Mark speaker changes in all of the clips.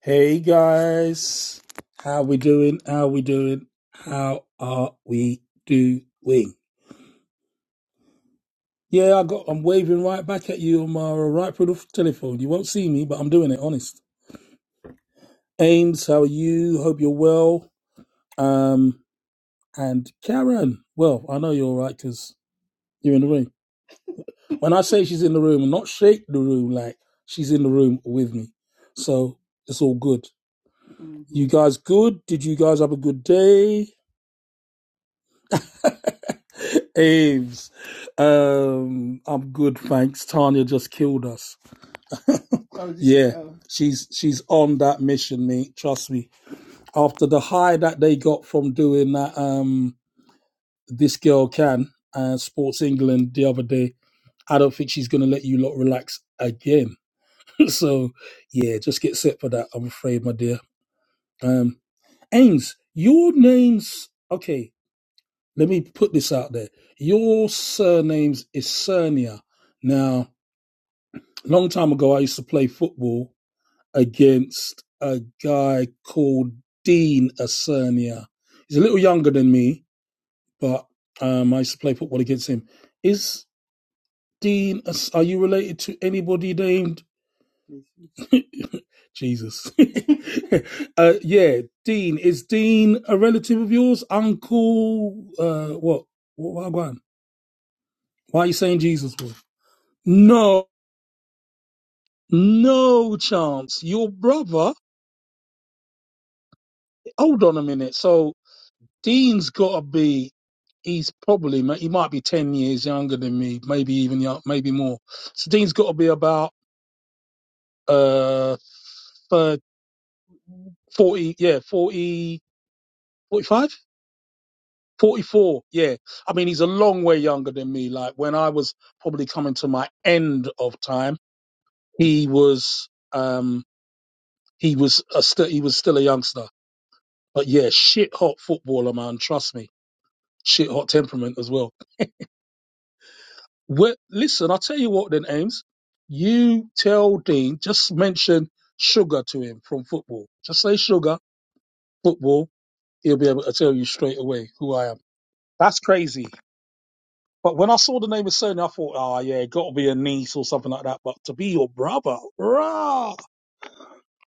Speaker 1: Hey guys, how we doing? How we doing? How are we doing? Yeah, I got. I'm waving right back at you on my right through the telephone. You won't see me, but I'm doing it. Honest. Ames, how are you? Hope you're well. Um, and Karen, well, I know you're all right because you're in the room. When I say she's in the room, I'm not shake the room like she's in the room with me. So it's all good. You guys good? Did you guys have a good day? Ames, um, I'm good, thanks. Tanya just killed us. Yeah, she's she's on that mission, mate. Trust me. After the high that they got from doing that, um, this girl can uh, Sports England the other day. I don't think she's gonna let you lot relax again. so yeah, just get set for that. I'm afraid, my dear. Um, Ames, your name's okay. let me put this out there. Your surname's is Cernia. Now, a long time ago, I used to play football against a guy called Dean Acernia. He's a little younger than me, but um, I used to play football against him. Is Dean, are you related to anybody named Jesus? uh, yeah, Dean. Is Dean a relative of yours? Uncle, uh, what? What? Why are you saying Jesus? Boy? No, no chance. Your brother, hold on a minute. So Dean's got to be, he's probably, he might be 10 years younger than me, maybe even, yo- maybe more. So Dean's got to be about, uh, thir 40, yeah, 40, 45, 44. yeah. I mean, he's a long way younger than me. Like when I was probably coming to my end of time, he was, um, he was a st- he was still a youngster. But yeah, shit hot footballer, man. Trust me. shit hot temperament as well. Well, listen, I'll tell you what then, Ames. You tell Dean, just mention sugar to him from football. Just say sugar, football. He'll be able to tell you straight away who I am. That's crazy. But when I saw the name of Sony, I thought, oh yeah, gotta be a niece or something like that. But to be your brother, rah,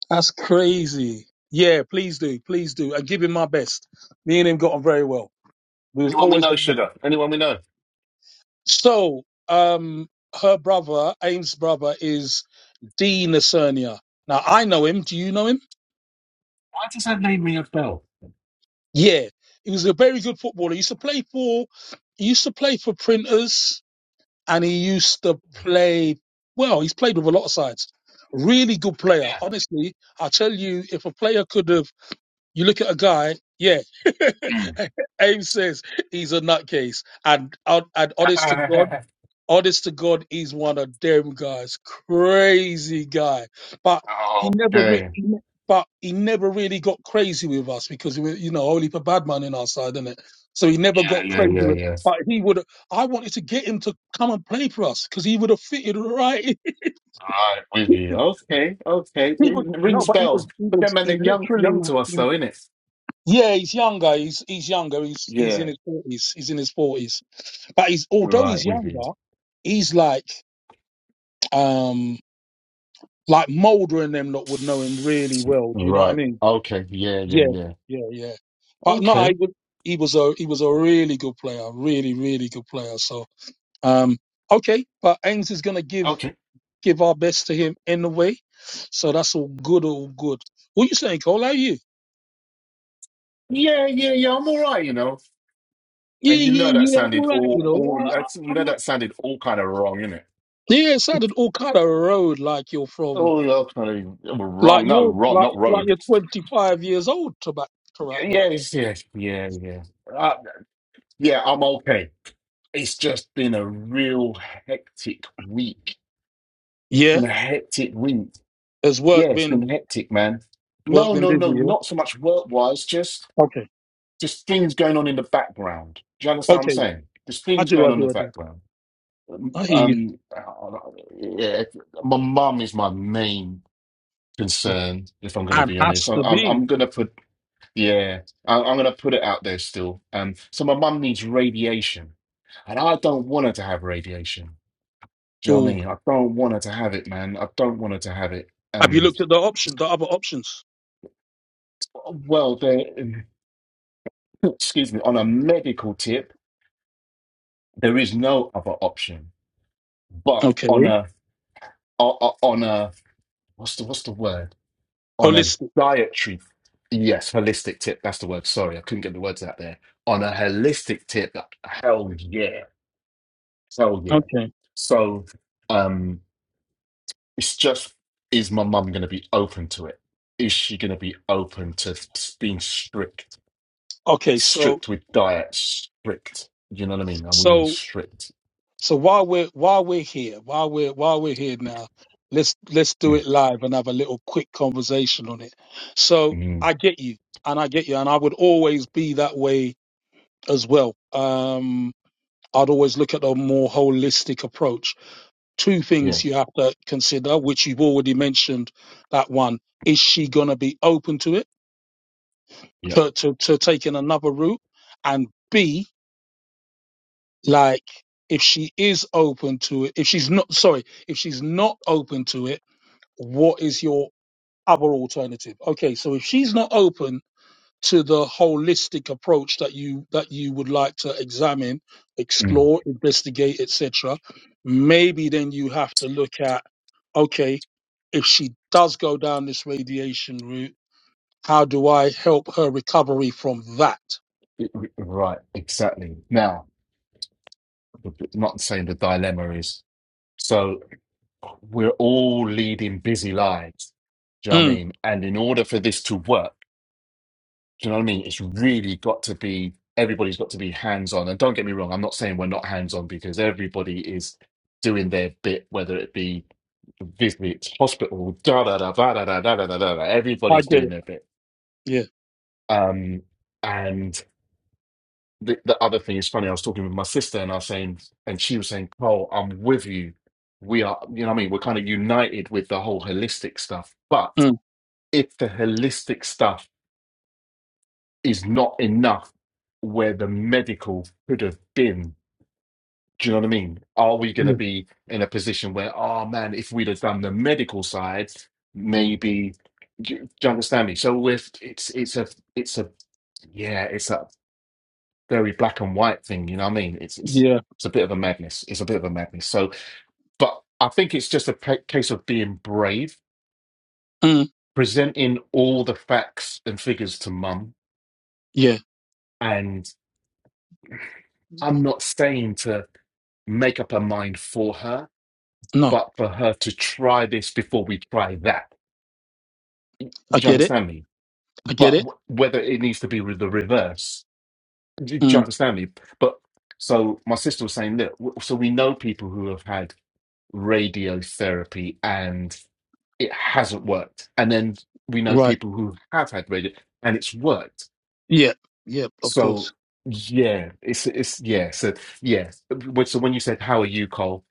Speaker 1: that's crazy. Yeah, please do, please do, and give him my best. Me and him got on very well. We was
Speaker 2: Anyone we
Speaker 1: always
Speaker 2: know, sugar? Anyone we know?
Speaker 1: so. Um, her brother, Ames' brother, is Dean Lacernia. Now I know him. Do you know him?
Speaker 2: Why does that name ring a bell?
Speaker 1: Yeah, he was a very good footballer. He used to play for, he used to play for Printers, and he used to play. Well, he's played with a lot of sides. Really good player. Honestly, I tell you, if a player could have, you look at a guy. Yeah,
Speaker 2: Yeah.
Speaker 1: Ames says he's a nutcase, and and and honest to God.
Speaker 2: Mm.
Speaker 1: Honest to God, he's one of them guys. Crazy guy. But he never re-
Speaker 2: okay.
Speaker 1: he ne- but he never really got crazy with us because we were, you know, only for bad man in our side, is it? So he never
Speaker 2: Yeah,
Speaker 1: got
Speaker 2: yeah,
Speaker 1: crazy
Speaker 2: yeah,
Speaker 1: with
Speaker 2: yeah.
Speaker 1: but he would I wanted to get him to come and play for us because he would have fitted right in.
Speaker 2: All right, with you. Okay, okay.
Speaker 1: He was
Speaker 2: it
Speaker 1: no,
Speaker 2: rings
Speaker 1: but he was
Speaker 2: bells.
Speaker 1: he
Speaker 2: But then,
Speaker 1: was
Speaker 2: man,
Speaker 1: he
Speaker 2: they're young,
Speaker 1: literally
Speaker 2: young to us,
Speaker 1: he was-
Speaker 2: though, innit?
Speaker 1: yeah, he's younger. He's he's younger. He's he's
Speaker 2: Yeah.
Speaker 1: in his forties. He's in his forties. But he's although
Speaker 2: Right,
Speaker 1: he's
Speaker 2: with you.
Speaker 1: younger, he's like um Like Mulder and them lot would know him really well. Do you know what I
Speaker 2: Right.
Speaker 1: mean?
Speaker 2: Okay. Yeah, yeah,
Speaker 1: Yeah,
Speaker 2: yeah.
Speaker 1: yeah, yeah. But no, I
Speaker 2: Okay.
Speaker 1: would, he was a he was a really good player, really, really good player. So um, okay, but Ains is gonna give
Speaker 2: Okay.
Speaker 1: give our best to him anyway. So that's all good, all good. What you saying, Cole? How are you?
Speaker 2: Yeah, yeah, yeah. I'm all right, you know. And
Speaker 1: Yeah,
Speaker 2: you know
Speaker 1: yeah,
Speaker 2: that
Speaker 1: yeah. I'm
Speaker 2: sounded
Speaker 1: all right. You
Speaker 2: all,
Speaker 1: know,
Speaker 2: all.
Speaker 1: I,
Speaker 2: I
Speaker 1: I,
Speaker 2: think You know
Speaker 1: I'm, all-
Speaker 2: that sounded all kind of wrong, innit?
Speaker 1: yeah. It sounded all kind of road like you're from
Speaker 2: Oh, yeah, kind of
Speaker 1: like
Speaker 2: wrong. No,
Speaker 1: you're
Speaker 2: wrong,
Speaker 1: like
Speaker 2: not
Speaker 1: like you're
Speaker 2: road.
Speaker 1: 25 years old to back to right back.
Speaker 2: Yes, yes, yeah, yeah. yeah. Uh, yeah, I'm okay. It's just been a real hectic week. It's
Speaker 1: Yeah.
Speaker 2: been a hectic week.
Speaker 1: Has
Speaker 2: Yeah,
Speaker 1: work
Speaker 2: it's
Speaker 1: been?
Speaker 2: been hectic, man.
Speaker 1: Work
Speaker 2: No,
Speaker 1: been
Speaker 2: no,
Speaker 1: busy,
Speaker 2: no,
Speaker 1: yeah?
Speaker 2: not so much work-wise, just
Speaker 1: Okay.
Speaker 2: just things going on in the background. Do you understand what I'm
Speaker 1: Okay.
Speaker 2: saying? There's
Speaker 1: I
Speaker 2: things
Speaker 1: do, I
Speaker 2: going on in
Speaker 1: do, I
Speaker 2: the
Speaker 1: do.
Speaker 2: background.
Speaker 1: I hear you.
Speaker 2: Um, uh, yeah, my mum is my main concern, if I'm going to
Speaker 1: I
Speaker 2: be honest.
Speaker 1: has
Speaker 2: I-
Speaker 1: to
Speaker 2: I'm
Speaker 1: be.
Speaker 2: I'm going to Yeah, I, I'm going to put it out there still. Um, so my mum needs radiation, and I don't want her to have radiation. Do you know what I
Speaker 1: Yo.
Speaker 2: mean? I don't want her to have it, man. I don't want her to have it.
Speaker 1: Have you
Speaker 2: Um,
Speaker 1: looked at the option, the other options?
Speaker 2: well, there, excuse me, on a medical tip, there is no other option. But
Speaker 1: Okay.
Speaker 2: on a o- o- on a what's the what's the word? On a
Speaker 1: Holistic.
Speaker 2: dietary, yes, holistic tip. That's the word. Sorry, I couldn't get the words out there. On a holistic tip, hell yeah. Hell yeah.
Speaker 1: Okay.
Speaker 2: So um it's just is my mum gonna be open to it? Is she gonna be open to s- being strict?
Speaker 1: Okay. So,
Speaker 2: Strict with diet, strict. You know what I mean? And we mean
Speaker 1: so,
Speaker 2: strict.
Speaker 1: so while we're, while we're here, while we're, while we're here now, let's, let's do
Speaker 2: Mm,
Speaker 1: it live and have a little quick conversation on it. So
Speaker 2: mm,
Speaker 1: I get you and I get you and I would always be that way as well. Um, I'd always look at a more holistic approach two
Speaker 2: yeah,
Speaker 1: things you have to consider, which you've already mentioned. That one is she going to be open to it,
Speaker 2: yeah.
Speaker 1: to, to, to taking another route? And B, like, if she is open to it, if she's not, sorry, if she's not open to it, what is your other alternative? Okay, so if she's not open to the holistic approach that you that you would like to examine,
Speaker 2: mm.
Speaker 1: explore, investigate, etc., maybe then you have to look at okay, if she does go down this radiation route, how do I help her recovery from that?
Speaker 2: It- it- Right, exactly. Now, the- the- not saying the dilemma is so we're all leading busy lives. Do you know what I
Speaker 1: Mm,
Speaker 2: mean? And in order for this to work, Do you know what I mean? It's really got to be, everybody's got to be hands on. And don't get me wrong, I'm not saying we're not hands on because everybody is doing their bit, whether it be visits, hospital, da da da da da da da da da da. da.
Speaker 1: I
Speaker 2: Everybody's
Speaker 1: get
Speaker 2: doing
Speaker 1: it.
Speaker 2: their bit.
Speaker 1: Yeah.
Speaker 2: Um, and the, the other thing is funny. I was talking with my sister, and I was saying, and she was saying, "Cole, I'm with you. We are, you know, what I mean, we're kind of united with the whole holistic stuff. But
Speaker 1: Mm,
Speaker 2: if the holistic stuff." is not enough where the medical could have been. Do you know what I mean? Are we going to
Speaker 1: yeah.
Speaker 2: be in a position where, oh man, if we'd have done the medical side, maybe? Do you, do you understand me? So with it's it's a it's a yeah, it's a very black and white thing. You know what I mean? It's it's
Speaker 1: Yeah.
Speaker 2: it's a bit of a madness. It's a bit of a madness. So, but I think it's just a pa- case of being brave,
Speaker 1: Mm,
Speaker 2: presenting all the facts and figures to mum,
Speaker 1: yeah.
Speaker 2: and I'm not saying to. make up her mind for her,
Speaker 1: No,
Speaker 2: but for her to try this before we try that.
Speaker 1: I
Speaker 2: Do you
Speaker 1: get it.
Speaker 2: understand me?
Speaker 1: I get
Speaker 2: But
Speaker 1: it.
Speaker 2: w- whether it needs to be with the reverse, do do you
Speaker 1: Mm,
Speaker 2: understand me? But so my sister was saying, look, w- so we know people who have had radiotherapy and it hasn't worked. And then we know
Speaker 1: right.
Speaker 2: people who have had radio and it's worked
Speaker 1: Yeah. Yeah. Of course.
Speaker 2: So yeah, it's it's yeah. So yeah, which so when you said how are you, Cole?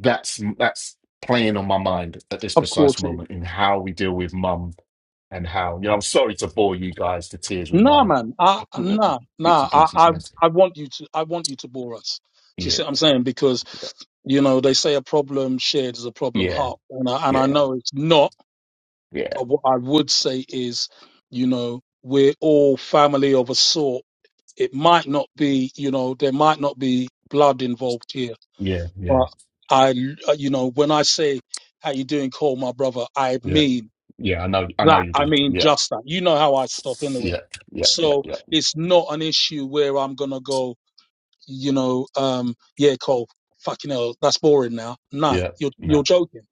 Speaker 2: That's that's playing on my mind at this
Speaker 1: Of
Speaker 2: precise
Speaker 1: course. it is.
Speaker 2: moment in how we deal with mum and how you know. I'm sorry to bore you guys to tears with
Speaker 1: Nah,
Speaker 2: my
Speaker 1: man. I, nah,
Speaker 2: bits
Speaker 1: nah.
Speaker 2: and pieces,
Speaker 1: I, I,
Speaker 2: man.
Speaker 1: I want you to. I want you to bore us. Do you
Speaker 2: Yeah,
Speaker 1: see what I'm saying? Because you know they say a problem shared is a problem
Speaker 2: yeah,
Speaker 1: halved, and I, and I
Speaker 2: yeah,
Speaker 1: know it's not.
Speaker 2: yeah,
Speaker 1: But what I would say is, you know, we're all family of a sort. It might not be, you know, there might not be blood involved here,
Speaker 2: yeah, yeah,
Speaker 1: but I, you know, when I say how you doing, call my brother, I
Speaker 2: yeah,
Speaker 1: mean.
Speaker 2: yeah. I know, I know
Speaker 1: That
Speaker 2: you
Speaker 1: I
Speaker 2: did.
Speaker 1: mean,
Speaker 2: Yeah,
Speaker 1: just that. You know how I stop anyway.
Speaker 2: yeah, yeah, yeah,
Speaker 1: So
Speaker 2: yeah,
Speaker 1: it's not an issue where I'm gonna go. You know, um, yeah, Cole, fucking hell, that's boring now. Nah,
Speaker 2: yeah.
Speaker 1: you're you're
Speaker 2: No,
Speaker 1: joking.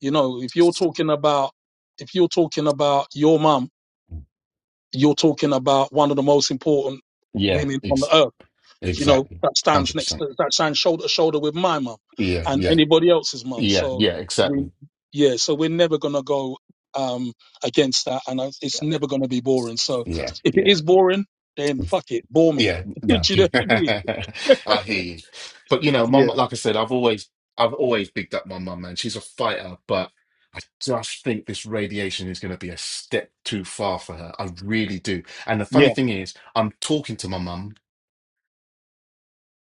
Speaker 1: You know, if you're talking about if you're talking about your mum, you're talking about one of the most important
Speaker 2: yeah,
Speaker 1: women on the
Speaker 2: ex-
Speaker 1: earth you know,
Speaker 2: exactly,
Speaker 1: that stands
Speaker 2: hundred
Speaker 1: next
Speaker 2: percent.
Speaker 1: to that stands shoulder to shoulder with my mum
Speaker 2: Yeah,
Speaker 1: and
Speaker 2: yeah,
Speaker 1: anybody else's mum.
Speaker 2: yeah,
Speaker 1: So
Speaker 2: yeah,
Speaker 1: we,
Speaker 2: exactly.
Speaker 1: yeah, so we're never gonna go um against that, and I- it's never gonna be boring. So
Speaker 2: Yeah,
Speaker 1: if it
Speaker 2: yeah,
Speaker 1: is boring, then fuck it, bore me.
Speaker 2: yeah.
Speaker 1: Do
Speaker 2: No,
Speaker 1: you know what I mean?
Speaker 2: I hear you. But you know,
Speaker 1: Yeah,
Speaker 2: mum, like I said, I've always, I've always bigged up my mum, man. She's a fighter, but just think this radiation is going to be a step too far for her. I really do. And the funny
Speaker 1: yeah.
Speaker 2: thing is, I'm talking to my mum,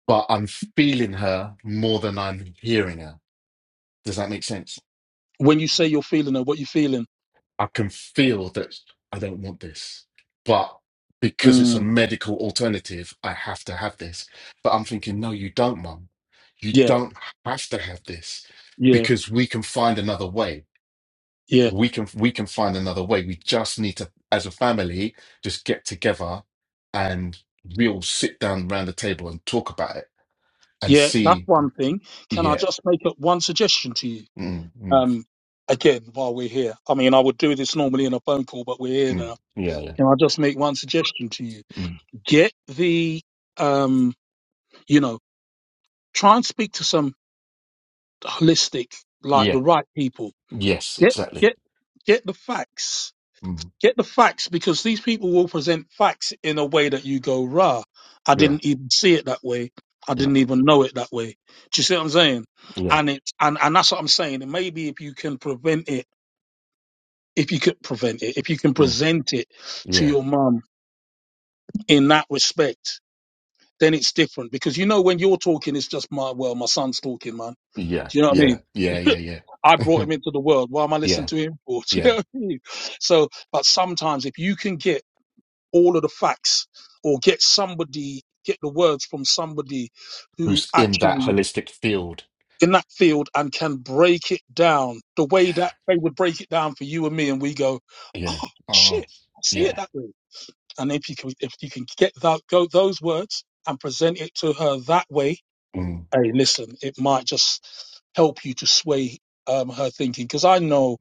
Speaker 2: but I'm feeling her more than I'm hearing her. Does that make sense?
Speaker 1: When you say you're feeling it, what you feeling?
Speaker 2: I can feel that I don't want this, but because it's a
Speaker 1: Mm,
Speaker 2: medical alternative, I have to have this. But I'm thinking, no, you don't, mum. You
Speaker 1: yeah,
Speaker 2: don't have to have this
Speaker 1: yeah,
Speaker 2: because we can find another way.
Speaker 1: yeah,
Speaker 2: We can we can find another way. We just need to, as a family, just get together and we'll sit down around the table and talk about it and
Speaker 1: yeah. That's
Speaker 2: see.
Speaker 1: one thing. Can I
Speaker 2: Yeah,
Speaker 1: just make up one suggestion to you?
Speaker 2: mm, mm,
Speaker 1: Um, again, while we're here, I mean, I would do this normally in a phone call, but we're here
Speaker 2: mm,
Speaker 1: now
Speaker 2: yeah, yeah,
Speaker 1: Can I just make one suggestion to you?
Speaker 2: mm,
Speaker 1: Get the, um, you know, try and speak to some holistic, like the
Speaker 2: yeah.
Speaker 1: right people.
Speaker 2: Yes,
Speaker 1: Get,
Speaker 2: exactly.
Speaker 1: get, get the facts.
Speaker 2: Mm,
Speaker 1: Get the facts because these people will present facts in a way that you go, rah, I
Speaker 2: yeah,
Speaker 1: didn't even see it that way. I
Speaker 2: yeah,
Speaker 1: didn't even know it that way. Do you see what I'm saying?
Speaker 2: yeah.
Speaker 1: And it, and, and that's what I'm saying. And maybe if you can prevent it, if you could prevent it, if you can
Speaker 2: Mm.
Speaker 1: present it to
Speaker 2: Yeah,
Speaker 1: your mum in that respect, then it's different because you know when you're talking, it's just my well, my son's talking, man.
Speaker 2: yeah,
Speaker 1: Do you know what I
Speaker 2: yeah, yeah, yeah,
Speaker 1: mean?
Speaker 2: yeah,
Speaker 1: I brought him into the world. Why am I listening
Speaker 2: yeah,
Speaker 1: to him for? Do you know
Speaker 2: yeah.
Speaker 1: what I mean? So, but sometimes if you can get all of the facts or get somebody, get the words from somebody who
Speaker 2: Who's in that
Speaker 1: actually
Speaker 2: holistic field?
Speaker 1: in that field and can break it down the way
Speaker 2: Yeah,
Speaker 1: that they would break it down for you and me, and we go,
Speaker 2: yeah.
Speaker 1: oh shit,
Speaker 2: Oh,
Speaker 1: I see it
Speaker 2: yeah.
Speaker 1: that way. And if you can, if you can get that, go those words and present it to her that way,
Speaker 2: Mm.
Speaker 1: hey, listen, it might just help you to sway um, her thinking because I know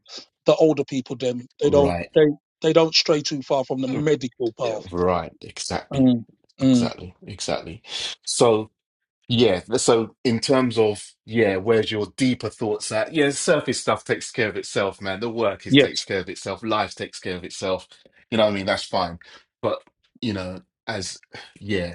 Speaker 1: the older people, them they don't
Speaker 2: Right,
Speaker 1: they they don't stray too far from the
Speaker 2: Mm.
Speaker 1: medical
Speaker 2: Yeah.
Speaker 1: path.
Speaker 2: right. Exactly,
Speaker 1: Mm, mm,
Speaker 2: exactly, exactly. So, yeah. th- So, in terms of yeah, where's your deeper thoughts at? Yeah, surface stuff takes care of itself, man. The work is
Speaker 1: yes,
Speaker 2: takes care of itself. Life takes care of itself. You know what I mean? That's fine. But you know, as yeah.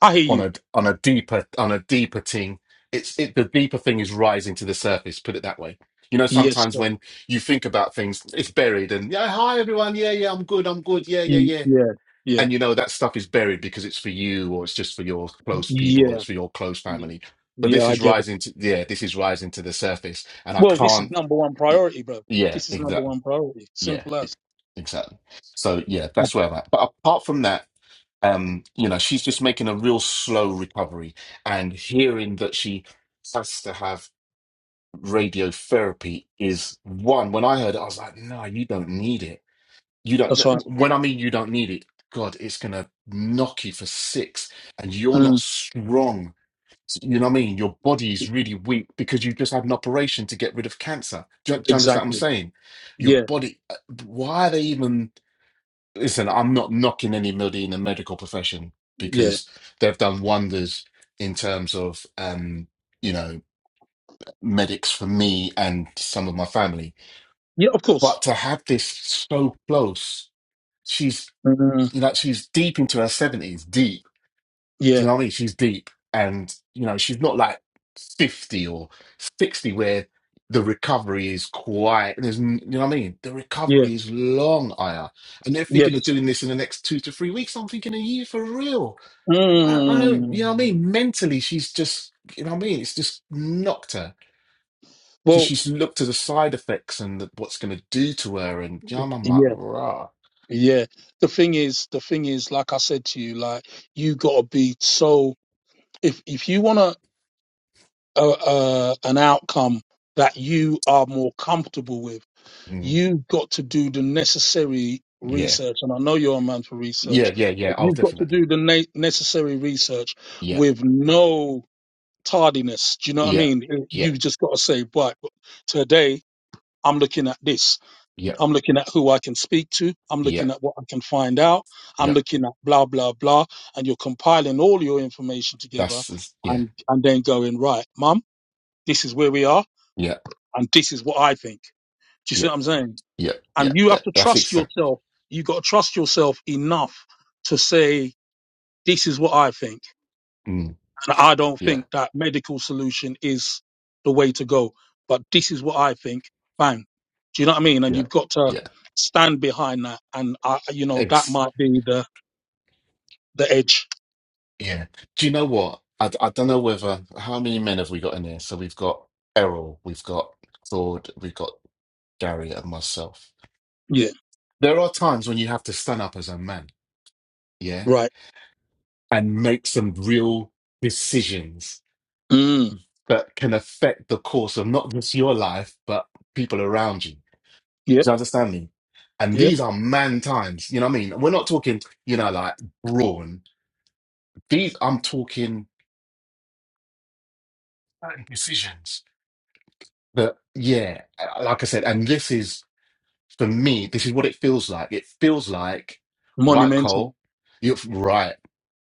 Speaker 1: I hear
Speaker 2: on
Speaker 1: you.
Speaker 2: a on a deeper on a deeper thing. It's it the deeper thing is rising to the surface. Put it that way. You know,
Speaker 1: Yes,
Speaker 2: sometimes
Speaker 1: sir.
Speaker 2: when you think about things, it's buried and yeah, hi everyone, yeah, yeah, I'm good, I'm good, yeah, yeah,
Speaker 1: Mm,
Speaker 2: yeah.
Speaker 1: yeah, yeah,
Speaker 2: And you know that stuff is buried because it's for you, or it's just for your close people, or
Speaker 1: yeah,
Speaker 2: it's for your close
Speaker 1: yeah.
Speaker 2: family. But
Speaker 1: Yeah,
Speaker 2: this
Speaker 1: I
Speaker 2: is
Speaker 1: get it.
Speaker 2: rising to yeah, this is rising to the surface, and I
Speaker 1: Well, this is
Speaker 2: can't.
Speaker 1: number one priority, bro.
Speaker 2: Yeah,
Speaker 1: This is number
Speaker 2: exactly.
Speaker 1: one priority.
Speaker 2: Yeah,
Speaker 1: Simple
Speaker 2: e-
Speaker 1: as.
Speaker 2: exactly. So yeah, that's where I'm at. But apart from that, um, you know, she's just making a real slow recovery. And hearing that she has to have radiotherapy is one. When I heard it, I was like, no, you don't need it. You don't,
Speaker 1: That's
Speaker 2: uh,
Speaker 1: right.
Speaker 2: when I mean you don't need it, God, it's going to knock you for six and you're not
Speaker 1: Mm,
Speaker 2: strong. You know what I mean? Your body is really weak because you just had an operation to get rid of cancer. Do, you- do you understand what I'm
Speaker 1: exactly.
Speaker 2: saying? Your
Speaker 1: Yeah,
Speaker 2: body, uh, why are they even? Listen, I'm not knocking anybody in the medical profession
Speaker 1: yeah,
Speaker 2: because they've done wonders in terms of, um, you know, medics for me and some of my family.
Speaker 1: yeah. Of
Speaker 2: But
Speaker 1: course.
Speaker 2: to have this so close, she's,
Speaker 1: Mm,
Speaker 2: you know, she's deep into her 70s, deep. Do
Speaker 1: yeah,
Speaker 2: you know what I mean? She's deep, and you know she's not like fifty or sixty where the recovery is quite. There's, n- you know what I mean? The
Speaker 1: yeah,
Speaker 2: recovery is long, Aya, and they're
Speaker 1: yes.
Speaker 2: thinking of doing this in the next two to three weeks. I'm thinking a year for real. I, I don't, you know what I
Speaker 1: Mm.
Speaker 2: mean? Mentally, she's just, you know what I mean? It's just knocked her. So
Speaker 1: Well,
Speaker 2: she's looked at the side effects and the, what's going to do to her, and you know, I'm like,
Speaker 1: yeah,
Speaker 2: rah,
Speaker 1: yeah. The thing is, the thing is, like I said to you, like you gotta be so. If if you want a, a, a an outcome that you are more comfortable with,
Speaker 2: Mm,
Speaker 1: you've got to do the necessary
Speaker 2: yeah,
Speaker 1: research. And I know you're a man for
Speaker 2: yeah,
Speaker 1: research,
Speaker 2: yeah, yeah.
Speaker 1: but
Speaker 2: Oh,
Speaker 1: you've got to
Speaker 2: definitely.
Speaker 1: do the na- necessary research
Speaker 2: Yeah,
Speaker 1: with no tardiness. Do you know what I
Speaker 2: yeah,
Speaker 1: mean?
Speaker 2: yeah,
Speaker 1: You've just got to say, right, today I'm looking at this.
Speaker 2: yeah,
Speaker 1: I'm looking at who I can speak to. I'm
Speaker 2: yeah.
Speaker 1: looking at what I can find out.
Speaker 2: Yeah.
Speaker 1: I'm looking at blah, blah, blah. And you're compiling all your information together
Speaker 2: That's that's- yeah,
Speaker 1: and, and then going, right, mum, this is where we are.
Speaker 2: yeah,
Speaker 1: And this is what I think. Do you see
Speaker 2: yeah,
Speaker 1: what I'm saying?
Speaker 2: yeah, yeah,
Speaker 1: And you
Speaker 2: yeah.
Speaker 1: have to
Speaker 2: That's
Speaker 1: trust
Speaker 2: exact.
Speaker 1: yourself. You got to trust yourself enough to say, this is what I think.
Speaker 2: Mm,
Speaker 1: And I don't
Speaker 2: yeah,
Speaker 1: think that medical solution is the way to go. But this is what I think. Bang. Do you know what I mean? And
Speaker 2: yeah,
Speaker 1: you've got to
Speaker 2: yeah.
Speaker 1: stand behind that. And I, you know, that
Speaker 2: Ex.
Speaker 1: might be the, the edge.
Speaker 2: Yeah. Do you know what? I, d- I don't know whether how many men have we got in here? So we've got Errol, we've got Claude, we've got Gary, and myself.
Speaker 1: Yeah.
Speaker 2: There are times when you have to stand up as a man, yeah,
Speaker 1: Right.
Speaker 2: and make some real decisions
Speaker 1: Mm.
Speaker 2: that can affect the course of not just your life but people around you.
Speaker 1: Yep.
Speaker 2: Do you understand me? And
Speaker 1: Yep.
Speaker 2: these are man times. You know what I mean? We're not talking, you know, like brawn. These, I'm talking certain decisions that, yeah, like I said, and this is, for me, this is what it feels like. It feels like, right,
Speaker 1: Monumental.
Speaker 2: Cole, you're right.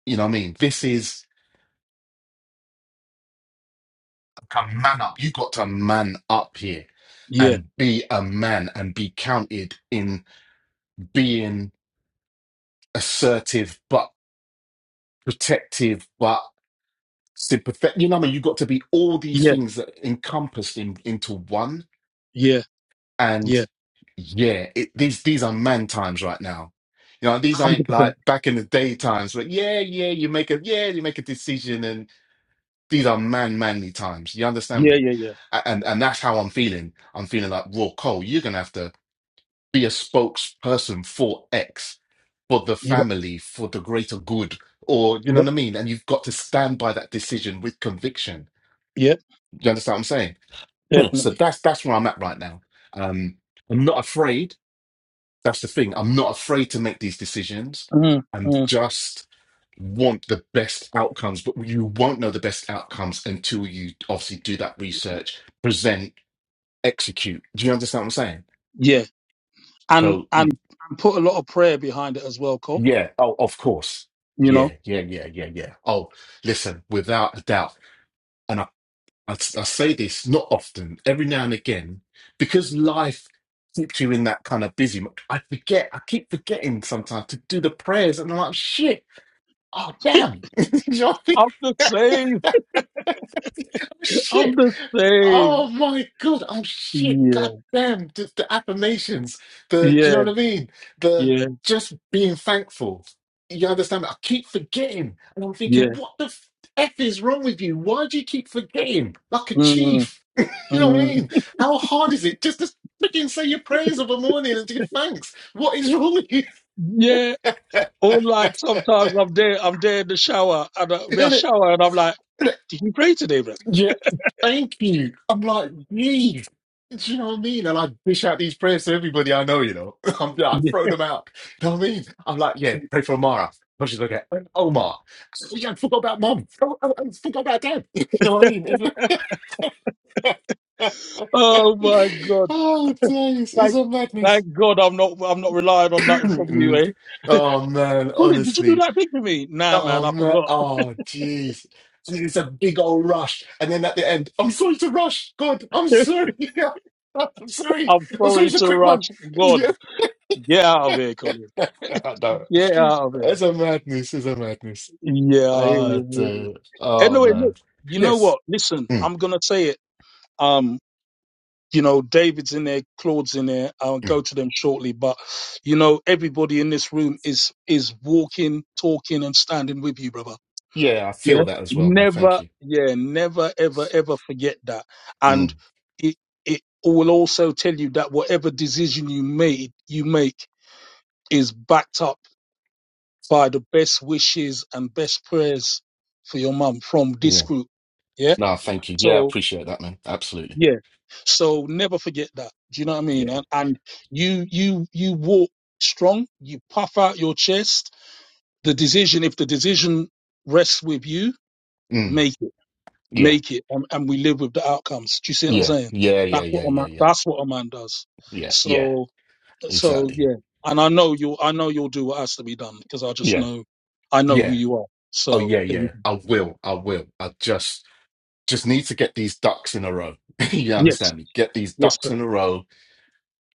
Speaker 2: You know what I mean? This is, come man up. You got to man up here
Speaker 1: Yeah.
Speaker 2: and be a man and be counted in being assertive, but protective, but sympathetic. You know what I mean? You've got to be all these
Speaker 1: Yeah.
Speaker 2: things that encompassed in, into one.
Speaker 1: Yeah.
Speaker 2: And
Speaker 1: Yeah.
Speaker 2: yeah, it, these these are man times right now. You know, these ain't
Speaker 1: 100%.
Speaker 2: like back in the day times. But yeah, yeah, you make a yeah, you make a decision, and these are man manly times. You understand
Speaker 1: Yeah.
Speaker 2: me?
Speaker 1: Yeah. Yeah.
Speaker 2: A- And and that's how I'm feeling. I'm feeling like raw coal. You're gonna have to be a spokesperson for X, for the
Speaker 1: Yeah.
Speaker 2: family, for the greater good, or you know
Speaker 1: Yeah.
Speaker 2: what I mean. And you've got to stand by that decision with conviction.
Speaker 1: Yeah.
Speaker 2: you understand what I'm saying? Hmm. So
Speaker 1: Definitely.
Speaker 2: that's that's where I'm at right now. Um, I'm not afraid. That's the thing. I'm not afraid to make these decisions.
Speaker 1: Mm.
Speaker 2: I'm
Speaker 1: Mm.
Speaker 2: just want the best outcomes, but you won't know the best outcomes until you obviously do that research, present, execute. Do you understand what I'm saying?
Speaker 1: Yeah. And,
Speaker 2: So
Speaker 1: and,
Speaker 2: y-
Speaker 1: and put a lot of prayer behind it as well, Cole.
Speaker 2: yeah, oh, of course.
Speaker 1: You know,
Speaker 2: Yeah, yeah, yeah, yeah, yeah. Oh, listen, without a doubt. and I, s- I say this not often, every now and again, because life keeps you in that kind of busy. mo- I forget, I keep forgetting sometimes to do the prayers, and I'm like, shit, oh damn, you know what
Speaker 1: I'm the
Speaker 2: I mean?
Speaker 1: same.
Speaker 2: Oh,
Speaker 1: I'm
Speaker 2: Shit.
Speaker 1: the same.
Speaker 2: Oh my god. Oh shit.
Speaker 1: Yeah,
Speaker 2: God damn. Just the affirmations. The do
Speaker 1: yeah,
Speaker 2: you know what I mean? The
Speaker 1: yeah,
Speaker 2: just being thankful. You understand? I keep forgetting, and I'm thinking,
Speaker 1: yeah.
Speaker 2: what the f, f is wrong with you? Why do you keep forgetting? Like a
Speaker 1: Mm,
Speaker 2: chief. you know what I
Speaker 1: mm.
Speaker 2: mean? How hard is it just to freaking say your prayers of a morning and give thanks? What is wrong with you?
Speaker 1: Yeah, or like sometimes I'm there, I'm there in the shower, and I, I
Speaker 2: Isn't it?
Speaker 1: shower, and I'm like, "Did you pray today, bro?
Speaker 2: Yeah, thank you. I'm like, geez. Do you know what I mean? And I dish out these prayers to everybody I know, you know. I'm like, throw them out. You know what I mean? I'm like, yeah, pray for Amara. But she's like, "Yeah, and Omar. So, yeah, I forgot about mom. Oh, oh, oh, forgot about dad. You know what I mean? It's-
Speaker 1: Oh my God!
Speaker 2: oh, days. It's
Speaker 1: Thank,
Speaker 2: a madness.
Speaker 1: thank God, I'm not, I'm not relying on nothing from you, eh?
Speaker 2: oh, man,
Speaker 1: Colin, did you do
Speaker 2: honestly.
Speaker 1: that thing for me? Nah, man,
Speaker 2: Oh
Speaker 1: I
Speaker 2: no!
Speaker 1: forgot.
Speaker 2: Oh jeez! And it's a big old rush, and then at the end, I'm sorry to rush. God, I'm sorry. I'm sorry.
Speaker 1: I'm
Speaker 2: I'm sorry.
Speaker 1: sorry
Speaker 2: It's a
Speaker 1: to
Speaker 2: quick one.
Speaker 1: rush. God, get out of here, Colin.
Speaker 2: Yeah. no,
Speaker 1: Get out of here.
Speaker 2: it's a madness. It's a madness.
Speaker 1: Yeah, I hear
Speaker 2: Oh,
Speaker 1: you. I hear you.
Speaker 2: dear. oh
Speaker 1: Anyway, look,
Speaker 2: man.
Speaker 1: you know
Speaker 2: Yes.
Speaker 1: what? Listen,
Speaker 2: Mm,
Speaker 1: I'm gonna say it. Um, you know, David's in there, Claude's in there. I'll
Speaker 2: mm.
Speaker 1: go to them shortly, but you know, everybody in this room is is walking, talking, and standing with you, brother.
Speaker 2: Yeah, I feel
Speaker 1: Yeah.
Speaker 2: that as well, man. Thank
Speaker 1: Never,
Speaker 2: you.
Speaker 1: yeah, never, ever, ever forget that. And
Speaker 2: Mm,
Speaker 1: it it will also tell you that whatever decision you made, you make is backed up by the best wishes and best prayers for your mum from this
Speaker 2: yeah.
Speaker 1: group. Yeah.
Speaker 2: No, thank you. Yeah, I
Speaker 1: So.
Speaker 2: appreciate that, man. Absolutely.
Speaker 1: Yeah. So never forget that. Do you know what I mean?
Speaker 2: Yeah.
Speaker 1: And, and you you you walk strong. You puff out your chest. The decision, if the decision rests with you,
Speaker 2: Mm,
Speaker 1: make it,
Speaker 2: yeah.
Speaker 1: make it, and, and we live with the outcomes. Do you see what I'm
Speaker 2: Yeah.
Speaker 1: saying?
Speaker 2: Yeah. Yeah.
Speaker 1: That's what
Speaker 2: Yeah.
Speaker 1: a
Speaker 2: Yeah.
Speaker 1: man.
Speaker 2: Yeah.
Speaker 1: That's what a man does.
Speaker 2: Yeah. Yeah.
Speaker 1: So so
Speaker 2: Exactly.
Speaker 1: yeah. And I know you. will I know you'll do what has to be done because I just
Speaker 2: Yeah.
Speaker 1: know. I know who
Speaker 2: Yeah.
Speaker 1: you are.
Speaker 2: Oh
Speaker 1: So
Speaker 2: yeah,
Speaker 1: there you
Speaker 2: yeah.
Speaker 1: go.
Speaker 2: I will. I will. I just just need to get these ducks in a row. you
Speaker 1: yes,
Speaker 2: understand me? Get these
Speaker 1: yes,
Speaker 2: ducks
Speaker 1: sir.
Speaker 2: in a row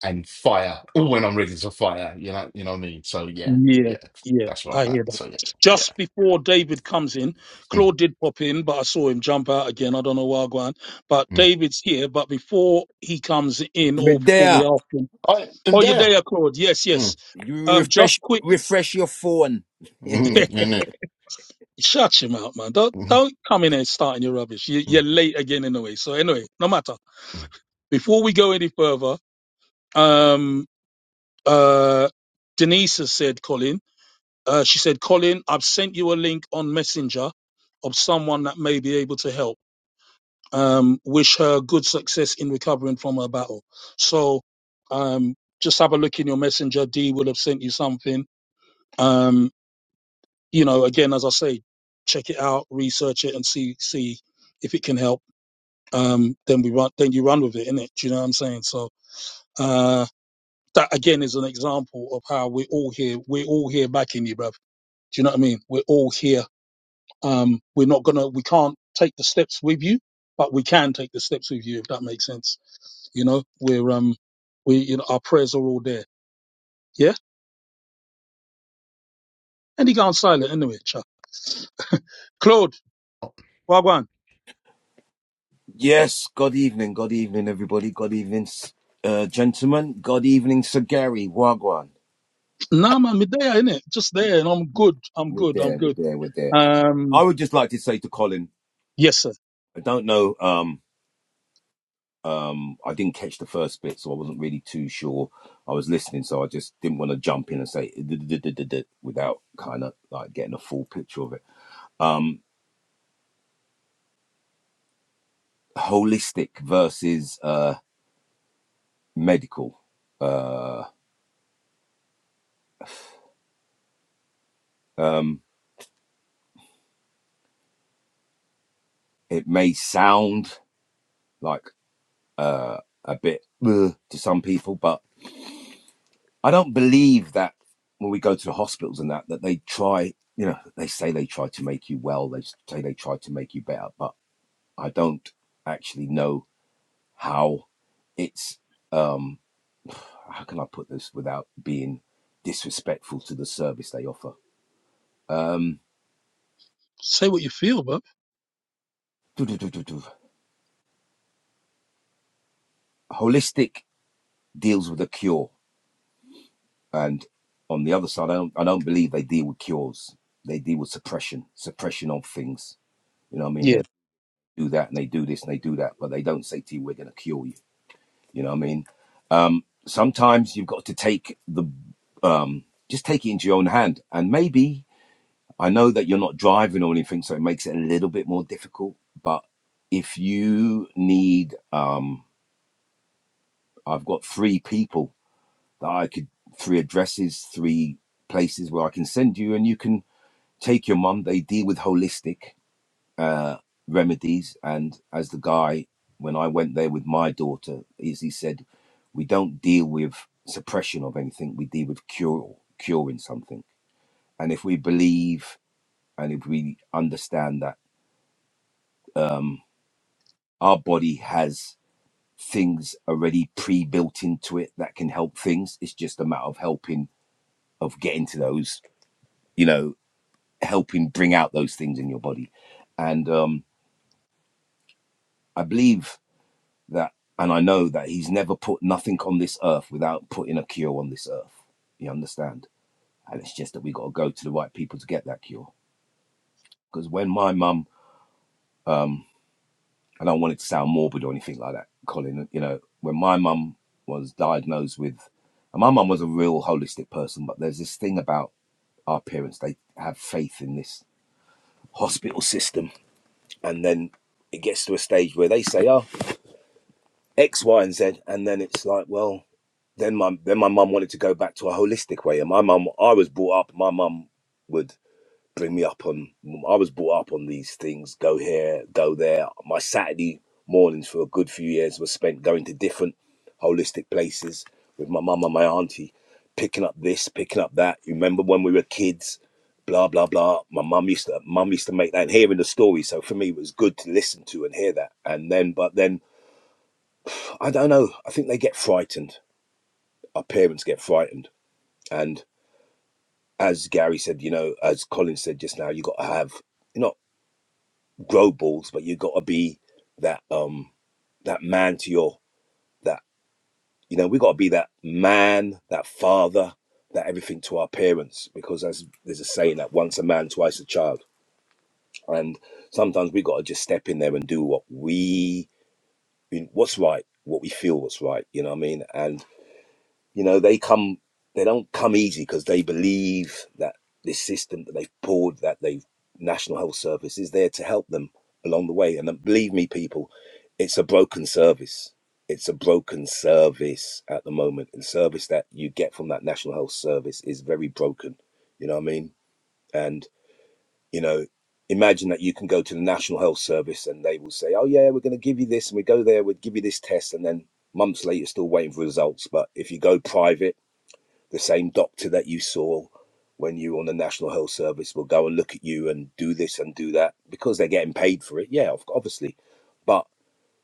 Speaker 2: and fire when I'm ready to fire. You know, you know what I mean? So yeah,
Speaker 1: Yeah,
Speaker 2: yeah.
Speaker 1: yeah,
Speaker 2: That's where
Speaker 1: I
Speaker 2: I'm
Speaker 1: hear
Speaker 2: at.
Speaker 1: that.
Speaker 2: So yeah,
Speaker 1: Just before David comes in,
Speaker 2: yeah. Mm,
Speaker 1: Claude did pop in, but I saw him jump out again. I don't know why, Gwan. But
Speaker 2: mm.
Speaker 1: David's here, but before he comes in, or
Speaker 3: But
Speaker 1: before we
Speaker 3: there,
Speaker 1: ask him,
Speaker 2: All right, and
Speaker 1: oh, you're
Speaker 2: there.
Speaker 1: there, Claude. Yes, yes.
Speaker 2: Mm,
Speaker 3: you
Speaker 1: Um, just
Speaker 3: refresh
Speaker 1: quick,
Speaker 3: refresh your phone.
Speaker 2: mm, in it.
Speaker 1: shut him out, man. Don't
Speaker 2: Mm,
Speaker 1: don't come in and starting your rubbish. You,
Speaker 2: mm,
Speaker 1: you're late again anyway. So anyway, no matter.
Speaker 2: mm.
Speaker 1: Before we go any further, um, uh, Denise has said, Colin. Uh, she said, Colin, I've sent you a link on Messenger of someone that may be able to help. Um, wish her good success in recovering from her battle. So um, just have a look in your Messenger. Dee will have sent you something. Um, you know, again, as I say, check it out, research it, and see see if it can help. Um, then we run, then you run with it, innit? Do you know what I'm saying? So uh, that again is an example of how we're all here. We're all here backing you, bruv. Do you know what I mean? We're all here Um, we're not gonna, we can't take the steps with you, but we can take the steps with you if that makes sense. You know, we're um, we you know our prayers are all there. Yeah, and he gone silent anyway. Cha. Claude, wagwan.
Speaker 3: Yes, good evening, good evening, everybody. Good evening, s- uh, gentlemen. Good evening, Sir Gary Wagwan.
Speaker 1: Nah, man, me there, innit? Just there, and I'm
Speaker 3: Y-
Speaker 1: good. I'm
Speaker 3: We're
Speaker 1: good. I'm
Speaker 3: there, we're
Speaker 1: good.
Speaker 3: there, we're there. I
Speaker 1: Um,
Speaker 3: would just like to say to Colin,
Speaker 1: yes, sir.
Speaker 3: I don't know, um, um, I didn't catch the first bit, so I wasn't really too sure. I was listening, so I just didn't want to jump in and say "D-d-d-d-d-d-d," without kind of like getting a full picture of it. Um, holistic versus uh, medical. uh, Um, it may sound like uh, a bit "Ugh" to some people, but I don't believe that when we go to the hospitals and that that they try. You know, they say they try to make you well. They say they try to make you better, but I don't actually know how it's. Um, how can I put this without being disrespectful to the service they offer? Um,
Speaker 1: Say what you feel, bruv.
Speaker 3: holistic deals with a cure And on the other side, I don't, I don't believe they deal with cures. They deal with suppression, suppression of things. You know what I mean?
Speaker 1: Yeah.
Speaker 3: They do that and they do this and they do that, but they don't say to you, we're going to cure you. You know what I mean? Um, sometimes you've got to take the, um, just take it into your own hand. And maybe I know that you're not driving or anything, so it makes it a little bit more difficult. But if you need, um, I've got three people that I could, three addresses, three places where I can send you and you can Take Your Mum, they deal with holistic uh, remedies. And as the guy, when I went there with my daughter, is he said, we don't deal with suppression of anything, we deal with cure, curing something. And if we believe and if we understand that um, our body has things already pre-built into it that can help things, it's just a matter of helping, of getting to those, you know, helping bring out those things in your body. And um, I believe that and I know that he's never put nothing on this earth without putting a cure on this earth. You understand? And it's just that we gotta go to the right people to get that cure. Because when my mum um I don't want it to sound morbid or anything like that, Colin, you know, when my mum was diagnosed with and my mum was a real holistic person, but there's this thing about our parents, they have faith in this hospital system and then it gets to a stage where they say, Oh, X, Y, and Z, and then it's like, well, then my then my mum wanted to go back to a holistic way, and my mum, I was brought up, my mum would bring me up on, I was brought up on these things, go here, go there. My Saturday mornings for a good few years were spent going to different holistic places with my mum and my auntie, picking up this, picking up that. You remember when we were kids, blah blah blah. My mum used to, mum used to make that, and hearing the story, so for me it was good to listen to and hear that, and then, but then I don't know. I think they get frightened. Our parents get frightened. And as Gary said, you know, as Colin said just now, you got to have you not grow balls, but you got to be that um that man to your that you know we got to be that man, that father, that everything to our parents because as there's a saying that once a man, twice a child. And sometimes we got to just step in there and do what we what's right, what we feel what's right. You know what I mean? and. You know, they come, they don't come easy because they believe that this system that they've poured, that they've National Health Service is there to help them along the way. And uh, believe me, people, it's a broken service. It's a broken service at the moment. The service that you get from that National Health Service is very broken. You know what I mean? And, you know, imagine that you can go to the National Health Service and they will say, oh, yeah, we're going to give you this. And we go there, we'll give you this test. And then months later, you're still waiting for results. But if you go private, the same doctor that you saw when you were on the National Health Service will go and look at you and do this and do that because they're getting paid for it. Yeah, obviously. But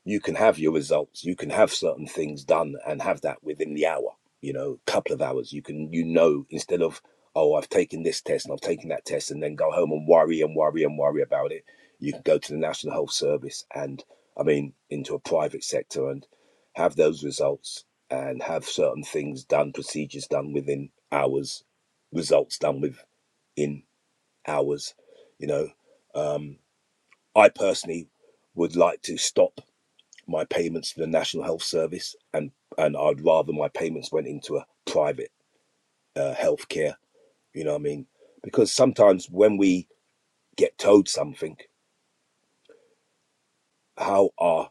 Speaker 3: you can have your results you can have certain things done and have that within the hour you know couple of hours you can you know instead of oh i've taken this test and i've taken that test and then go home and worry and worry and worry about it you can go to the national health service and i mean into a private sector and have those results and have certain things done procedures done within hours results done within hours you know um, i personally would like to stop my payments to the National Health Service, and and I'd rather my payments went into a private uh, healthcare. You know what I mean? Because sometimes when we get told something, how our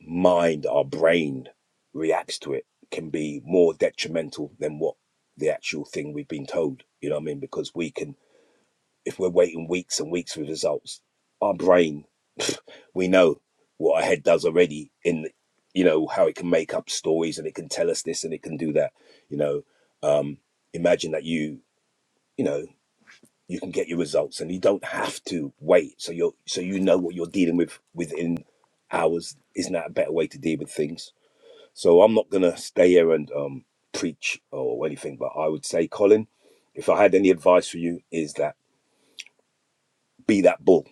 Speaker 3: mind, our brain reacts to it can be more detrimental than what the actual thing we've been told. You know what I mean? Because we can if we're waiting weeks and weeks for results. Our brain, we know what our head does already in, you know, how it can make up stories and it can tell us this and it can do that. You know, um, imagine that you, you know, you can get your results and you don't have to wait. So you're, so you know what you're dealing with within hours. Isn't that a better way to deal with things? So I'm not gonna stay here and um, preach or anything, but I would say, Colin, if I had any advice for you, is that be that bull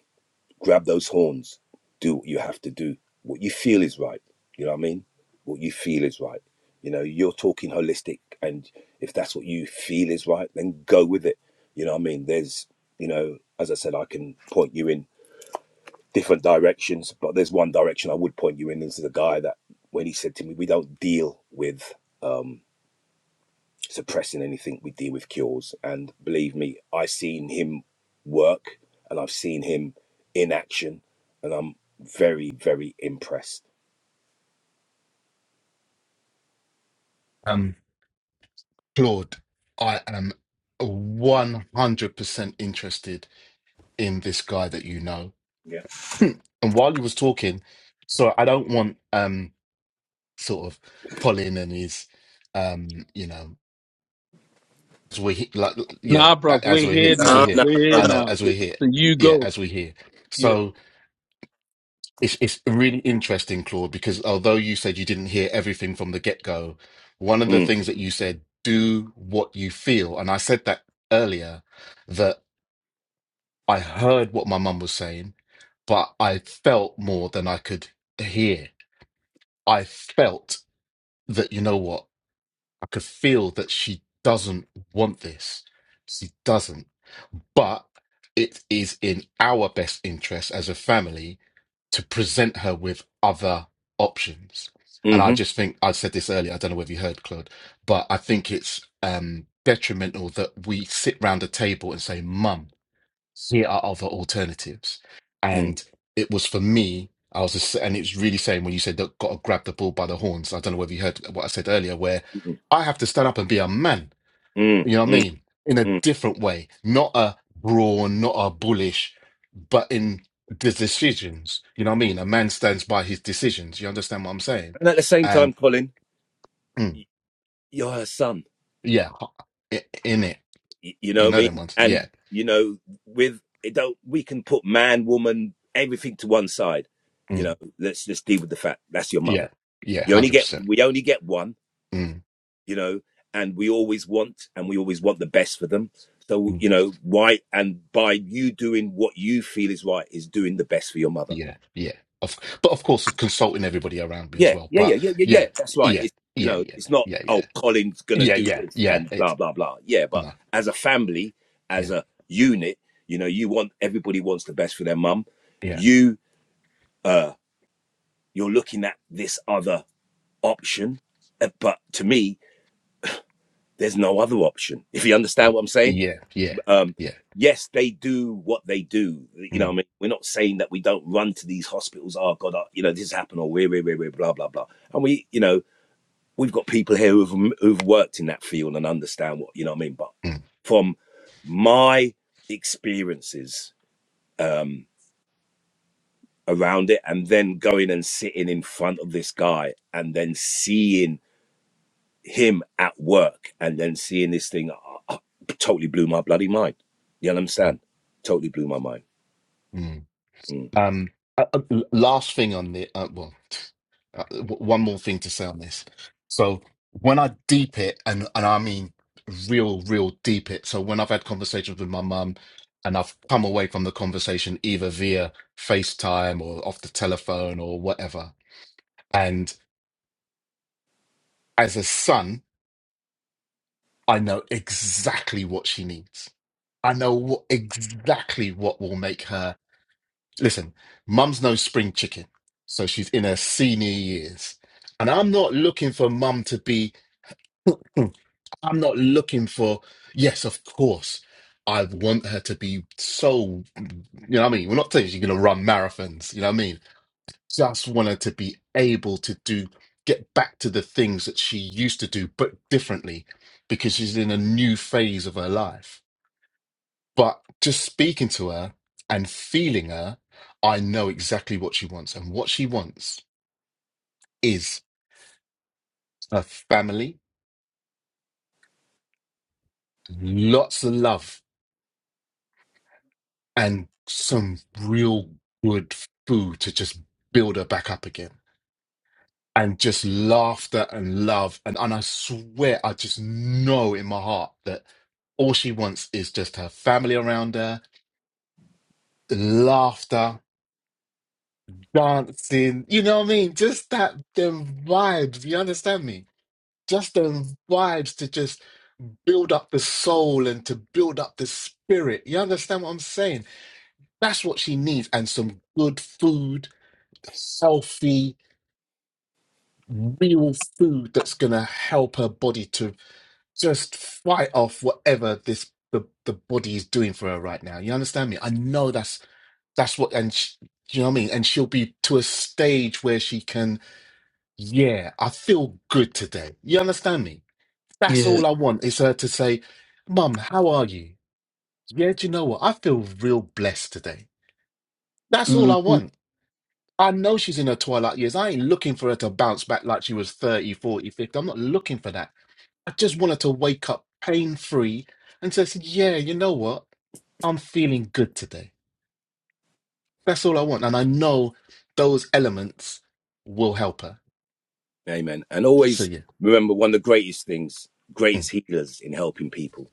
Speaker 3: grab those horns, do what you have to do. What you feel is right. You know what I mean? What you feel is right. You know, you're talking holistic, and if that's what you feel is right, then go with it. You know what I mean? There's, you know, as I said, I can point you in different directions, but there's one direction I would point you in. This is a guy that when he said to me, we don't deal with. um, suppressing anything we deal with cures. And believe me, I've seen him work and I've seen him in action, and I'm very, very impressed.
Speaker 2: Um, Claude, I am one hundred percent interested in this guy that you know. and while you was talking, so I don't want um sort of Colin and his, um, you know, as we're he- like, yeah,
Speaker 1: Nah, bruv,
Speaker 2: a- as
Speaker 1: we're
Speaker 2: we're here,
Speaker 1: here
Speaker 2: as we're
Speaker 3: No,
Speaker 1: now.
Speaker 2: here.
Speaker 3: no,
Speaker 1: We're
Speaker 3: no,
Speaker 1: here
Speaker 2: I know,
Speaker 3: no.
Speaker 1: now.
Speaker 2: as we're here,
Speaker 1: So you
Speaker 2: yeah,
Speaker 1: go.
Speaker 2: as we're here.
Speaker 1: Yeah.
Speaker 2: So it's it's really interesting, Claude, because although you said you didn't hear everything from the get go, one of the
Speaker 3: Mm,
Speaker 2: things that you said, do what you feel, and I said that earlier, that I heard what my mum was saying, but I felt more than I could hear. I felt that you know what. I could feel that she doesn't want this. She doesn't. But it is in our best interest as a family to present her with other options. And I
Speaker 3: mm-hmm,
Speaker 2: just think I said this earlier. I don't know whether you heard, Claude, but I think it's um, detrimental that we sit round a table and say, "Mum." here are other alternatives.
Speaker 3: mm,
Speaker 2: And it was for me, I was just, and it's really saying when you said that got to grab the bull by the horns. I don't know whether you heard what I said earlier, where
Speaker 3: mm,
Speaker 2: I have to stand up and be a man.
Speaker 3: mm,
Speaker 2: You know what I
Speaker 3: mm,
Speaker 2: mean? In a
Speaker 3: mm.
Speaker 2: different way, not a brawn, not a bullish, but in the decisions. You know what I mean? A man stands by his decisions. You understand what I'm saying?
Speaker 3: And at the same
Speaker 2: And
Speaker 3: time, Colin,
Speaker 2: mm,
Speaker 3: y- you're her son.
Speaker 2: yeah, i- in it,
Speaker 3: Y- You know
Speaker 2: you
Speaker 3: what I
Speaker 2: know them
Speaker 3: mean?
Speaker 2: ones. Yeah,
Speaker 3: And you know, with it don't we can put man, woman, everything to one side. You
Speaker 2: mm,
Speaker 3: know, let's just deal with the fact that's your
Speaker 2: yeah,
Speaker 3: mother.
Speaker 2: yeah, one
Speaker 3: You only
Speaker 2: hundred
Speaker 3: get
Speaker 2: percent.
Speaker 3: we only get one.
Speaker 2: Mm,
Speaker 3: you know, and we always want and we always want the best for them. So, you know, why and by you doing what you feel is right is doing the best for your mother.
Speaker 2: Yeah, yeah. Of, but of course, consulting everybody around me as
Speaker 3: Yeah,
Speaker 2: well.
Speaker 3: yeah, yeah,
Speaker 2: But
Speaker 3: yeah, yeah, yeah.
Speaker 2: yeah,
Speaker 3: That's right.
Speaker 2: yeah,
Speaker 3: It's you
Speaker 2: yeah,
Speaker 3: know,
Speaker 2: yeah,
Speaker 3: it's not
Speaker 2: yeah,
Speaker 3: oh
Speaker 2: yeah,
Speaker 3: Colin's gonna
Speaker 2: yeah,
Speaker 3: do
Speaker 2: yeah,
Speaker 3: this
Speaker 2: yeah.
Speaker 3: and
Speaker 2: It's
Speaker 3: blah blah blah. Yeah, but
Speaker 2: no,
Speaker 3: as a family, as
Speaker 2: yeah,
Speaker 3: a unit, you know, you want everybody wants the best for their mum.
Speaker 2: yeah,
Speaker 3: You uh you're looking at this other option, uh, but to me, there's no other option. If you understand
Speaker 2: y-
Speaker 3: what I'm saying
Speaker 2: yeah, yeah,
Speaker 3: Um,
Speaker 2: yeah.
Speaker 3: yes, they do what they do. You know, what
Speaker 2: Mm,
Speaker 3: I mean, we're not saying that we don't run to these hospitals. Oh God, uh, you know, this happened, or we're, we're, we're, we're, blah, blah, blah. And we, you know, we've got people here who've who've worked in that field and understand what you know. What I mean, but
Speaker 2: mm,
Speaker 3: from my experiences um, around it, and then going and sitting in front of this guy, and then seeing him at work, and then seeing this thing, uh, uh, totally blew my bloody mind. You
Speaker 2: mm,
Speaker 3: understand? Totally blew my mind.
Speaker 2: mm.
Speaker 3: Mm.
Speaker 2: Um, uh, uh, l- last thing on the uh, well. uh, w- one more thing to say on this. So when I deep it, and and I mean real, real deep it. So when I've had conversations with my mum, and I've come away from the conversation either via FaceTime or off the telephone or whatever, and as a son, I know exactly what she needs. I know what, exactly what will make her listen. Mum's no spring chicken, so she's in her senior years, and I'm not looking for mum to be. I'm not looking for, yes, of course, I want her to be so, you know what I mean? We're not saying she's going to run marathons, you know what I mean? Just want her to be able to do, get back to the things that she used to do, but differently because she's in a new phase of her life. But just speaking to her and feeling her, I know exactly what she wants. And what she wants is a family, lots of love and some real good food to just build her back up again. And just laughter and love. And, and I swear, I just know in my heart that all she wants is just her family around her, laughter, dancing. You know what I mean? Just that, them vibes. You understand me? Just them vibes to just build up the soul and to build up the spirit. You understand what I'm saying? That's what she needs. And some good food healthy, real food that's going to help her body to just fight off whatever this the, the body is doing for her right now. You understand me? I know that's that's what, and sh you know what I mean. And she'll be to a stage where she can, yeah, I feel good today. You understand me? That's
Speaker 1: Yeah.
Speaker 2: all I want is her to say, "Mum, how are you? Yeah, do you know what? I feel real blessed today. That's all
Speaker 1: hmm
Speaker 2: I want." I know she's in her twilight years. I ain't looking for her to bounce back like she was thirty, forty, fifty. I'm not looking for that. I just want her to wake up pain free and say, yeah, you know what? I'm feeling good today. That's all I want. And I know those elements will help her.
Speaker 3: Amen. And
Speaker 2: So,
Speaker 3: always
Speaker 2: yeah.
Speaker 3: remember one of the greatest things,
Speaker 2: Mm.
Speaker 3: greatest healers in helping people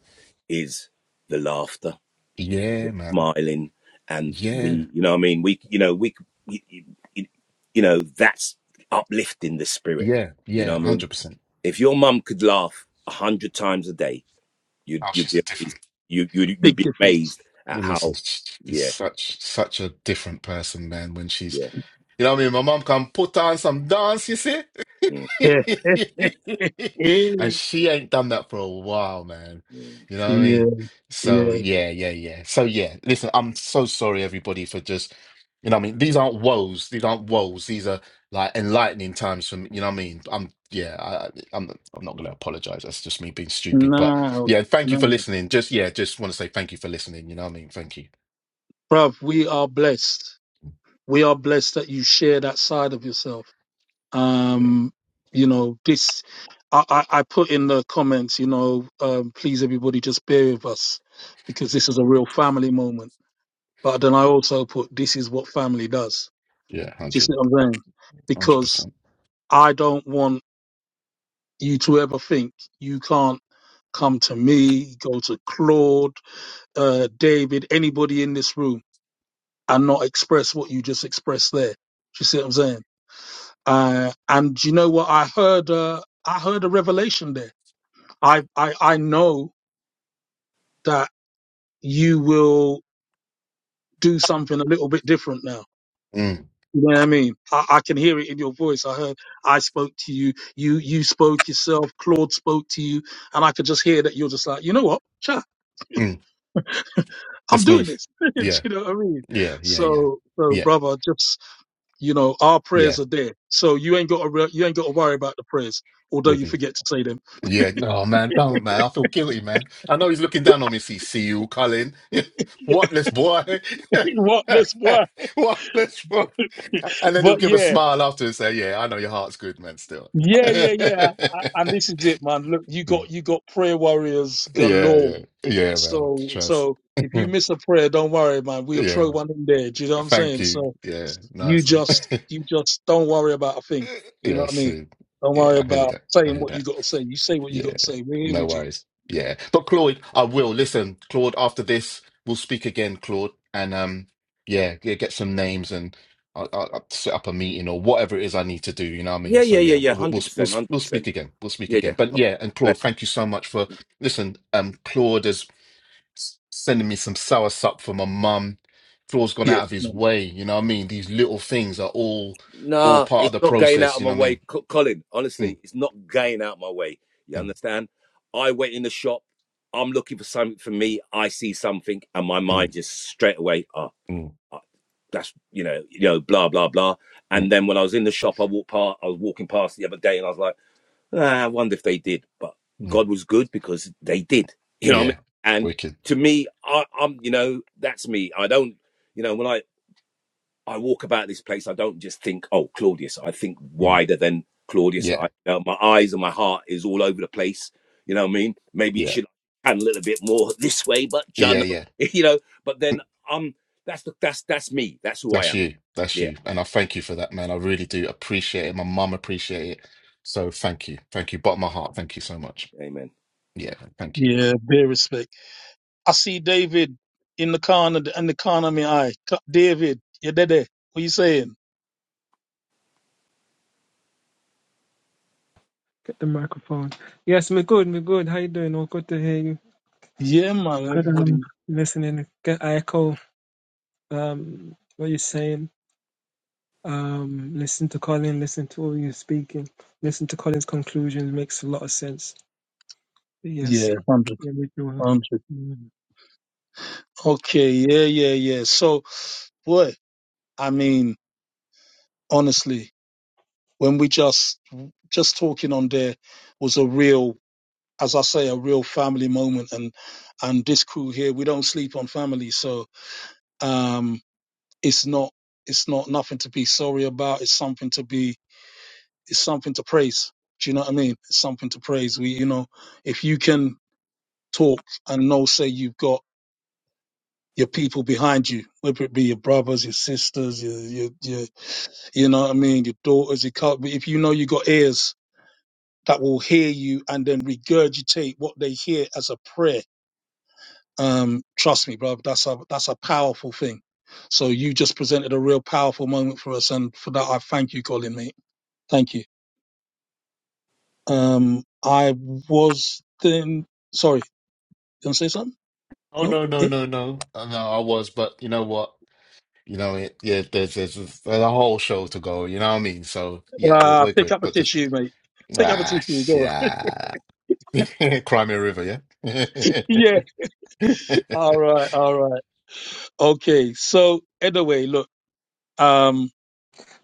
Speaker 3: is the laughter,
Speaker 2: Yeah,
Speaker 3: the
Speaker 2: man.
Speaker 3: smiling, and
Speaker 2: Yeah.
Speaker 3: the, you know what I mean? We, you know, we, we- you you know, that's uplifting the spirit.
Speaker 2: Yeah.
Speaker 3: You know
Speaker 2: Yeah.
Speaker 3: what I mean?
Speaker 2: 100%.
Speaker 3: If your mum could laugh a hundred times a day, you'd,
Speaker 2: Oh,
Speaker 3: you'd
Speaker 2: she's
Speaker 3: be
Speaker 2: a
Speaker 3: amazed.
Speaker 2: different.
Speaker 3: You, you'd, you'd
Speaker 1: Big
Speaker 3: be
Speaker 1: difference.
Speaker 3: amazed at
Speaker 2: Listen,
Speaker 3: how,
Speaker 2: she's
Speaker 3: yeah,
Speaker 2: such such a different person, man. When she's,
Speaker 3: yeah.
Speaker 2: you know, what I mean, my mom can put on some dance, you see.
Speaker 3: mm,
Speaker 1: Yeah. yeah.
Speaker 2: And she ain't done that for a while, man.
Speaker 3: mm.
Speaker 2: You know what I mean? So
Speaker 1: Yeah.
Speaker 2: yeah, yeah, yeah. So yeah, listen, I'm so sorry everybody for just you know what I mean? These aren't woes. These aren't woes. These are like enlightening times for me. you know what I mean? I'm yeah, I I- I'm I'm not gonna apologize. That's just me being stupid. But
Speaker 1: No,
Speaker 2: yeah, thank you for
Speaker 1: no.
Speaker 2: listening. Just yeah, just want to say thank you for listening, you know what I mean? Thank you.
Speaker 1: Bruv, we are blessed. We are blessed that you share that side of yourself.
Speaker 2: Yeah,
Speaker 1: Um, you know, this, I, I, I put in the comments, you know, um, please everybody just bear with us because this is a real family moment. But then I also put, this is what family does.
Speaker 2: yeah, one
Speaker 1: Do you
Speaker 2: hundred,
Speaker 1: see what I'm saying?
Speaker 2: one hundred
Speaker 1: Because
Speaker 2: percent.
Speaker 1: I don't want you to ever think you can't come to me, go to Claude, uh, David, anybody in this room and not express what you just expressed there. Do you see what I'm saying? Uh, and you know what? I heard, uh, I heard a revelation there. I, I, I know that you will do something a little bit different now.
Speaker 2: Mm,
Speaker 1: You know what I mean? I, I can hear it in your voice. I heard I spoke to you, you, you spoke yourself, Claude spoke to you, and I could just hear that you're just like, you know what? Chat,
Speaker 2: mm.
Speaker 1: I'm
Speaker 2: Let's
Speaker 1: doing
Speaker 2: move.
Speaker 1: this. do
Speaker 2: Yeah,
Speaker 1: you know what I mean?
Speaker 2: yeah, yeah, yeah.
Speaker 1: So, so
Speaker 2: Yeah.
Speaker 1: brother, just. You know, our
Speaker 2: Yeah.
Speaker 1: prayers are there, so you ain't got to re- you ain't got to worry about the prayers, although
Speaker 2: with
Speaker 1: you
Speaker 2: you.
Speaker 1: forget to say them.
Speaker 2: Yeah, no, man, don't, man. I feel guilty, man. I know he's looking down on me. See, see you, Colin. Whatless boy.
Speaker 1: what? this why.
Speaker 2: Whatless boy. And then he'll
Speaker 1: But
Speaker 2: give a
Speaker 1: yeah,
Speaker 2: smile after and say, Yeah, I know your heart's good, man, still.
Speaker 1: yeah, yeah, yeah. I, and this is it, man. Look, you
Speaker 2: Mm.
Speaker 1: got you got prayer warriors
Speaker 2: yeah,
Speaker 1: galore.
Speaker 2: yeah, yeah, man.
Speaker 1: So
Speaker 2: Trust.
Speaker 1: so if you miss a prayer, don't worry, man. We'll throw
Speaker 2: yeah.
Speaker 1: one in there. Do you know what I'm
Speaker 2: Thank
Speaker 1: saying?
Speaker 2: you.
Speaker 1: So
Speaker 2: Yeah,
Speaker 1: you
Speaker 2: nice, man.
Speaker 1: just you just don't worry about a thing. You know
Speaker 2: Yeah,
Speaker 1: what I mean?
Speaker 2: see,
Speaker 1: Don't worry
Speaker 2: yeah, I hear
Speaker 1: about
Speaker 2: that. I
Speaker 1: saying
Speaker 2: hear
Speaker 1: what
Speaker 2: that.
Speaker 1: you got to say. You say what you got
Speaker 2: Yeah,
Speaker 1: to say. We're here
Speaker 2: no
Speaker 1: with you.
Speaker 2: worries. Yeah, but Claude, I will listen. Claude, after this, we'll speak again, Claude, and um, yeah, yeah, get some names and I'll, I'll I'll set up a meeting or whatever it is I need to do. You know what I mean?
Speaker 3: Yeah,
Speaker 2: So
Speaker 3: yeah, yeah,
Speaker 2: yeah,
Speaker 3: yeah.
Speaker 2: we'll we'll
Speaker 3: 100%,
Speaker 2: we'll, we'll
Speaker 3: 100%.
Speaker 2: speak again. We'll speak
Speaker 3: Yeah, yeah.
Speaker 2: again. But
Speaker 3: Oh,
Speaker 2: yeah, and
Speaker 3: bless.
Speaker 2: Claude, thank you so much for listen. Um, Claude as s- sending me some soursop for my mum. Flo's gone
Speaker 1: Yeah,
Speaker 2: out of his
Speaker 1: man.
Speaker 2: way. You know what I mean? These little things are all all
Speaker 3: No,
Speaker 2: part of
Speaker 3: it's
Speaker 2: the
Speaker 3: not going out
Speaker 2: process.
Speaker 3: of
Speaker 2: You
Speaker 3: my
Speaker 2: know what I
Speaker 3: way,
Speaker 2: mean?
Speaker 3: Co- Colin.
Speaker 2: Mm,
Speaker 3: Honestly, it's not going out of my way. You
Speaker 2: mm,
Speaker 3: understand? I went in the shop. I'm looking for something for me. I see something, and my
Speaker 2: mm,
Speaker 3: mind just straight away. Oh,
Speaker 2: mm,
Speaker 3: oh, that's you know, you know, blah blah blah.
Speaker 2: mm,
Speaker 3: And then when I was in the shop, I walked past. I was walking past the other day, and I was like, ah, I wonder if they did. But
Speaker 2: mm.
Speaker 3: God was good because they did. You know what I mean?
Speaker 2: Yeah,
Speaker 3: And
Speaker 2: wicked.
Speaker 3: to me, I, I'm, you know, that's me. I don't, you know, when I I walk about this place, I don't just think, oh, Claudius. I think
Speaker 2: Mm.
Speaker 3: wider than Claudius. I,
Speaker 2: Yeah,
Speaker 3: you know, my eyes and my heart is all over the place. You know what I mean? Maybe it
Speaker 2: yeah,
Speaker 3: should pan a little bit more this way, but
Speaker 2: yeah,
Speaker 3: John,
Speaker 2: yeah.
Speaker 3: you know. But then, um, that's the that's that's me. That's who I
Speaker 2: That's
Speaker 3: am.
Speaker 2: you. That's
Speaker 3: Yeah.
Speaker 2: you. And I thank you for that, man. I really do appreciate it. My mum appreciate it. So thank you. Thank you. Bottom of my heart. Thank you so much.
Speaker 3: Amen.
Speaker 2: Yeah, thank you.
Speaker 1: Yeah, bear respect. I see David in the corner, in the corner of my eye. Co- David, you there? there? What you saying?
Speaker 4: Get the microphone. Yes, me good, me good. How you doing? Oh, good to hear you.
Speaker 1: Yeah, man,
Speaker 4: Good.
Speaker 1: everybody.
Speaker 4: Um, listening. Get I echo. Um, what you're saying. Um, listen to Colin. Listen to all you're speaking. Listen to Colin's conclusions. Makes a lot of sense. Yes.
Speaker 1: Yeah, hundred,
Speaker 4: Yeah, we do. uh,
Speaker 1: hundred.
Speaker 4: Mm.
Speaker 1: Okay, yeah, yeah, yeah. So, boy, I mean, honestly, when we just, just talking on there was a real, as I say, a real family moment. And, and this crew here, we don't sleep on family. So, um, it's not, it's not nothing to be sorry about. It's something to be it's something to praise. Do you know what I mean? It's something to praise. We, you know, if you can talk and know, say you've got your people behind you, whether it be your brothers, your sisters, your, your, your you know what I mean, your daughters, your cou- but if you know you got ears that will hear you and then regurgitate what they hear as a prayer, um, trust me, brother, that's a that's a powerful thing. So you just presented a real powerful moment for us, and for that I thank you, Colin, mate. Thank you. Um, I was then sorry. Gonna say something?
Speaker 2: Oh
Speaker 1: No?
Speaker 2: no, no,
Speaker 1: Yeah.
Speaker 2: no, no. Uh, No, I was, but you know what? You know, it, yeah, there's, there's there's a whole show to go. You know what I mean? So yeah, we're,
Speaker 1: Uh,
Speaker 2: we're
Speaker 1: pick
Speaker 2: good.
Speaker 1: up a
Speaker 2: But just
Speaker 1: tissue, mate. Pick up a
Speaker 2: ah,
Speaker 1: tissue. Go.
Speaker 2: shit.
Speaker 1: On.
Speaker 2: ah. Crimea River, yeah.
Speaker 1: Yeah. All right. All right. Okay. So anyway, look. Um,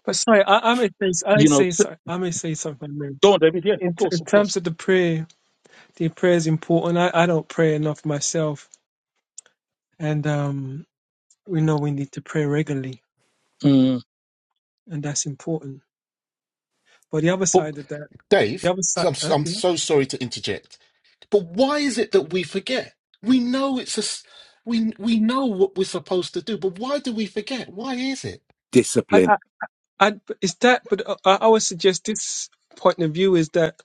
Speaker 4: But sorry, I, I may say, I
Speaker 1: you know,
Speaker 4: say,
Speaker 1: s-
Speaker 4: sorry, I may say something. Man.
Speaker 1: go on, David. Yeah.
Speaker 4: In,
Speaker 1: Of
Speaker 4: t-
Speaker 1: course.
Speaker 4: in
Speaker 1: Of
Speaker 4: terms
Speaker 1: course.
Speaker 4: of the prayer, the prayer is important. I, I don't pray enough myself, and um, we know we need to pray regularly,
Speaker 1: Mm,
Speaker 4: and that's important But the other
Speaker 2: But
Speaker 4: side of that,
Speaker 2: Dave,
Speaker 4: the other
Speaker 2: so
Speaker 4: side,
Speaker 2: I'm
Speaker 4: uh,
Speaker 2: I'm
Speaker 4: you know,
Speaker 2: so sorry to interject, but why is it that we forget? We know it's a s- we we know what we're supposed to do, but why do we forget? Why is it?
Speaker 4: I,
Speaker 3: Discipline.
Speaker 4: I, I, is that. But uh, I, I would suggest this point of view is that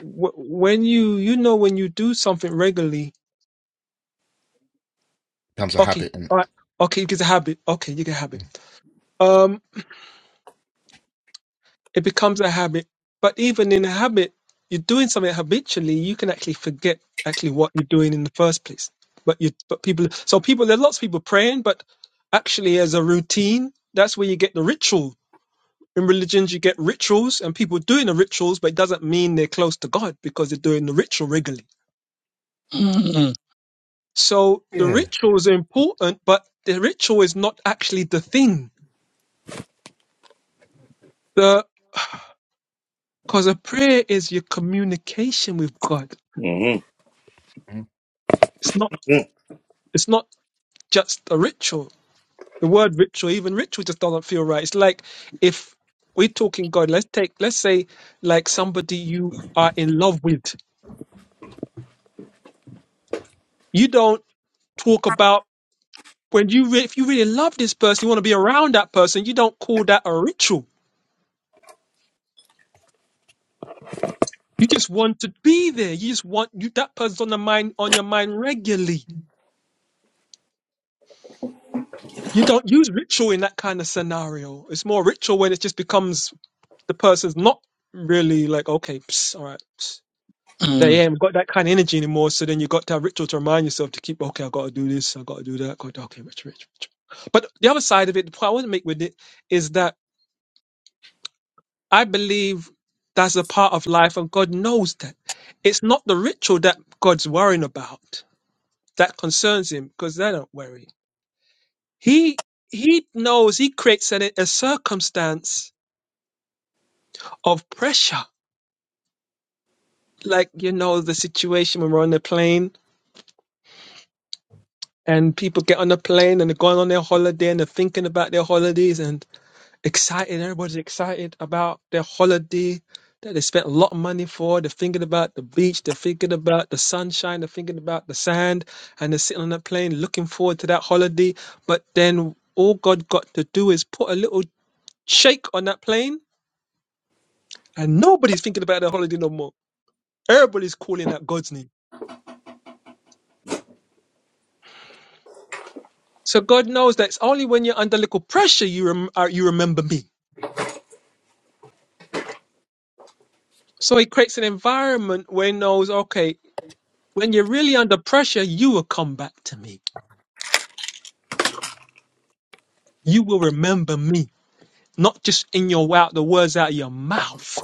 Speaker 4: w- when you, you know, when you do something regularly,
Speaker 2: Becomes a
Speaker 4: okay,
Speaker 2: habit, and
Speaker 4: all right, okay, it's a habit. Okay, you get a habit. Um, it becomes a habit. But even in a habit, you're doing something habitually, you can actually forget actually what you're doing in the first place. But you, but people, so people, there are lots of people praying, but actually as a routine, that's where you get the ritual In religions, you get rituals and people doing the rituals, but it doesn't mean they're close to God because they're doing the ritual regularly.
Speaker 1: mm, mm,
Speaker 4: So the
Speaker 2: yeah,
Speaker 4: rituals are important, but the ritual is not actually the thing. The because a prayer is your communication with God.
Speaker 3: hmm
Speaker 2: Mm.
Speaker 4: It's not. It's not just a ritual. The word ritual, even ritual, just doesn't feel right. It's like if we're talking God. Let's take. Let's say like somebody you are in love with. You don't talk about. When you re- if you really love this person, you want to be around that person. You don't call that a ritual. You just want to be there. You just want you that person's on the mind on your mind regularly. You don't use ritual in that kind of scenario. It's more ritual when it just becomes the person's not really like okay, psst, all right. Psst. They
Speaker 1: mm.
Speaker 4: ain't got that kind of energy anymore. So then you got to have ritual to remind yourself to keep okay. I got to do this. I got to do that. Got to, okay, ritual, ritual, ritual. But the other side of it, the point I want to make with it is that I believe that's a part of life, and God knows that. It's not the ritual that God's worrying about that concerns Him, because they don't worry. He He knows. He creates a, a circumstance of pressure, like you know the situation when we're on the plane and people get on the plane and they're going on their holiday and they're thinking about their holidays and excited. Everybody's excited about their holiday that they spent a lot of money for. They're thinking about the beach. They're thinking about the sunshine. They're thinking about the sand. And they're sitting on a plane looking forward to that holiday. But then all God got to do is put a little shake on that plane, and nobody's thinking about their holiday no more. Everybody's calling out God's name. So God knows that it's only when you're under little pressure you rem- uh, you remember me. So He creates an environment where He knows, okay, when you're really under pressure, you will come back to me You will remember me, not just in your out the words out of your mouth.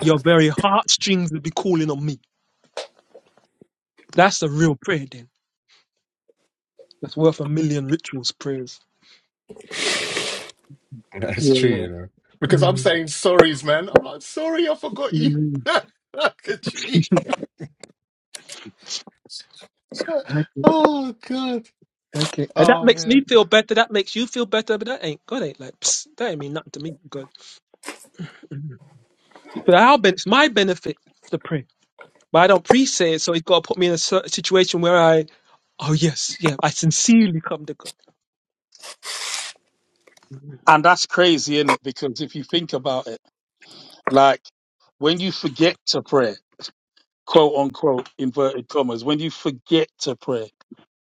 Speaker 4: Your very heartstrings will be calling on me. That's a real prayer then. That's worth a million rituals prayers.
Speaker 2: that's true,
Speaker 1: Yeah.
Speaker 2: you know. Because I'm
Speaker 4: Mm,
Speaker 2: saying sorries, man. I'm like, sorry, I forgot you.
Speaker 4: mm,
Speaker 2: Look at you.
Speaker 4: okay.
Speaker 2: Oh God.
Speaker 4: Okay. And that
Speaker 2: Oh
Speaker 4: makes me
Speaker 2: man.
Speaker 4: feel better. That makes you feel better. But that ain't God ain't like psst, that ain't mean nothing to me, God. Mm. But our ben- it's my benefit to pray. But I don't pre-say it, so he's got to put me in a cer- situation where I Oh yes, yeah. I sincerely come to God. Mhm.
Speaker 1: And that's crazy, isn't it? Because if you think about it, like when you forget to pray, quote unquote, inverted commas, when you forget to pray.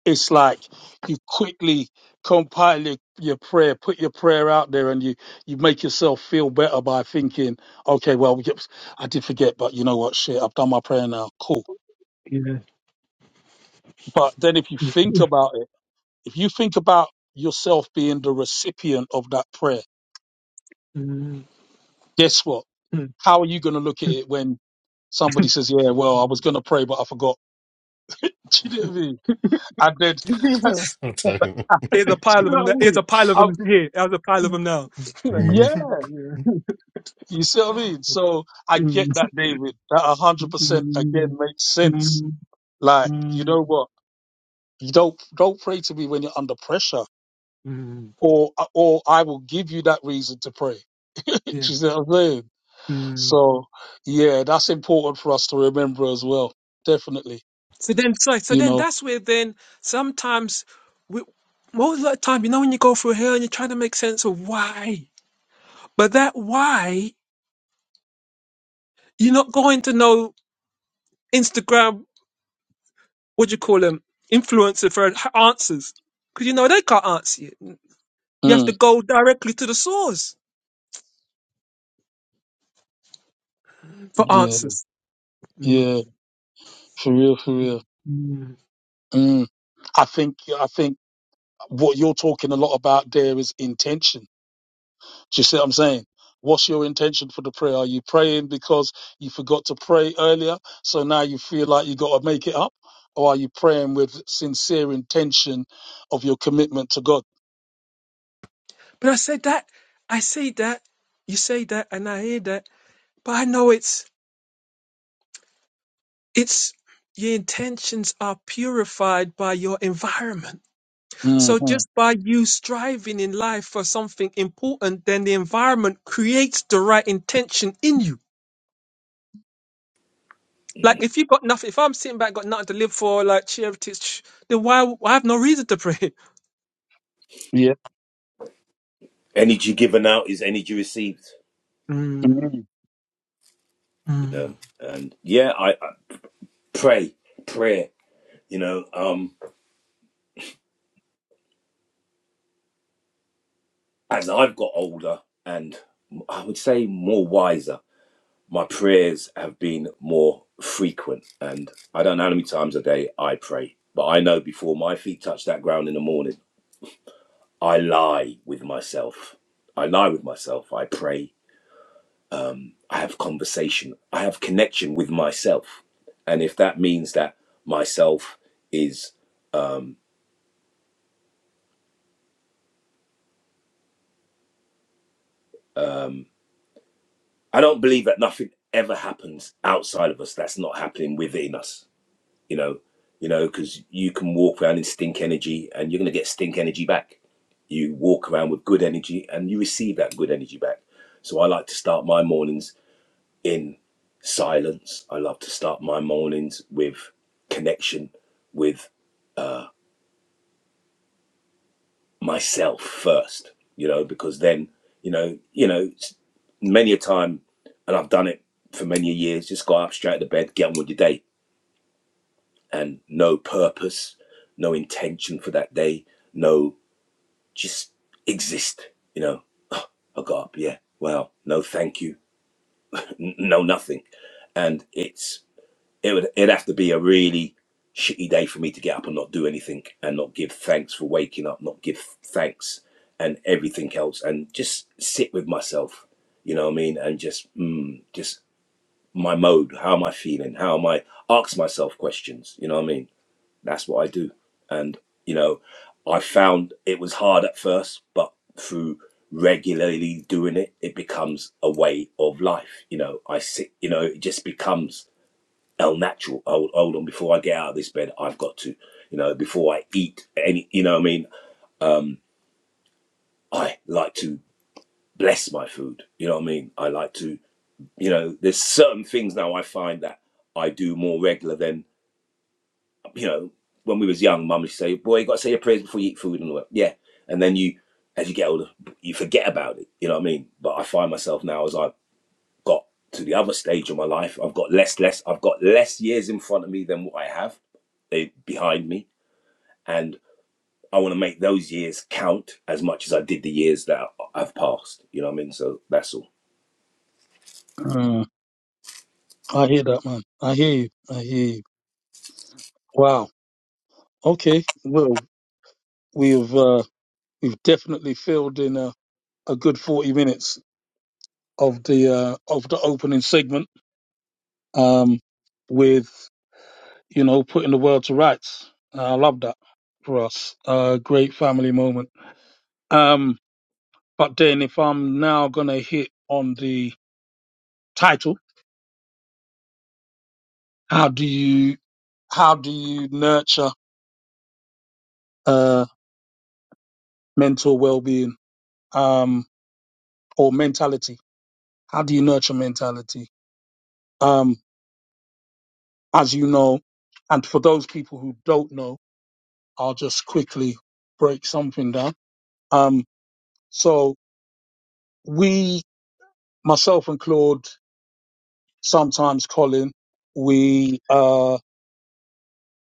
Speaker 1: it's like you quickly compile your, your prayer, put your prayer out there, and you you make yourself feel better by thinking, okay, well, yep, I did forget, but you know what, shit, I've done my prayer now, cool.
Speaker 4: Yeah.
Speaker 1: But then if you think about it, if you think about yourself being the recipient of that prayer, guess what? How are you going to look at it when somebody says, yeah, well, I
Speaker 4: Mhm.
Speaker 1: was going to pray, but I forgot? Do you know what I mean? I did. Do
Speaker 2: I'm telling
Speaker 4: Here's
Speaker 2: you.
Speaker 4: a pile
Speaker 1: you
Speaker 4: of them.
Speaker 1: know
Speaker 4: Now.
Speaker 1: what I
Speaker 4: Here's
Speaker 1: mean?
Speaker 4: a pile of
Speaker 1: I,
Speaker 4: them here. There's a pile of them now. like,
Speaker 1: yeah,
Speaker 2: Mhm.
Speaker 4: like, yeah.
Speaker 1: You see what I mean? So I get
Speaker 4: Mm,
Speaker 1: that, David. That a hundred percent again
Speaker 4: mm,
Speaker 1: makes sense.
Speaker 4: mm,
Speaker 1: Like, you
Speaker 4: mm,
Speaker 1: know what? You don't don't pray to me when you're under pressure,
Speaker 4: mm,
Speaker 1: or or I will give you that reason to pray. Do you
Speaker 4: yeah.
Speaker 1: see what I'm saying?
Speaker 4: Mm.
Speaker 1: So yeah, that's important for us to remember as well. Definitely,
Speaker 4: So then, so, so
Speaker 1: you
Speaker 4: then
Speaker 1: know.
Speaker 4: that's where then sometimes we, most of the time, you know, when you go through hell and you're trying to make sense of why, but that why, you're not going to know Instagram, what do you call them, influencer for answers. Because you know they can't answer you. You have to
Speaker 1: Mm,
Speaker 4: go directly to the source for
Speaker 1: yeah,
Speaker 4: answers.
Speaker 1: yeah, for real, for real.
Speaker 4: Mm.
Speaker 1: Mm. I think I think what you're talking a lot about there is intention Do you see what I'm saying? What's your intention for the prayer? Are you praying because you forgot to pray earlier, so now you feel like you got to make it up, or are you praying with sincere intention of your commitment to God?
Speaker 4: But I said that, I say that, you say that, and I hear that, but I know it's, it's, your intentions are purified by your environment.
Speaker 1: hmm
Speaker 4: So just by you striving in life for something important, then the environment creates the right intention in you. Like if you got nothing, if I'm sitting back, got nothing to live for, like charity, then why? I have no reason to pray.
Speaker 1: Yeah,
Speaker 3: Energy given out is energy received.
Speaker 4: Mm,
Speaker 1: Mhm.
Speaker 3: You
Speaker 4: mm.
Speaker 3: know. And yeah, I, I pray, prayer. You know. Um, as I've got older and I would say more wiser. my prayers have been more frequent. And I don't know how many times a day I pray, but I know before my feet touch that ground in the morning, I lie with myself. I lie with myself. I pray. Um, I have conversation. I have connection with myself. And if that means that myself is, um, um, I don't believe that nothing ever happens outside of us that's not happening within us you know, you know, because you can walk around in stink energy and you're going to get stink energy back. You walk around with good energy and you receive that good energy back. So I like to start my mornings in silence. I love to start my mornings with connection with myself first, you know, because then, you know, you know, s- many a time, and I've done it for many years, just go up straight out of bed, get on with your day and no purpose, no intention for that day, no just exist. You know, I got up, yeah, wow, no thank you, n- no nothing. And it's, it would, it'd have to be a really shitty day for me to get up and not do anything and not give thanks for waking up, not give thanks and everything else and just sit with myself, you know what I mean? And just, mm, just my mode, how am I feeling? How am I, ask myself questions, you know what I mean? That's what I do. And, you know, I found it was hard at first, but through regularly doing it, it becomes a way of life. You know, I sit, you know, it just becomes el natural. Hold, hold on, before I get out of this bed, I've got to, you know, before I eat any, you know what I mean? Um, I like to bless my food. You know what I mean? I like to, you know, there's certain things now I find that I do more regular than you know, when we was young, mum used to say, "Boy, you got to say your prayers before you eat food," and all that. Yeah, and then you, as you get older, you forget about it. You know what I mean? But I find myself now as I've got to the other stage of my life, I've got less, less, I've got less years in front of me than what I have eh, behind me, and I want to make those years count as much as I did the years that I've passed. You know what I mean? So that's all.
Speaker 1: Mm. I hear that, man. I hear you. I hear you. Wow. Okay. Well, we've uh, we've definitely filled in a, a good 40 minutes of the uh, of the opening segment um, with. you know, putting the world to rights. Uh, I love that for us. Uh, great family moment. Um, but then if I'm now gonna hit on the title, how do you how do you nurture uh mental well being um or mentality? How do you nurture mentality? Um, as you know, and for those people who don't know, I'll just quickly break something down. Um, so we, myself and Claude. sometimes, Colin, we uh,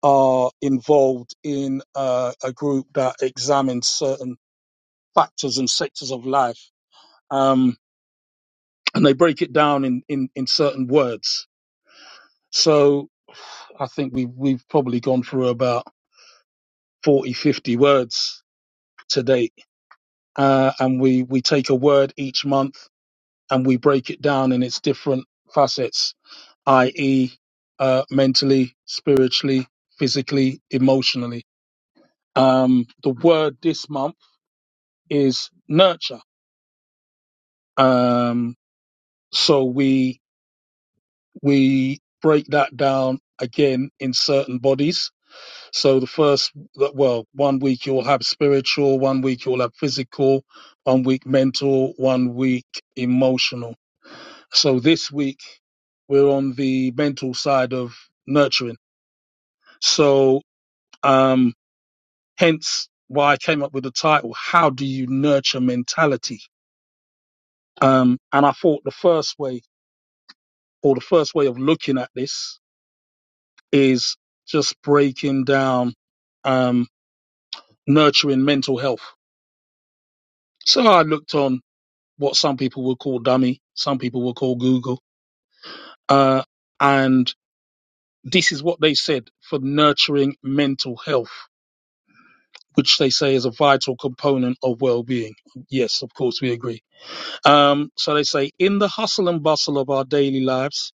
Speaker 1: are involved in uh, a group that examines certain factors and sectors of life, um, and they break it down in, in, in certain words. So I think we we've probably gone through about 40 50 words to date, uh, and we, we take a word each month and we break it down in its different facets, i.e., uh, mentally, spiritually, physically, emotionally Um, the word this month is nurture. Um, so we we break that down again in certain bodies. So the first, well, one week you'll have spiritual, one week you'll have physical, one week mental, one week emotional. So this week we're on the mental side of nurturing. So um, hence why I came up with the title: How do you nurture mentality? Um, and I thought the first way, or the first way of looking at this, is just breaking down um, nurturing mental health. So I looked on what some people would call dummy, some people would call Google, uh, and this is what they said for nurturing mental health, which they say is a vital component of well-being. Yes, of course, we agree. Um, so they say in the hustle and bustle of our daily lives,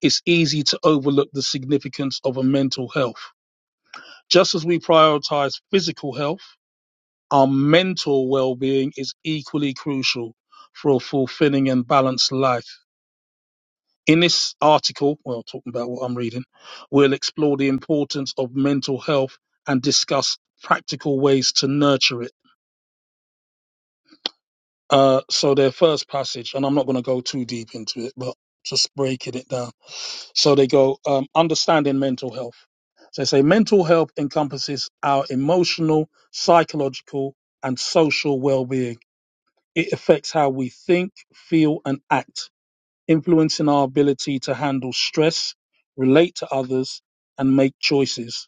Speaker 1: it's easy to overlook the significance of a mental health Just as we prioritize physical health, our mental well being is equally crucial for a fulfilling and balanced life. In this article, well, talking about what I'm reading, we'll explore the importance of mental health and discuss practical ways to nurture it. Uh, so their first passage, and I'm not going to go too deep into it, but just breaking it down. So they go um, understanding mental health. So they say mental health encompasses our emotional, psychological, and social well-being. It affects how we think, feel, and act, influencing our ability to handle stress, relate to others, and make choices.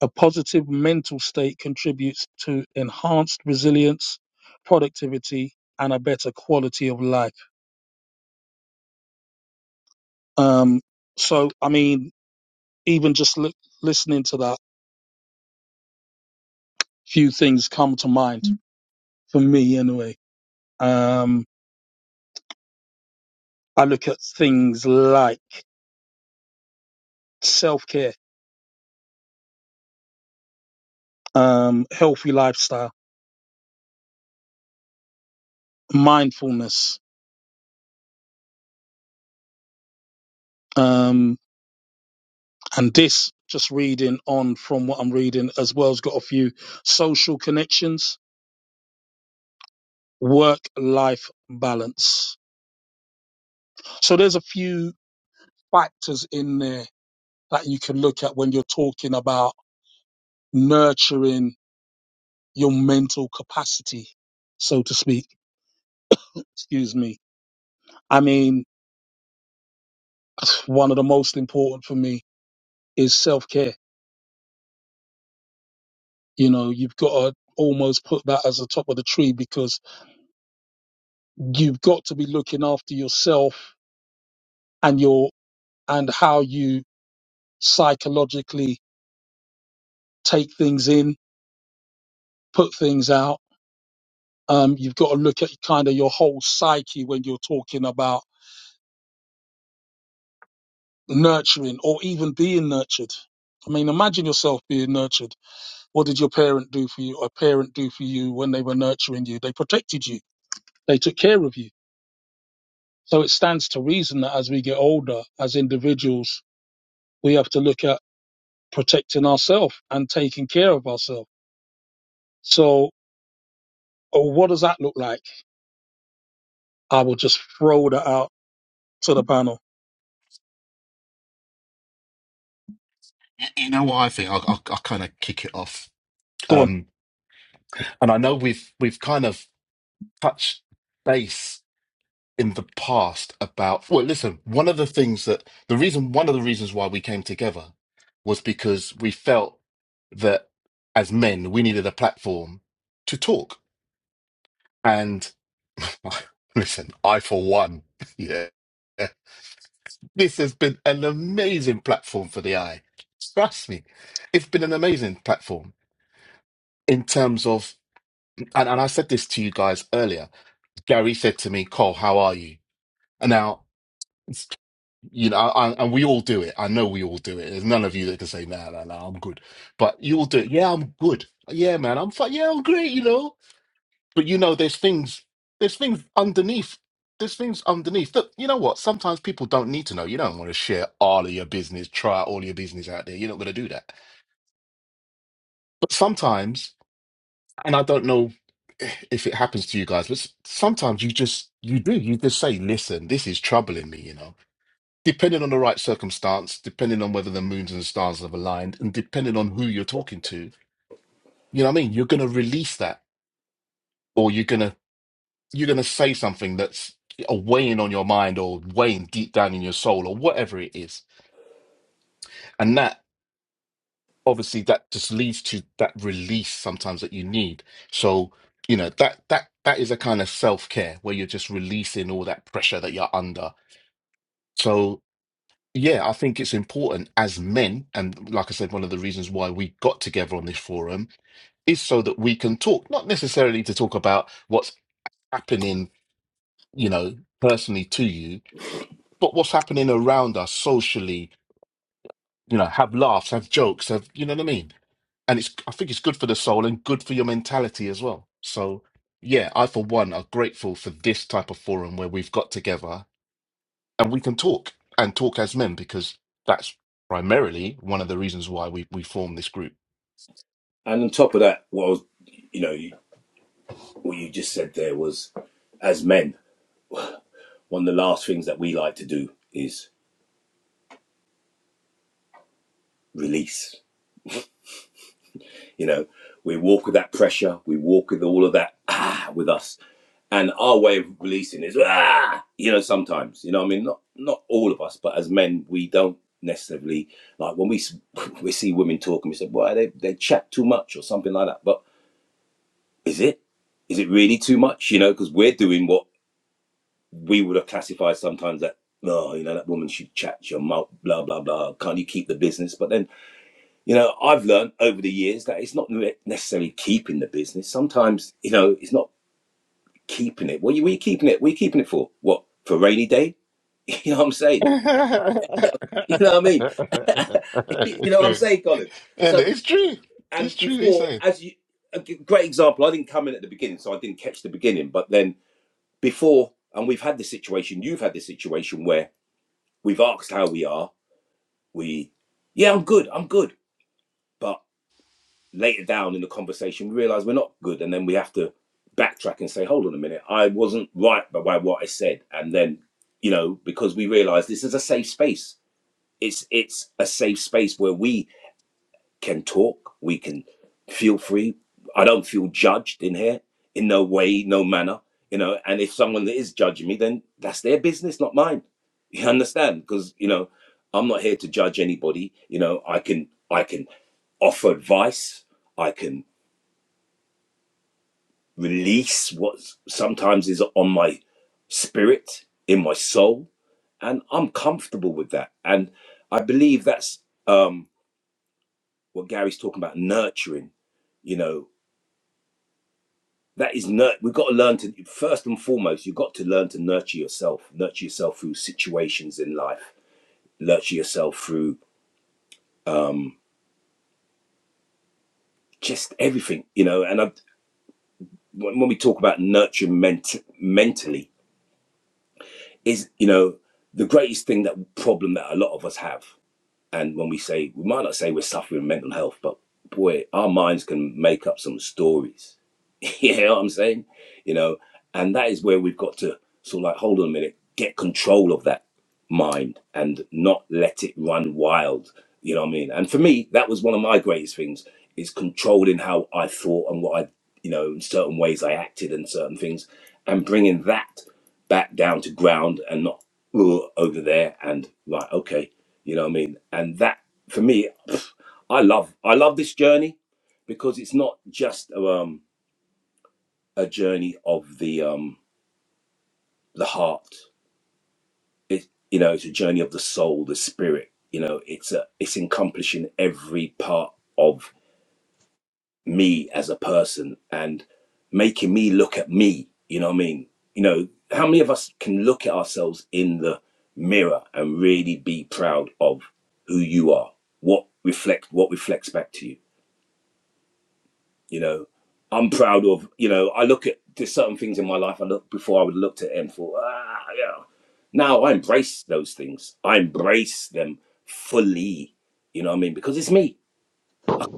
Speaker 1: A positive mental state contributes to enhanced resilience, productivity, and a better quality of life. Um, so, I mean, even just li- listening to that, few things come to mind Mm. for me anyway. Um, I look at things like self care, um, healthy lifestyle, mindfulness. Um, and this, just reading on from what I'm reading as well, has got a few social connections work life balance. So there's a few factors in there that you can look at when you're talking about nurturing your mental capacity, so to speak. Excuse me. I mean, one of the most important for me is self care. You know, you've got to almost put that as the top of the tree because you've got to be looking after yourself and your and how you psychologically take things in, put things out um, you've got to look at kind of your whole psyche when you're talking about nurturing or even being nurtured. I mean, imagine yourself being nurtured. What did your parent do for you? A parent do for you when they were nurturing you? They protected you. They took care of you. So it stands to reason that as we get older, as individuals, we have to look at protecting ourselves and taking care of ourselves. So, oh, what does that look like? I will just throw that out to the panel.
Speaker 2: You know what I think? I'll, I'll, I'll kind of kick it off.
Speaker 1: Go on.
Speaker 2: Um, and I know we've we've kind of touched base in the past about well listen one of the things that the reason one of the reasons why we came together was because we felt that as men we needed a platform to talk and listen I for one yeah this has been an amazing platform for the eye trust me it's been an amazing platform in terms of and, and I said this to you guys earlier Gary said to me, Cole, how are you? And now, it's- you know, I, and we all do it. I know we all do it. There's none of you that can say, no, no, no, I'm good. But you all do it. Yeah, I'm good. Yeah, man, I'm fine. Yeah, I'm great, you know. But you know, there's things, there's things underneath. There's things underneath. Look, you know what? Sometimes people don't need to know. You don't want to share all of your business, try all your business out there. You're not going to do that. But sometimes and I don't know if it happens to you guys, but s- sometimes you just you do you just say, "Listen, this is troubling me," you know. Depending on the right circumstance, depending on whether the moons and stars have aligned, and depending on who you're talking to, you know what I mean. You're gonna release that, or you're gonna you're gonna say something that's a weighing on your mind, or weighing deep down in your soul, or whatever it is, and that obviously that just leads to that release sometimes that you need. So, you know, that that that is a kind of self-care where you're just releasing all that pressure that you're under. So, yeah, I think it's important as men, and like I said, one of the reasons why we got together on this forum is so that we can talk, not necessarily to talk about what's happening, you know, personally to you, but what's happening around us socially, you know, have laughs, have jokes, have, you know what I mean? and it's I think it's good for the soul and good for your mentality as well. So yeah, I for one are grateful for this type of forum where we've got together and we can talk and talk as men because that's primarily one of the reasons why we we formed this group.
Speaker 3: And on top of that, what I was, you know, you, what you just said there was, as men, one of the last things that we like to do is release. You know, we walk with that pressure, we walk with all of that ah with us. And our way of releasing is ah, you know, sometimes, you know, I mean, not not all of us, but as men, we don't necessarily like when we we see women talking, we say, "Why they they chat too much" or something like that. But is it is it really too much? You know, because we're doing what we would have classified sometimes that no, oh, you know, that woman should chat your mouth, blah blah blah. Can't you keep the business? But then You know, I've learned over the years that it's not necessarily keeping the business. Sometimes, you know, it's not keeping it. What are you, what are you keeping it? What are you keeping it for? What, for a rainy day? You know what I'm saying? You know what I mean? you
Speaker 2: it's
Speaker 3: know what I'm
Speaker 2: true,
Speaker 3: saying, Colin?
Speaker 2: and
Speaker 3: So,
Speaker 2: it's true. It's
Speaker 3: and
Speaker 2: true. He's
Speaker 3: before,
Speaker 2: saying
Speaker 3: as you, a g- great example, I didn't come in at the beginning, so I didn't catch the beginning. But then before, and we've had the situation, you've had the situation where we've asked how we are. We, yeah, I'm good, I'm good. But. later down in the conversation we realize we're not good and then we have to backtrack and say hold on a minute i wasn't right by, what i said and then you know because we realize this is a safe space it's it's a safe space where we can talk we can feel free i don't feel judged in here in no way no manner you know and if someone that is judging me then that's their business not mine you understand because you know i'm not here to judge anybody you know i can i can offer advice I can release what sometimes is on my spirit, in my soul, and I'm comfortable with that. And I believe that's um, what Gary's talking about nurturing. You know, that is nurt. We've got to learn to first and foremost. You've got to learn to nurture yourself. Nurture yourself through situations in life. Nurture yourself through um, just everything. You know, and I, when when we talk about nurturing ment- mentally, is you know the greatest thing that problem that a lot of us have And when we say, we might not say we're suffering mental health, but boy, our minds can make up some stories. you know what I'm saying? You know, and that is where we've got to sort of like, hold on a minute, get control of that mind and not let it run wild. You know what I mean? And for me, that was one of my greatest things is controlling how I thought and what I, you know, in certain ways I acted and certain things and bringing that back down to ground and not "Ugh," over there and right, okay you know what I mean? And that for me, pff, I love I love this journey because it's not just um, a journey of the um, the heart. It you know it's a journey of the soul, the spirit. You know it's a it's encompassing every part of me as a person and making me look at me. You know what I mean? You know how many of us can look at ourselves in the mirror and really be proud of who you are? What reflect what reflects back to you? you know i'm proud of you know i look at there's certain things in my life i look before i would have looked at it and thought ah yeah now i embrace those things i embrace them fully you know what i mean because it's me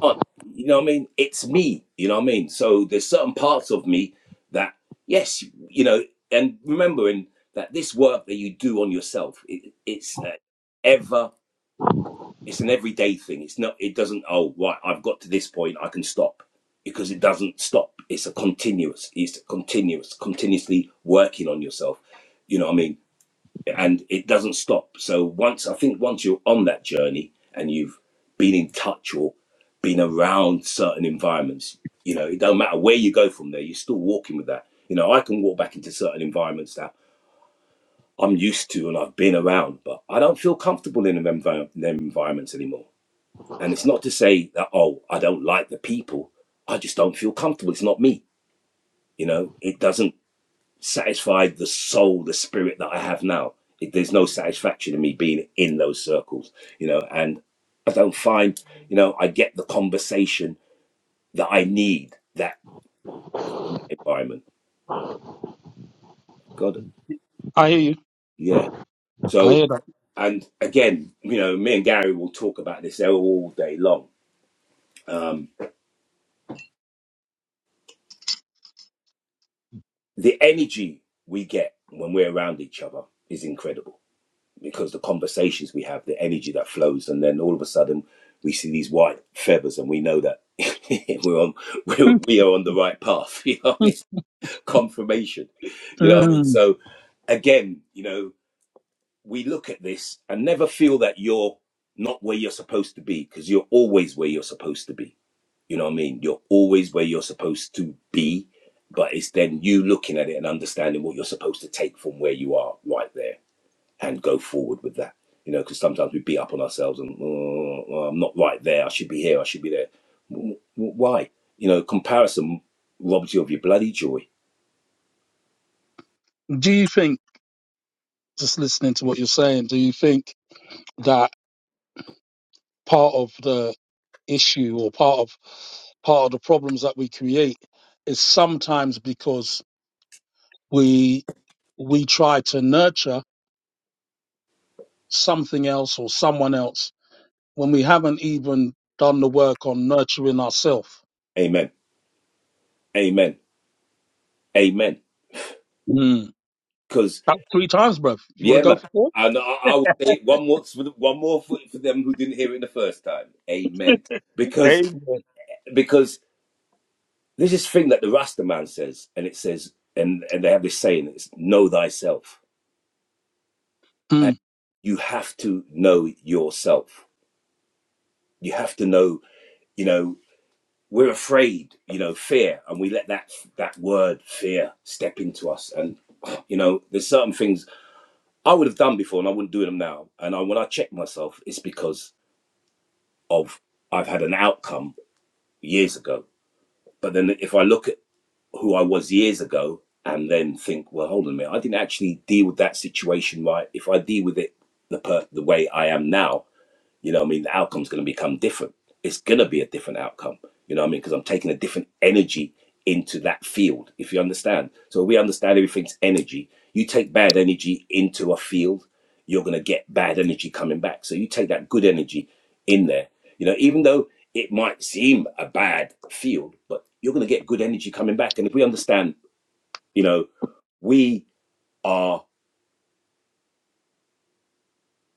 Speaker 3: Uh, you know what i mean it's me you know what i mean so there's certain parts of me that yes you know and remembering that this work that you do on yourself it, it's uh, ever it's an everyday thing. It's not. It doesn't. Oh, right. I've got to this point. I can stop because it doesn't stop. It's a continuous. It's a continuous. Continuously working on yourself. You know what I mean? And it doesn't stop. So once I think once you're on that journey and you've been in touch or been around certain environments, you know, it don't matter where you go from there. You're still walking with that. You know, I can walk back into certain environments that I'm used to and I've been around, but I don't feel comfortable in them, envi- them environments anymore and it's not to say that, oh, I don't like the people. I just don't feel comfortable. It's not me. You know, it doesn't satisfy the soul, the spirit that I have now. It, there's no satisfaction in me being in those circles, you know, and I don't find, you know, I get the conversation that I need that from that environment. God,
Speaker 1: I hear you.
Speaker 3: yeah.
Speaker 1: I hear
Speaker 3: So, and again, you know, me and Gary will talk about this all day long. Um, the energy we get when we're around each other is incredible because the conversations we have, the energy that flows, and then all of a sudden we see these white feathers, and we know that we're on we're,
Speaker 1: that.
Speaker 3: we are on the right path. You know, it's confirmation. You know what I mean? So again, you know, we look at this and never feel that you're not where you're supposed to be because you're always where you're supposed to be. You know what I mean? You're always where you're supposed to be, but it's then you looking at it and understanding what you're supposed to take from where you are right there and go forward with that. You know, because sometimes we beat up on ourselves and "Oh, oh, I'm not right there. I should be here. I should be there. W- w- Why? You know, comparison robs you of your bloody joy.
Speaker 1: Do you think, just listening to what you're saying, do you think that part of the issue or part of part of the problems that we create is sometimes because we we try to nurture something else or someone else when we haven't even done the work on nurturing ourselves.
Speaker 3: Amen. Amen. Amen.
Speaker 1: Mm.
Speaker 3: Because
Speaker 1: That's three times, bruv. You want to
Speaker 3: yeah,
Speaker 1: go
Speaker 3: man.
Speaker 1: for four?
Speaker 3: And I, I will say it one more for the- one more for, for them who didn't hear it the first time. Amen. Because
Speaker 1: Amen.
Speaker 3: because there's this thing that the Rasta man says, and it says, and and they have this saying: it's know thyself, and
Speaker 1: Mm.
Speaker 3: you have to know yourself. You have to know you know we're afraid you know fear and we let that that word fear step into us and you know there's certain things i would have done before and i wouldn't do them now and I, when i check myself it's because of i've had an outcome years ago but then if i look at who i was years ago and then think well hold on a minute i didn't actually deal with that situation right if i deal with it the per- the way i am now You know what I mean? The outcome's going to become different. It's going to be a different outcome. You know what I mean? Because I'm taking a different energy into that field, if you understand. So we understand everything's energy. You take bad energy into a field, you're going to get bad energy coming back. So you take that good energy in there. You know, even though it might seem a bad field, but you're going to get good energy coming back. And if we understand, you know, we are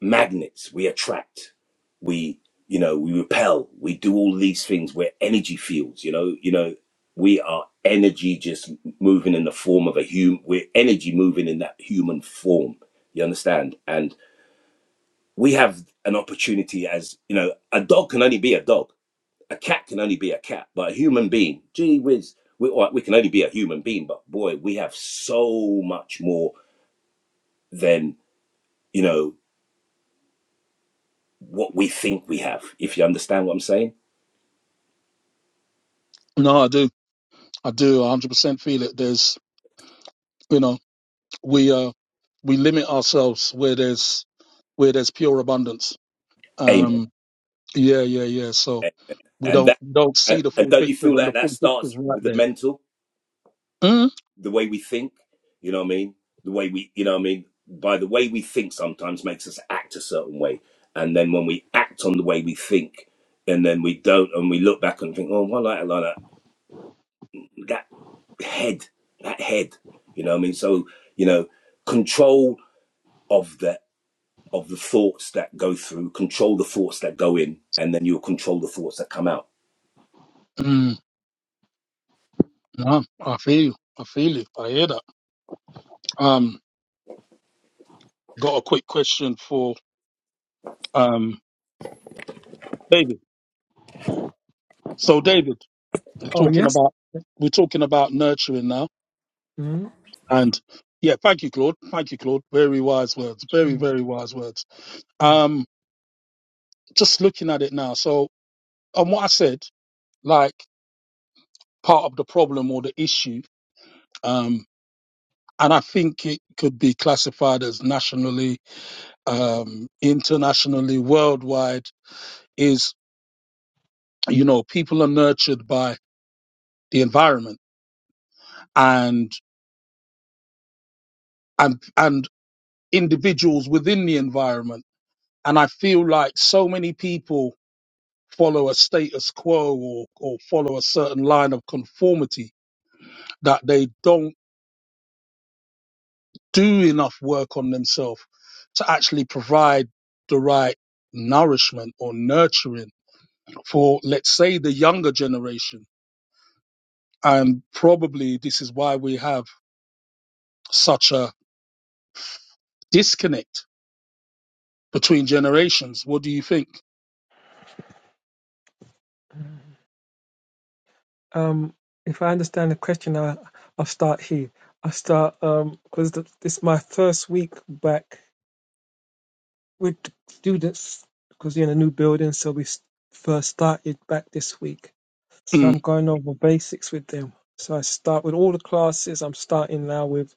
Speaker 3: magnets we attract we you know we repel we do all these things we're energy fields you know you know we are energy just moving in the form of a human we're energy moving in that human form you understand and we have an opportunity as you know a dog can only be a dog a cat can only be a cat but a human being gee whiz we, all right, we can only be a human being but boy we have so much more than you know what we think we have if you understand what i'm saying
Speaker 1: No, I do. I do. I 100% feel it. There's, you know. we uh we limit ourselves where there's where there's pure abundance.
Speaker 3: Amen.
Speaker 1: Um, yeah, yeah, yeah. So we
Speaker 3: And
Speaker 1: don't
Speaker 3: that,
Speaker 1: don't see
Speaker 3: and,
Speaker 1: the
Speaker 3: and
Speaker 1: full
Speaker 3: don't you
Speaker 1: picture
Speaker 3: feel
Speaker 1: when the
Speaker 3: that that
Speaker 1: full picture's
Speaker 3: starts
Speaker 1: right
Speaker 3: with the
Speaker 1: there.
Speaker 3: mental,
Speaker 1: Mm,
Speaker 3: the way we think. You know what I mean? The way we, you know what I mean? By the way we think, sometimes makes us act a certain way. And then when we act on the way we think, and then we don't, and we look back and think, oh, why like, like that that head, that head. You know what I mean? So you know, control of the of the thoughts that go through, control the thoughts that go in, and then you'll control the thoughts that come out.
Speaker 1: mm, no, I feel you. I feel you. I hear that. Um, got a quick question for um David. So David, we're
Speaker 4: Oh
Speaker 1: talking
Speaker 4: yes.
Speaker 1: about we're talking about nurturing now,
Speaker 4: Mm,
Speaker 1: and yeah, thank you, Claude. Thank you, Claude. Very wise words. Very
Speaker 4: mm,
Speaker 1: very wise words.
Speaker 4: mm.
Speaker 1: Um, just looking at it now. So on what I said, like. part of the problem or the issue. Um, and I think it could be classified as nationally, um, internationally, worldwide is, you know, people are nurtured by the environment and, and, and individuals within the environment. And I feel like so many people follow a status quo or, or follow a certain line of conformity that they don't do enough work on themselves to actually provide the right nourishment or nurturing for, let's say, the younger generation. And probably this is why we have such a disconnect between generations. What do you think?
Speaker 4: Um, if I understand the question, I, I'll start here. I'll start because th this is my first week back with students because you're in a new building, so we s- first started back this week. So I'm
Speaker 1: Mm.
Speaker 4: going over basics with them. So I start with all the classes. I'm starting now with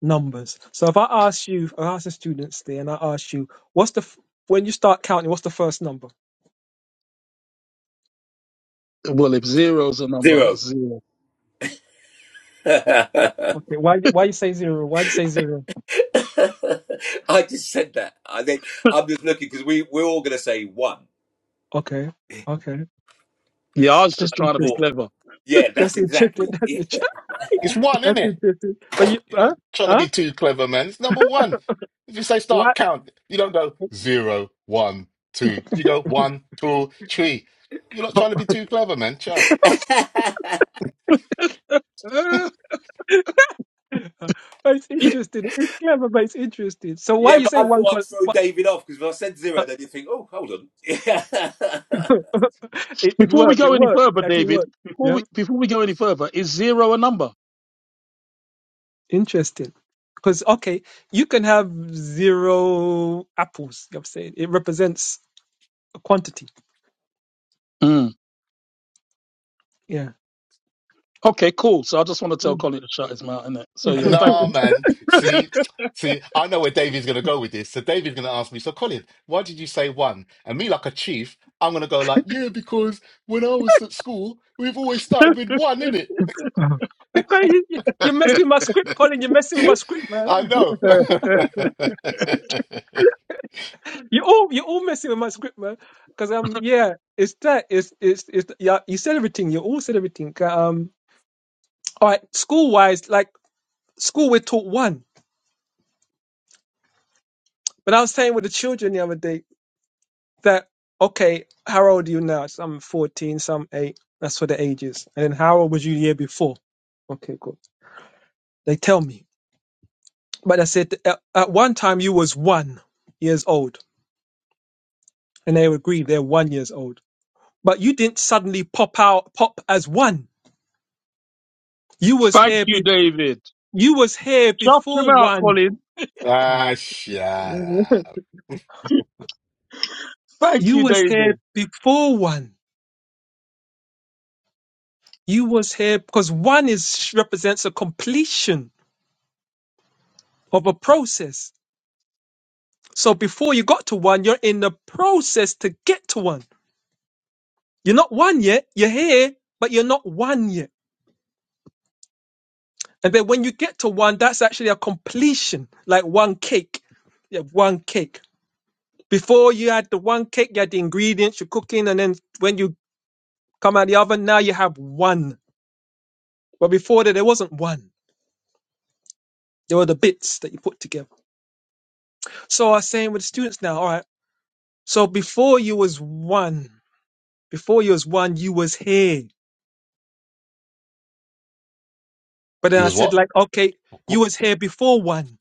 Speaker 4: numbers. So if I ask you, if I ask the students there, and I ask you, what's the f- when you start counting, what's the first number?
Speaker 1: Well, if zero is a number,
Speaker 3: Zero.
Speaker 1: it's zero.
Speaker 4: Okay, why why you say zero? Why you say zero?
Speaker 3: I just said that. I think I'm just looking because we we're all gonna say one.
Speaker 4: Okay, okay.
Speaker 1: Yeah, I was just trying to be
Speaker 3: But
Speaker 1: clever.
Speaker 3: yeah,
Speaker 4: That's
Speaker 3: that's
Speaker 4: interesting.
Speaker 3: exactly.
Speaker 4: That's
Speaker 3: Yeah,
Speaker 4: interesting.
Speaker 2: it's one,
Speaker 4: That's
Speaker 2: innit?
Speaker 4: interesting. But you,
Speaker 2: You're not
Speaker 4: huh?
Speaker 2: trying to
Speaker 4: Huh?
Speaker 2: be too clever, man. It's number one. If you say
Speaker 4: Why?
Speaker 2: start count, you don't go zero, one, two. You go one, two, three. You're not
Speaker 4: but
Speaker 2: trying to be too clever, man. Sure.
Speaker 4: it's
Speaker 1: Uh,
Speaker 4: interesting. It's clever, but it's interesting. So why
Speaker 3: yeah
Speaker 4: you
Speaker 3: but
Speaker 4: say
Speaker 3: I
Speaker 4: one
Speaker 3: thought I'd
Speaker 4: call?
Speaker 3: throw
Speaker 4: One,
Speaker 3: David off because if I said zero, then you'd think, oh, hold on.
Speaker 4: it, it
Speaker 1: before we
Speaker 4: worked. It
Speaker 1: go any
Speaker 4: worked.
Speaker 1: further,
Speaker 4: Actually
Speaker 1: David,
Speaker 4: worked.
Speaker 1: before
Speaker 4: Yeah.
Speaker 1: we before we go any further, is zero a number?
Speaker 4: Interesting. Because okay, you can have zero apples. I'm saying it represents a quantity.
Speaker 1: Mm.
Speaker 4: Yeah.
Speaker 1: Okay, cool. So I just want to tell Colin to shut his mouth, innit? So yeah, thank
Speaker 2: Nah, man. See, see, I know where Davey's going to go with this. So Davey's going to ask me, so Colin, why did you say one? And me, like a chief, I'm going to go like, yeah, because when I was at school, we've always started with one, innit?
Speaker 4: Because you, you- you're
Speaker 1: you.
Speaker 4: messing with my script, Colin. You're messing with my script, man.
Speaker 2: I know.
Speaker 4: You all you're all messing with my script, man. Because um yeah, it's that it's it's it's yeah. You said everything. You all said everything. Um, all right. School wise, like school, we're taught one. But I was saying with the children the other day that okay, how old are you now? Some fourteen, some eight. That's for the ages. And then how old was you the year before? Okay, cool. They tell me. But I said at, at one time you was one years old, and they agreed they're one years old. But you didn't suddenly pop out pop as one. You was
Speaker 1: Thank
Speaker 4: here
Speaker 1: you, David.
Speaker 4: You was here
Speaker 1: Shout him
Speaker 4: before
Speaker 1: out,
Speaker 4: one.
Speaker 1: Colin.
Speaker 2: ah, shut up.
Speaker 1: Thank
Speaker 4: You
Speaker 1: you,
Speaker 4: was
Speaker 1: David.
Speaker 4: here before one. You was here because one is represents a completion of a process. So before you got to one, you're in the process to get to one. You're not one yet. You're here, but you're not one yet. And then when you get to one, that's actually a completion, like one cake. You have one cake. Before you had the one cake, you had the ingredients, you're cooking, and then when you come out the oven, now you have one. But before that, there wasn't one. There were the bits that you put together. So I was saying with the students now, all right. So before you was one, before you was one, you was here. But then
Speaker 2: You
Speaker 4: I
Speaker 2: was
Speaker 4: said
Speaker 2: what?
Speaker 4: like, okay, you was here before one.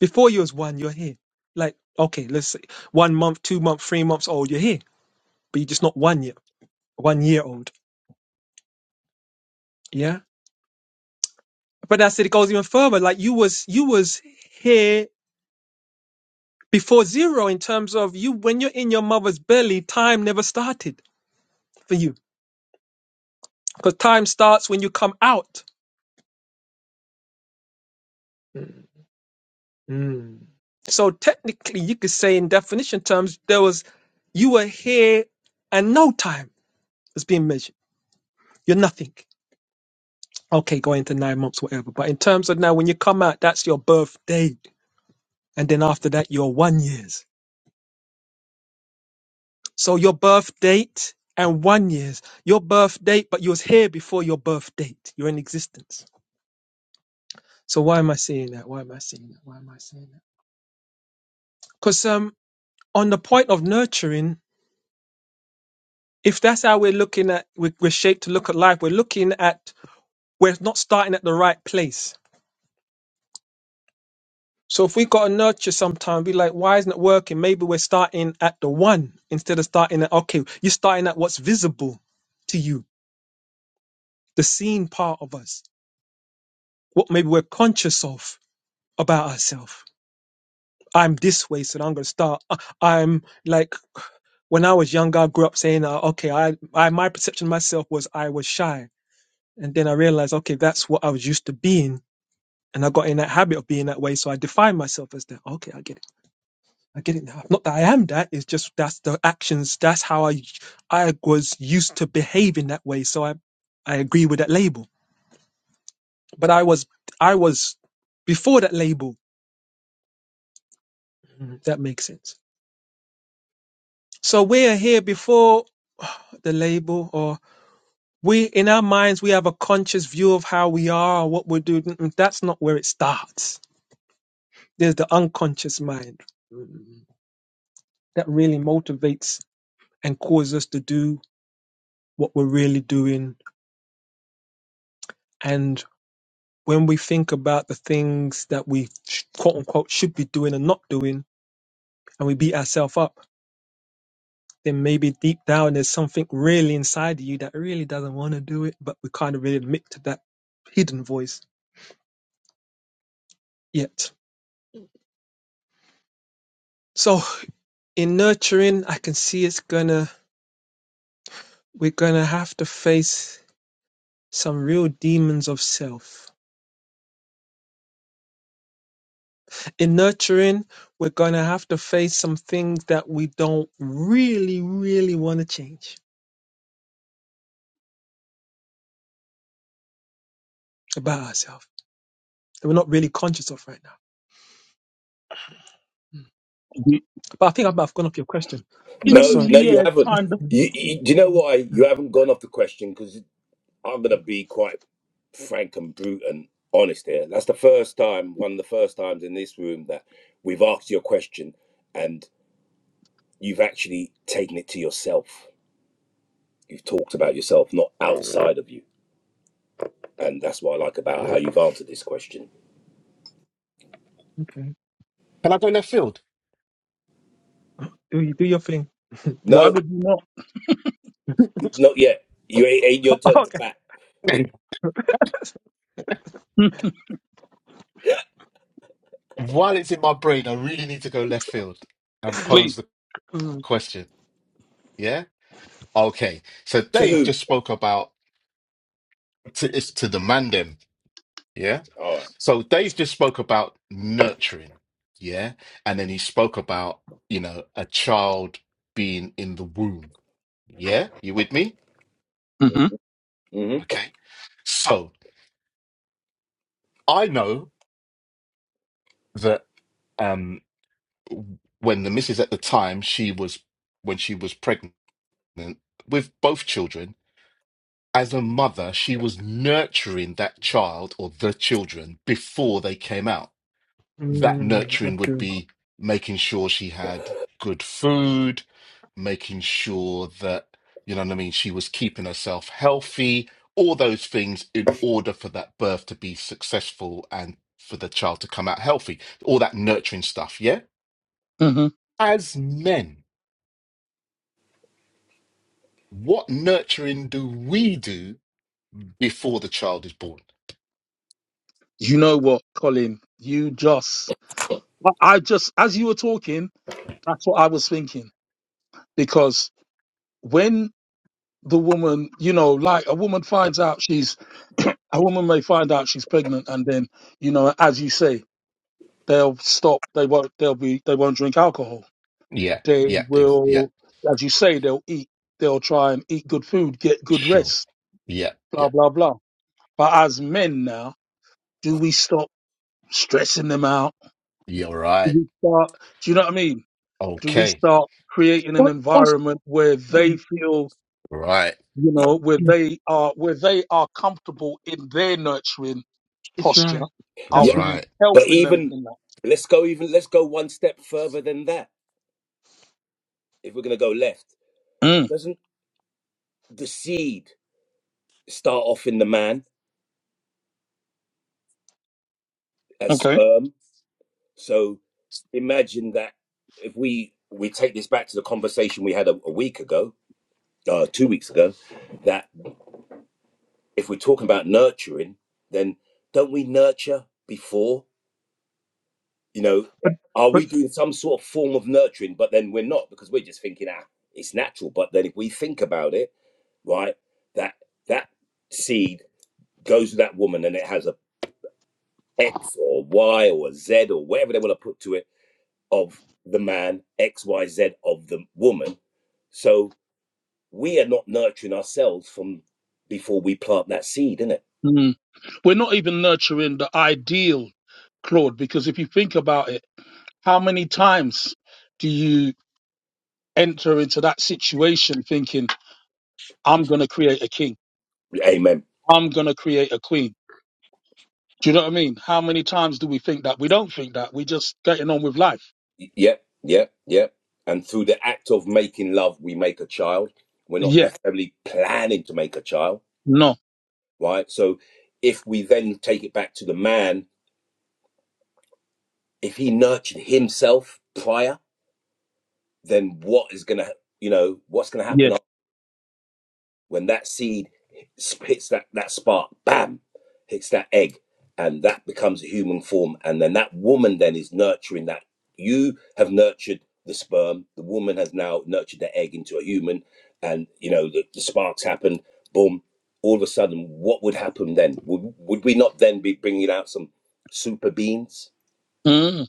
Speaker 4: Before you was one, you're here. Like, okay, let's say one month, two month, three months old, you're here, but you're just not one year, one year old. Yeah. But I said it goes even further. Like you was, you was here before zero in terms of you when you're in your mother's belly, time never started for you because time starts when you come out. Mm. Mm. So technically, you could say in definition terms, there was you were here and no time is being measured. You're nothing. Okay, go into nine months, whatever. But in terms of now, when you come out, that's your birth date. And then after that, you're one years. So your birth date and one years, your birth date, but you was here before your birth date. You're in existence. So why am I saying that? Why am I saying that? Why am I saying that? Because um, on the point of nurturing, if that's how we're looking at we're, we're shaped to look at life we're looking at we're not starting at the right place so if we got to nurture sometime be like why isn't it working maybe we're starting at the one instead of starting at okay you're starting at what's visible to you the seen part of us what maybe we're conscious of about ourselves i'm this way so i'm going to start I- i'm like when i was younger i grew up saying uh, okay I, I my perception of myself was i was shy and then i realized okay that's what i was used to being And I got in that habit of being that way. So I define myself as that. Okay, I get it. I get it now. Not that I am that. It's just that's the actions. That's how I, I was used to behaving that way. So I, I agree with that label. But I was, I was before that label. Mhm. That makes sense. So we are here before the label or we in our minds we have a conscious view of how we are or what we're doing Mm-mm, that's not where it starts there's the unconscious mind mm that really motivates and cause us to do what we're really doing. And when we think about the things that we sh- quote unquote should be doing and not doing, and we beat ourselves up, then maybe deep down there's something really inside of you that really doesn't want to do it, but we kind of really admit to that hidden voice yet. So in nurturing, I can see it's gonna, we're gonna have to face some real demons of self in nurturing, we're going to have to face some things that we don't really, really want to change about ourselves that we're not really conscious of right now. Mm.
Speaker 1: Mm,
Speaker 4: But I think I've, I've gone off your question. But
Speaker 3: No,
Speaker 4: sorry.
Speaker 3: no, you
Speaker 1: Yeah,
Speaker 3: haven't.
Speaker 1: kind of.
Speaker 4: Mm,
Speaker 3: You, you, do you know why
Speaker 4: mm,
Speaker 3: you haven't gone off the question? Because I'm gonna be quite frank and brute and honest here. That's the first time, one of the first times in this room that we've asked your question and you've actually taken it to yourself. You've talked about yourself, not outside of you, and that's what I like about how you've answered this question.
Speaker 4: Okay.
Speaker 2: Can I go left field?
Speaker 4: Do you do your thing?
Speaker 1: Why
Speaker 3: No,
Speaker 1: would you not?
Speaker 3: not yet. You ain't, ain't your turn to
Speaker 4: Okay.
Speaker 3: bat.
Speaker 4: All right.
Speaker 1: Mm,
Speaker 2: While it's in my brain, I really need to go left field and pose
Speaker 1: Please.
Speaker 2: the
Speaker 4: Mm,
Speaker 2: question. Yeah? Okay. So
Speaker 3: To
Speaker 2: Dave
Speaker 3: who?
Speaker 2: just spoke about to, it's to the man them. Yeah?
Speaker 3: All right.
Speaker 2: So Dave just spoke about nurturing. Yeah? And then he spoke about, you know, a child being in the womb. Yeah? You with me?
Speaker 1: hmm
Speaker 3: Mm-hmm.
Speaker 2: Okay. So I know that um, when the missus at the time, she was when she was pregnant with both children. As a mother, she was nurturing that child or the children before they came out. that
Speaker 4: mm, that's
Speaker 2: nurturing would
Speaker 4: true.
Speaker 2: be making sure she had good food, making sure that, you know what I mean, she was keeping herself healthy, all those things in order for that birth to be successful and for the child to come out healthy, all that nurturing stuff, yeah?
Speaker 1: hmm
Speaker 2: As men, what nurturing do we do before the child is born?
Speaker 1: You know what, Colin? You just, well, I just, as you were talking, that's what I was thinking. Because when the woman, you know, like a woman finds out she's, a woman may find out she's pregnant and then, you know, as you say, they'll stop. They won't, they'll be, they won't drink alcohol
Speaker 2: Yeah,
Speaker 1: They
Speaker 2: yeah, ex- yeah,
Speaker 1: will, as you say, they'll eat. They'll try and eat good food, get good
Speaker 2: sure.
Speaker 1: rest,
Speaker 2: Yeah,
Speaker 1: blah,
Speaker 2: yeah,
Speaker 1: blah, blah. But as men now, do we stop stressing them out?
Speaker 2: yeah,
Speaker 1: Do
Speaker 2: right.
Speaker 1: we start, do you know what I mean? Do we
Speaker 2: Okay,
Speaker 1: start creating an
Speaker 4: Or- or
Speaker 1: environment where
Speaker 4: yeah,
Speaker 1: they feel,
Speaker 2: right,
Speaker 1: you know, where
Speaker 4: yeah,
Speaker 1: they are, where they are comfortable in their nurturing
Speaker 4: it's
Speaker 1: posture?
Speaker 4: right.
Speaker 1: Are
Speaker 3: Yeah,
Speaker 4: That's
Speaker 1: we
Speaker 4: right.
Speaker 2: right.
Speaker 3: but
Speaker 1: helping them
Speaker 3: even
Speaker 1: in that?
Speaker 3: let's go even let's go one step further than that. If we're gonna go left,
Speaker 1: Mm,
Speaker 3: doesn't the seed start off in the man as
Speaker 1: okay.
Speaker 3: sperm? So imagine that if we we take this back to the conversation we had a, a week ago, uh, two weeks ago, that if we're talking about nurturing, then don't we nurture before? You know, Yeah.
Speaker 4: But
Speaker 3: are
Speaker 4: but
Speaker 3: we doing some sort of form of nurturing? But then we're not because we're just thinking, ah, it's natural. But then if we think about it, right, that that seed goes to that woman and it has a X or Y or a Z or whatever they want to put to it of the man, X, Y, Z of the woman. So we are not nurturing ourselves from before we plant that seed, isn't it.
Speaker 1: Mm. We're not even nurturing the ideal Claude, because if you think about it, How many times do you enter into that situation thinking, I'm going to create a king?
Speaker 3: Amen.
Speaker 1: I'm going to create a queen? Do you know what I mean? How many times do we think that? We don't think that. We're just getting on with life.
Speaker 3: Yep, yep, yep. And through the act of making love, we make a child. We're not
Speaker 1: Yeah.
Speaker 3: necessarily planning to make a child,
Speaker 1: No.
Speaker 3: right? So if we then take it back to the man, if he nurtured himself prior, then what is going to, you know, what's going to
Speaker 1: Yeah.
Speaker 3: happen when that seed hits that that spark, bam, hits that egg, and that becomes a human form, and then that woman then is nurturing that. You have nurtured the sperm. The woman has now nurtured the egg into a human, and you know the, the sparks happen. Boom! All of a sudden, what would happen then? Would would we not then be bringing out some super beans?
Speaker 1: Mm.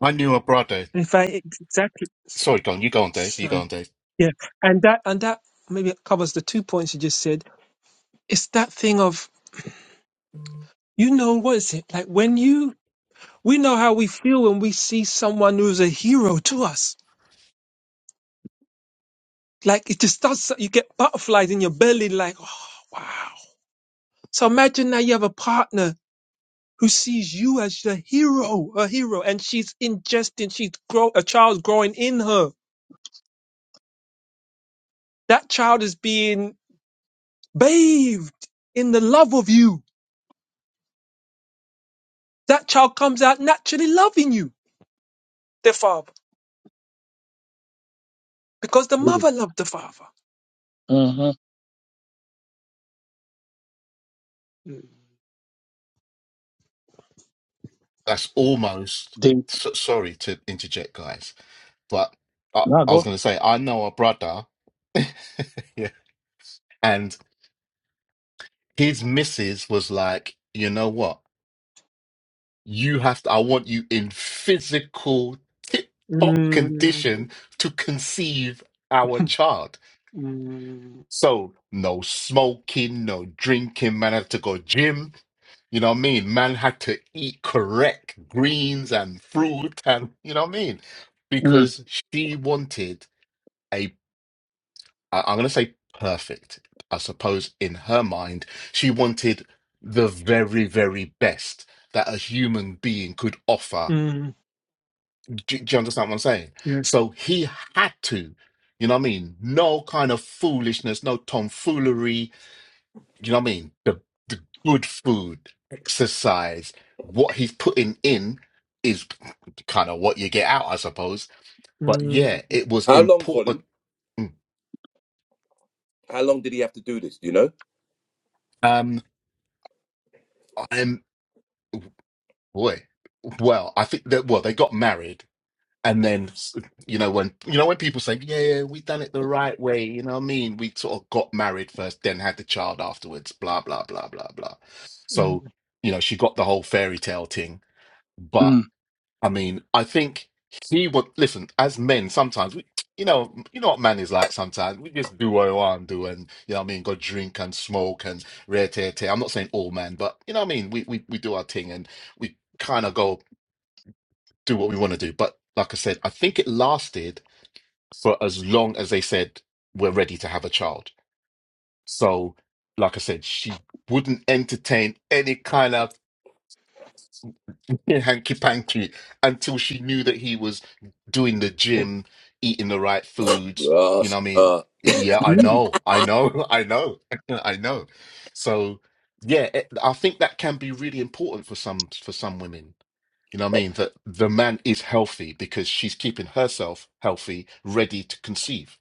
Speaker 2: I knew a brother.
Speaker 4: if I exactly s-
Speaker 2: Sorry, go on, you go on, Dave. You go
Speaker 4: sorry.
Speaker 2: on, Dave.
Speaker 4: Yeah. And that and that maybe covers the two points you just said. It's that thing of You know, what is it? Like when you, we know how we feel when we see someone who's a hero to us. Like it just does, you get butterflies in your belly, like, oh, wow. So imagine now you have a partner who sees you as the hero, a hero, and she's ingesting, she's grow, a child's growing in her. That child is being bathed in the love of you. That child comes out naturally loving you, the father, because the mother loved the father.
Speaker 1: Mm-hmm.
Speaker 2: That's almost
Speaker 1: Deep.
Speaker 2: so, sorry to interject, guys, but I,
Speaker 1: Nah,
Speaker 2: I was
Speaker 1: go.
Speaker 2: going to say, I know a brother. Yeah. And his missus was like, you know what? You have to, I want you in physical tip top
Speaker 4: Mm,
Speaker 2: condition to conceive our child.
Speaker 4: mm,
Speaker 2: So no smoking, no drinking, man had to go gym. You know what I mean? Man had to eat correct greens and fruit and you know what I mean?
Speaker 1: Mm.
Speaker 2: Because she wanted a. I- I'm going to say perfect. I suppose in her mind, she wanted the very, very best that a human being could offer.
Speaker 4: mm,
Speaker 2: Do, do you understand what I'm saying?
Speaker 4: yes.
Speaker 2: So he had to, you know what I mean? No kind of foolishness, no tomfoolery. You know what I mean? The, the good food, exercise, what he's putting in is kind of what you get out, I suppose. But
Speaker 4: Mm,
Speaker 2: yeah, it was
Speaker 3: How long,
Speaker 2: important.
Speaker 3: Colin?
Speaker 2: Mm.
Speaker 3: How long did he have to do this? Do you know?
Speaker 2: Um, Boy, well, I think that well, they got married, and then s- you know when you know when people say, "Yeah, yeah, we done it the right way," you know what I mean? We sort of got married first, then had the child afterwards. Blah blah blah blah blah.
Speaker 4: mm,
Speaker 2: So you know she got the whole fairy tale thing, but
Speaker 1: Mm.
Speaker 2: I mean, I think he would listen. As men, sometimes we. You know, you know what man is like sometimes. We just do what we want to do and you know what I mean, go drink and smoke and rare tear tear. I'm not saying all men, but you know what I mean, we we, we do our thing and we kind of go do what we want to do. But like I said, I think it lasted for as long as they said we're ready to have a child. So, like I said, she wouldn't entertain any kind of hanky panky until she knew that he was doing the gym, eating the right foods.
Speaker 3: Uh,
Speaker 2: You know what I mean?
Speaker 3: uh,
Speaker 2: Yeah, I
Speaker 1: Mm.
Speaker 2: know, I know, I know, I know. So, yeah, it, I think that can be really important for some for some women You know what I mean? That the man is healthy because she's keeping herself healthy, ready to conceive.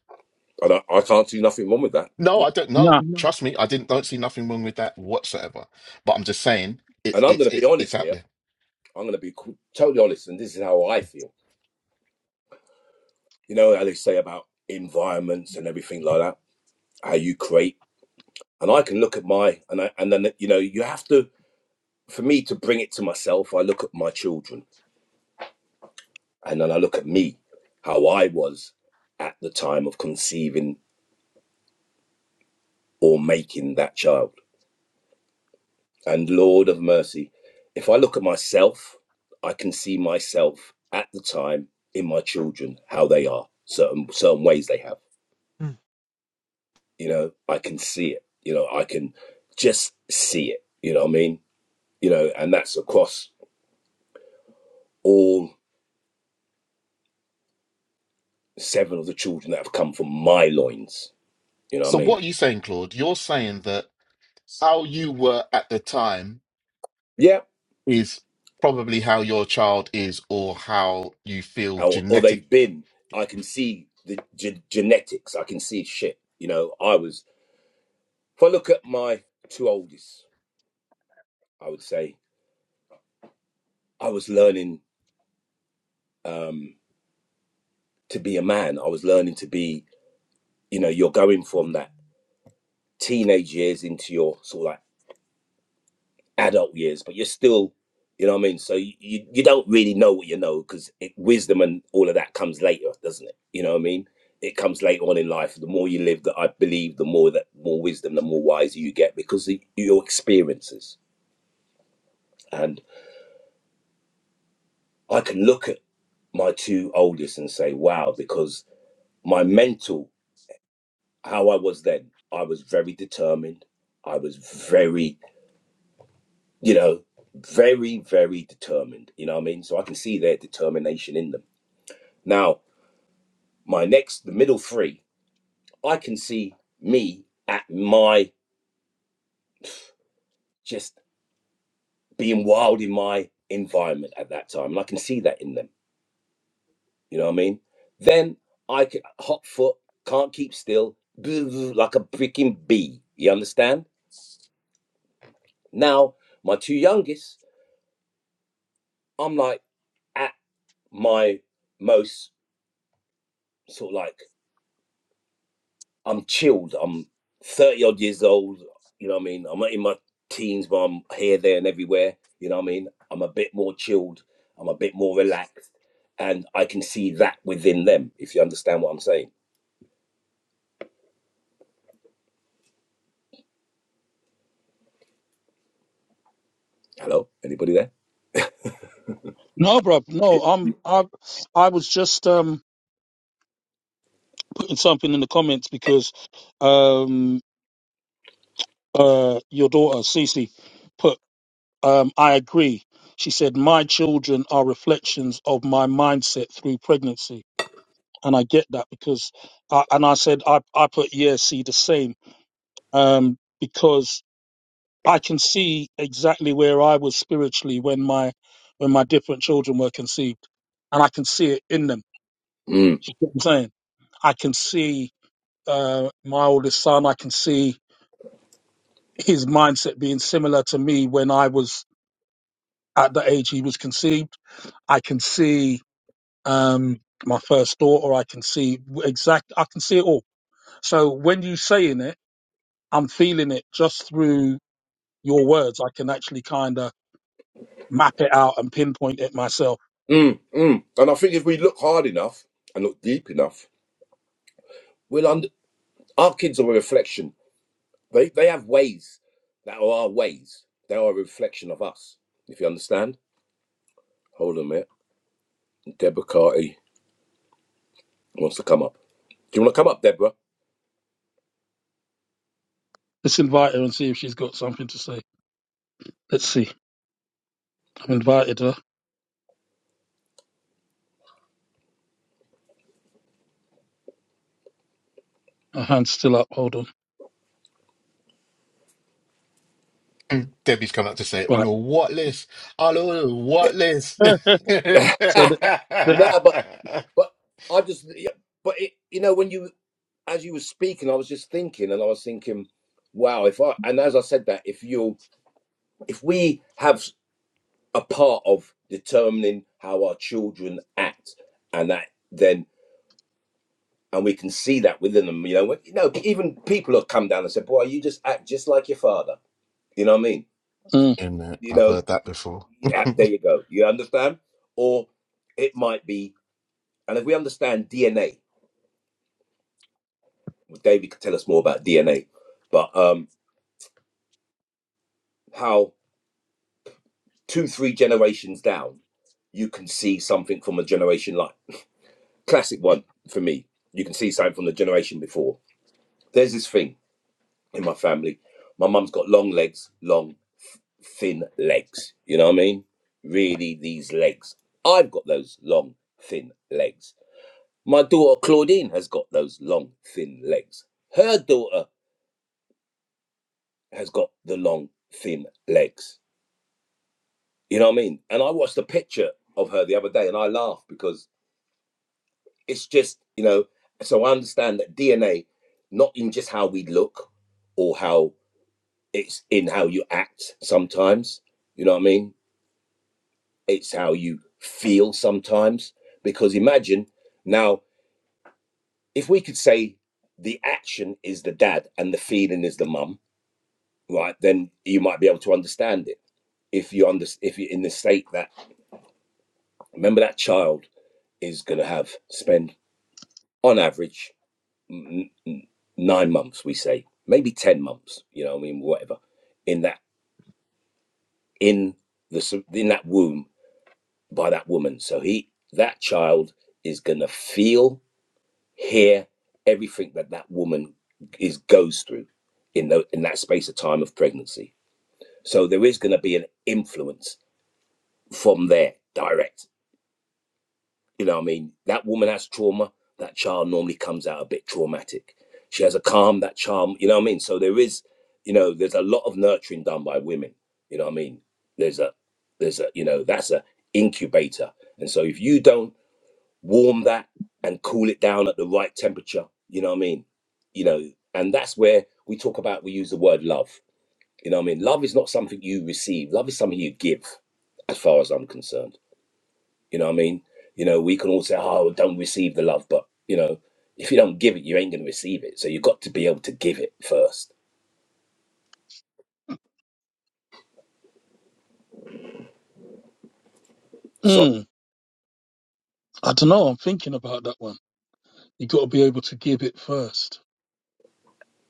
Speaker 3: and I, I can't see nothing wrong with that.
Speaker 2: No,
Speaker 3: Yeah.
Speaker 2: I don't know.
Speaker 1: Nah.
Speaker 4: no,
Speaker 2: Trust me, I didn't don't see nothing wrong with that whatsoever. But I'm just saying it's
Speaker 3: And I'm
Speaker 2: it's
Speaker 3: going to be
Speaker 2: it's it's
Speaker 3: honest
Speaker 2: out
Speaker 3: here.
Speaker 2: there.
Speaker 3: I'm going to be totally honest, and this is how I feel. You know how they say about environments and everything like that, how you create. And I can look at my and I, and then you know you have to for me to bring it to myself. I look at my children, and then I look at me, how I was at the time of conceiving or making that child. And Lord of mercy, if I look at myself, I can see myself at the time in my children how they are certain certain ways they have
Speaker 4: mm.
Speaker 3: you know i can see it you know i can just see it you know what i mean you know and that's across all seven of the children that have come from my loins you know what i
Speaker 2: So
Speaker 3: mean
Speaker 2: what are you saying, Claude? You're saying that how you were at the time
Speaker 3: yeah
Speaker 2: is probably how your child is or how you feel
Speaker 3: or, or
Speaker 2: genetic
Speaker 3: they've been i can see the ge- genetics i can see shit you know i was if i look at my two oldest i would say i was learning um to be a man i was learning to be you know you're going from that teenage years into your sort of like. adult years, but you're still, you know what I mean? So you, you, you don't really know what you know because wisdom and all of that comes later, doesn't it? You know what I mean? It comes later on in life. The more you live, that I believe, the more that more wisdom, the more wiser you get because of your experiences. And I can look at my two oldest and say, wow, because my mental, how I was then, I was very determined. I was very, you know, very, very determined. You know what I mean? So I can see their determination in them. Now, my next, the middle three, I can see me at my just being wild in my environment at that time. And I can see that in them. You know what I mean? Then I could hot foot, can't keep still, like a freaking bee. You understand? Now, my two youngest, I'm like at my most sort of like I'm chilled. I'm 30 odd years old. You know what I mean? I'm not in my teens, but I'm here, there, and everywhere. You know what I mean? I'm a bit more chilled. I'm a bit more relaxed. And I can see that within them, if you understand what I'm saying. Hello? Anybody there?
Speaker 1: No, bro. No, I'm. I. I was just um putting something in the comments because um uh your daughter Cece put Um, I agree. She said, My children are reflections of my mindset through pregnancy. And I get that because, I, and I said, I, I put, yeah, see, the same, um, because I can see exactly where I was spiritually when my, when my different children were conceived. And I can see it in them.
Speaker 3: Mm,
Speaker 1: You get what I'm saying? I can see, uh, my oldest son, I can see his mindset being similar to me when I was at the age he was conceived. I can see um my first thought or i can see w- exact i can see it all so when you saying it i'm feeling it just through your words i can actually kind of map it out and pinpoint it myself
Speaker 3: mm, mm. And I think if we look hard enough and look deep enough, we'll under- our kids are a reflection. They, they have ways that are our ways. They are a reflection of us, if you understand. Hold on a minute. Deborah Carty wants to come up. Do you want to come up, Deborah?
Speaker 1: let's invite her and see if she's got something to say let's see i've invited her her hand's still up hold on
Speaker 2: Mm, Debbie's come out to say, on
Speaker 1: right
Speaker 2: a what list? On a what list?
Speaker 1: so the,
Speaker 3: no,
Speaker 1: the,
Speaker 3: but but I just yeah, but it, you know when you as you were speaking, I was just thinking, and I was thinking, wow, if I and as I said that, if you if we have a part of determining how our children act, and that then and we can see that within them, you know, when, you know, even people have come down and said, boy, you just act just like your father. You know what I mean?
Speaker 1: mm,
Speaker 2: Amen.
Speaker 3: You
Speaker 2: I've
Speaker 3: know,
Speaker 2: heard that before.
Speaker 3: yeah, there you go. You understand? Or it might be and if we understand DNA, well, David could tell us more about DNA, but um, how two, three generations down, you can see something from a generation like classic one for me. You can see something from the generation before. There's this thing in my family. My mum's got long legs, long, thin legs. You know what I mean? Really, these legs. I've got those long, thin legs. My daughter Claudine has got those long, thin legs. Her daughter has got the long, thin legs You know what I mean? And I watched a picture of her the other day and I laughed because it's just, you know, so I understand that DNA, not in just how we look or how it's in how you act sometimes, you know what I mean? It's how you feel sometimes. Because imagine now, if we could say the action is the dad and the feeling is the mum, right? Then you might be able to understand it. If you under, if you're in the state that remember that child is gonna have spend on average, n- n- nine months, we say, maybe ten months. You know, what I mean, whatever. In that, in the in that womb by that woman. So he, that child, is gonna feel, hear everything that that woman is goes through in the, in that space of time of pregnancy. So there is gonna be an influence from there, direct. You know what I mean? That woman has trauma. That child normally comes out a bit traumatic. She has a calm, that charm, you know what I mean? So there is, you know, there's a lot of nurturing done by women. You know what I mean? There's a there's a you know, that's a incubator. And so if you don't warm that and cool it down at the right temperature, you know what I mean? You know, and that's where we talk about we use the word love. You know what I mean? Love is not something you receive, love is something you give, as far as I'm concerned you know what I mean? You know, we can all say, oh, don't receive the love, but you know, if you don't give it, you ain't gonna receive it. So you've got to be able to give it first. So
Speaker 1: mm, i don't know i'm thinking about that one you got to be able to give it first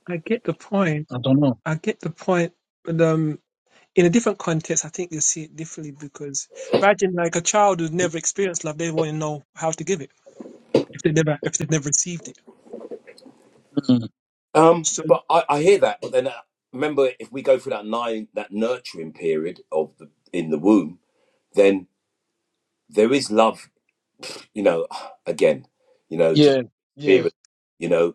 Speaker 4: I get the point.
Speaker 1: i don't know
Speaker 4: I get the point. But um, in a different context, I think you see it differently because imagine like a child who's never experienced love, they want to know how to give it if they never if they've never received it.
Speaker 1: mm,
Speaker 3: um,
Speaker 4: So
Speaker 3: but I, I hear that, but then uh, remember if we go through that nine that nurturing period of the in the womb, then there is love, you know, again, you know, just
Speaker 1: yeah yeah
Speaker 3: spirit, you know,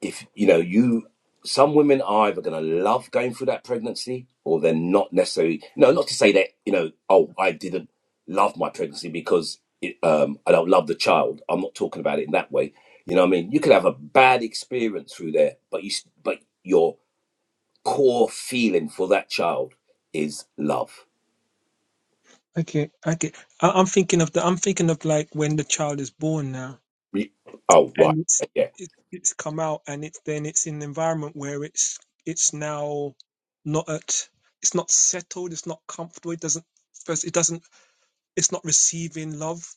Speaker 3: if you know you some women are either going to love going through that pregnancy or they're not necessarily no not to say that you know oh i didn't love my pregnancy because it, um, i don't love the child i'm not talking about it in that way you know what i mean you could have a bad experience through there but you s- but your core feeling for that child is love
Speaker 4: okay, okay. I, I'm thinking of the I'm thinking of like when the child is born now.
Speaker 3: Re- oh right
Speaker 4: and it's
Speaker 3: yeah
Speaker 4: it, it's come out and it's then it's in an environment where it's it's now not at it's not settled it's not comfortable it doesn't first it doesn't it's not receiving love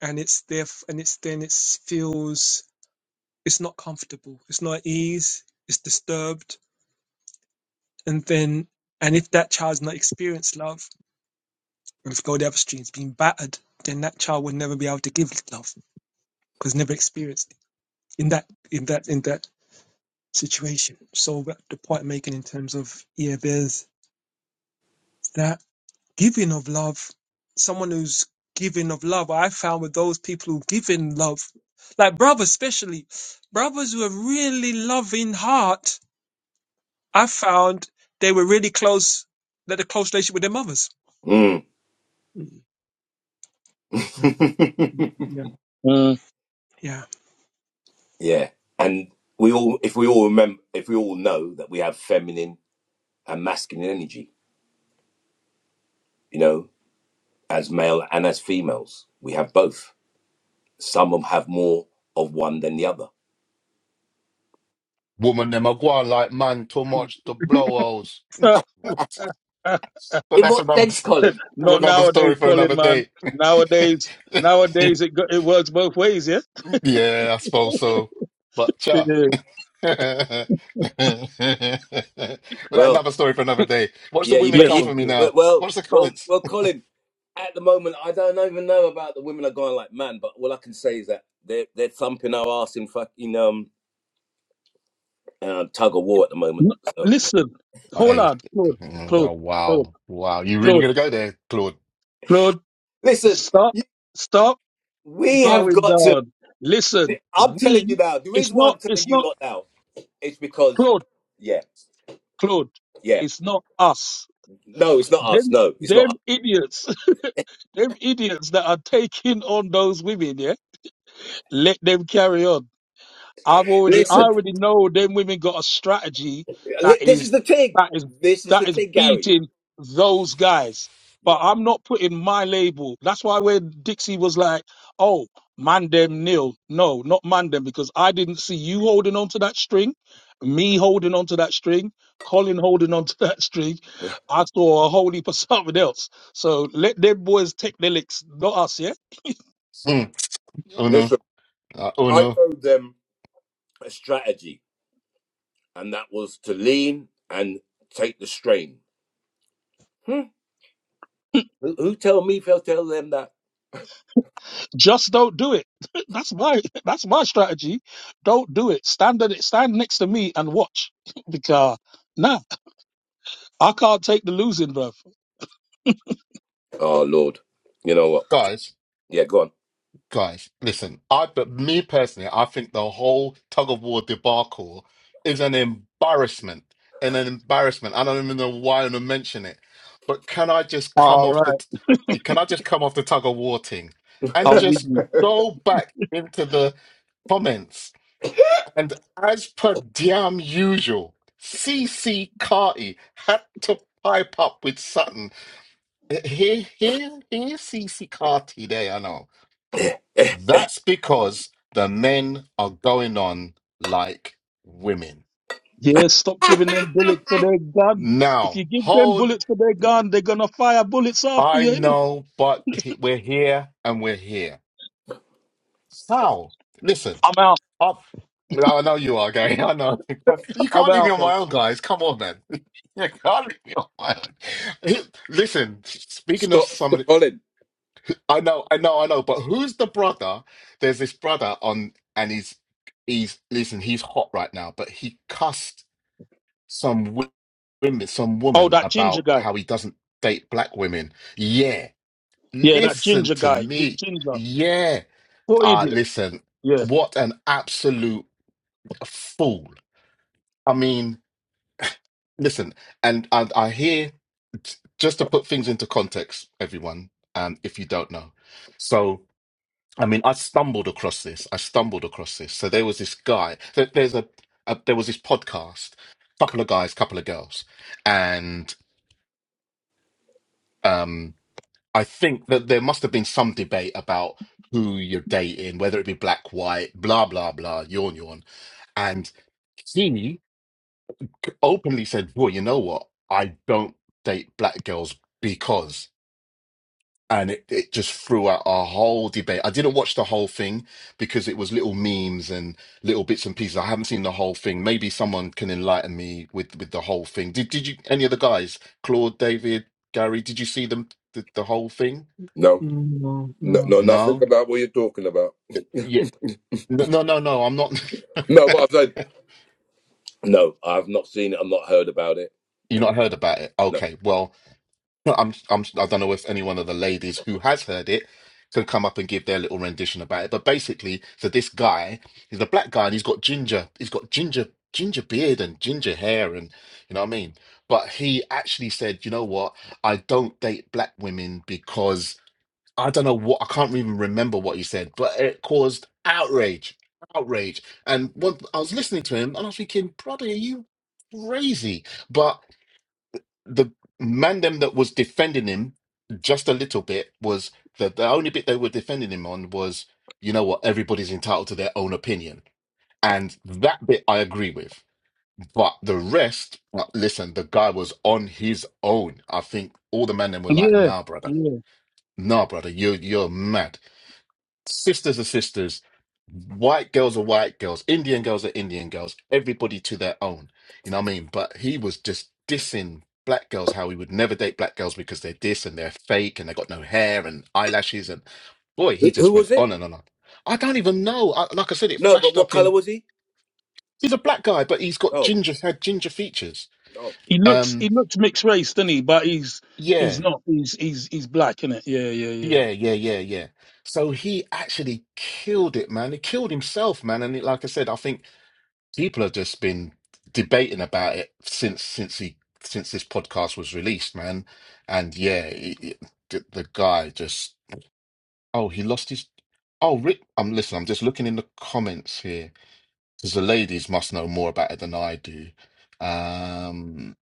Speaker 4: and it's there and it's then it feels it's not comfortable it's not at ease it's disturbed and then and if that child's not experienced love and if go the other stream's being battered then that child will never be able to give love because never experienced it in that in that in that situation. So what the point I'm making in terms of yeah, there's that giving of love. Someone who's giving of love, I found with those people who give in love, like brothers especially, brothers who have really loving heart. I found they were really close, they had a close relationship with their mothers.
Speaker 3: mm.
Speaker 4: Mm, mm, Yeah,
Speaker 1: mm.
Speaker 4: yeah.
Speaker 3: yeah and we all if we all remember if we all know that we have feminine and masculine energy, you know, as male and as females. We have both. Some of 'em have more of one than the other.
Speaker 2: Woman, them are going like man too much to blow holes. But
Speaker 3: In
Speaker 2: that's
Speaker 3: what
Speaker 2: another
Speaker 3: sense,
Speaker 2: that's
Speaker 3: Colin?
Speaker 1: Not
Speaker 3: In
Speaker 2: another
Speaker 3: what?
Speaker 1: nowadays,
Speaker 2: story for
Speaker 1: Colin,
Speaker 2: another
Speaker 1: man.
Speaker 2: day.
Speaker 1: Nowadays, nowadays it go, it works both ways, yeah.
Speaker 2: yeah, I suppose so. But
Speaker 1: Uh,
Speaker 2: cha. but
Speaker 3: Well,
Speaker 2: another story for another day. Watch the
Speaker 3: yeah, you
Speaker 2: women
Speaker 1: yes,
Speaker 3: bet you.
Speaker 2: come for
Speaker 1: of
Speaker 2: me
Speaker 1: course.
Speaker 2: now.
Speaker 3: but- Well,
Speaker 2: Watch the
Speaker 3: well,
Speaker 2: comments.
Speaker 3: well, Colin. At the moment, I don't even know about the women are going like man, but all I can say is that they're they're thumping our ass in fucking um uh, tug of war at the moment.
Speaker 1: N-
Speaker 3: So
Speaker 1: listen, hold
Speaker 2: Hey,
Speaker 1: on, Claude,
Speaker 2: mm,
Speaker 1: Claude,
Speaker 2: oh,
Speaker 1: Claude,
Speaker 2: wow, wow! You really
Speaker 1: Claude,
Speaker 2: gonna go there, Claude?
Speaker 1: Claude.
Speaker 3: listen,
Speaker 1: Stop,
Speaker 3: you,
Speaker 1: stop
Speaker 3: we have
Speaker 1: bowing
Speaker 3: got to.
Speaker 1: down. Listen,
Speaker 3: I'm telling you
Speaker 1: we.
Speaker 3: now. The
Speaker 1: It's
Speaker 3: reason why
Speaker 1: not.
Speaker 3: I'm telling
Speaker 1: It's
Speaker 3: you
Speaker 1: not
Speaker 3: lot now is because
Speaker 1: Claude.
Speaker 3: yeah,
Speaker 1: Claude.
Speaker 3: yeah.
Speaker 1: It's not us.
Speaker 3: No, it's not us.
Speaker 1: Them,
Speaker 3: No, it's not.
Speaker 1: them
Speaker 3: Us.
Speaker 1: idiots. them idiots that are taking on those women. Yeah. Let them carry on. I've already, I
Speaker 3: Listen,
Speaker 1: already know them women got a strategy that
Speaker 3: li- this
Speaker 1: is,
Speaker 3: is the thing.
Speaker 1: that is,
Speaker 3: This is the
Speaker 1: that is
Speaker 3: thing, Gary.
Speaker 1: beating those guys. But
Speaker 3: Yeah.
Speaker 1: I'm not putting my label. That's why when Dixie was like, oh, man them nil. No, not man them because I didn't see you holding on to that string, me holding on to that string, Colin holding on to that string. I saw a whole heap of something else. So let them boys take the licks, not us, yeah?
Speaker 2: Mm, oh no,
Speaker 3: Listen,
Speaker 2: uh, oh
Speaker 3: I
Speaker 2: no,
Speaker 3: told them a strategy, and that was to lean and take the strain. Hmm? Who, who tell me if I'll tell them that?
Speaker 1: Just don't do it. That's my that's my strategy. Don't do it. Stand at it, stand next to me and watch. because nah, I can't take the losing, bruv.
Speaker 3: Oh Lord, you know what?
Speaker 2: guys.
Speaker 3: Yeah, go on.
Speaker 2: guys, listen, I but me personally, I think the whole tug of war debacle is an embarrassment and an embarrassment. I don't even know why I'm gonna mention it, but can I just come
Speaker 1: All
Speaker 2: off
Speaker 1: right,
Speaker 2: the t- can I just come off the tug of war thing and
Speaker 1: I'm with
Speaker 2: just
Speaker 1: you.
Speaker 2: go back into the comments and as per damn usual, CC Carty had to pipe up with Sutton. Here, here, here, CC Carty. There, I know. That's because the men are going on like women.
Speaker 1: Yeah, stop giving them bullets for their gun. If you
Speaker 2: Now,
Speaker 1: give them
Speaker 2: hold,
Speaker 1: bullets for their gun, they're gonna fire bullets after
Speaker 2: I
Speaker 1: you. innit?
Speaker 2: know, but he- we're here and we're here. Sal, listen,
Speaker 1: I'm out.
Speaker 2: up. No, I know you are gay. I know. But you
Speaker 1: I'm
Speaker 2: can't leave me
Speaker 1: out,
Speaker 2: on my
Speaker 1: mate.
Speaker 2: own, guys. Come on, man. You can't leave me on my own. Listen, speaking of
Speaker 3: Stop, stop
Speaker 2: somebody,
Speaker 3: Colin.
Speaker 2: I know, I know, I know, but who's the brother? There's this brother on, and he's, he's, listen, he's hot right now, but he cussed some wo- women, some
Speaker 1: Oh,
Speaker 2: woman
Speaker 1: that ginger
Speaker 2: about
Speaker 1: guy.
Speaker 2: how he doesn't date black women. Yeah,
Speaker 1: Yeah, that
Speaker 2: listen
Speaker 1: ginger
Speaker 2: to
Speaker 1: guy, G-
Speaker 2: me.
Speaker 1: ginger,
Speaker 2: Yeah,
Speaker 1: what
Speaker 2: uh,
Speaker 1: idiot?
Speaker 2: listen.
Speaker 1: Yeah,
Speaker 2: What an absolute fool. I mean, listen, and and I hear j- just to put things into context, everyone. Um, if you don't know, so I mean, I stumbled across this. I stumbled across this. So there was this guy. There, there's a, a there was this podcast. Couple of guys, couple of girls, and. um. I think that there must have been some debate about who you're dating, whether it be black, white, blah, blah, blah, yawn, yawn. And he openly said, Well, you know what? I don't date black girls because. And it, it just threw out a whole debate. I didn't watch the whole thing because it was little memes and little bits and pieces. I haven't seen the whole thing. Maybe someone can enlighten me with, with the whole thing. Did did you any of the guys, Claude, David, Gary, did you see them the, the whole thing?
Speaker 3: No,
Speaker 4: Mm, No,
Speaker 3: No, no,
Speaker 4: no.
Speaker 3: nothing
Speaker 2: No?
Speaker 3: about what you're talking about.
Speaker 2: No, no, no, no, I'm not.
Speaker 3: No, but I said, no, I've not seen it. I've not heard about it.
Speaker 2: You
Speaker 3: And-
Speaker 2: not heard about it?
Speaker 3: No.
Speaker 2: Okay. Well, I'm, I'm, I don't know if any one of the ladies who has heard it can come up and give their little rendition about it. But basically, so this guy, he's a black guy and he's got ginger, he's got ginger, ginger beard and ginger hair, and you know what I mean. But he actually said, you know what? I don't date black women because I don't know what I can't even remember what he said, but it caused outrage, outrage. And what I was listening to him, and I was thinking, brother, are you crazy? But the man them that was defending him just a little bit was the the only bit they were defending him on was, you know what, everybody's entitled to their own opinion. And that bit I agree with. But the rest, uh, listen, the guy was on his own. I think all the men then were like,
Speaker 1: yeah,
Speaker 2: nah, brother.
Speaker 1: yeah.
Speaker 2: Nah, brother, you're you're mad Sisters are sisters. White girls are white girls. Indian girls are Indian girls. Everybody to their own. You know what I mean? But he was just dissing black girls, how he would never date black girls because they're this and they're fake and they got no hair and eyelashes. And boy, he
Speaker 3: Who, who
Speaker 2: just went
Speaker 3: was it?
Speaker 2: on and on. and on. I don't even know. I, like I said, it
Speaker 3: No, but
Speaker 2: flashed
Speaker 3: what
Speaker 2: up
Speaker 3: color
Speaker 2: in.
Speaker 3: was he?
Speaker 2: He's a black guy, but he's got
Speaker 3: Oh,
Speaker 2: ginger, had ginger features.
Speaker 1: He looks he
Speaker 2: Um,
Speaker 1: looks mixed race, doesn't he? But he's he's
Speaker 2: yeah,
Speaker 1: not. He's he's he's black, innit? Yeah, yeah, yeah.
Speaker 2: yeah, yeah, yeah, yeah. So he actually killed it, man. He killed himself, man. And it, like I said, I think people have just been debating about it since since he since this podcast was released, man. And yeah, it, it- the, the guy just oh he lost his oh Rick. I'm listen. I'm just looking in the comments here because the ladies must know more about it than I do. Um,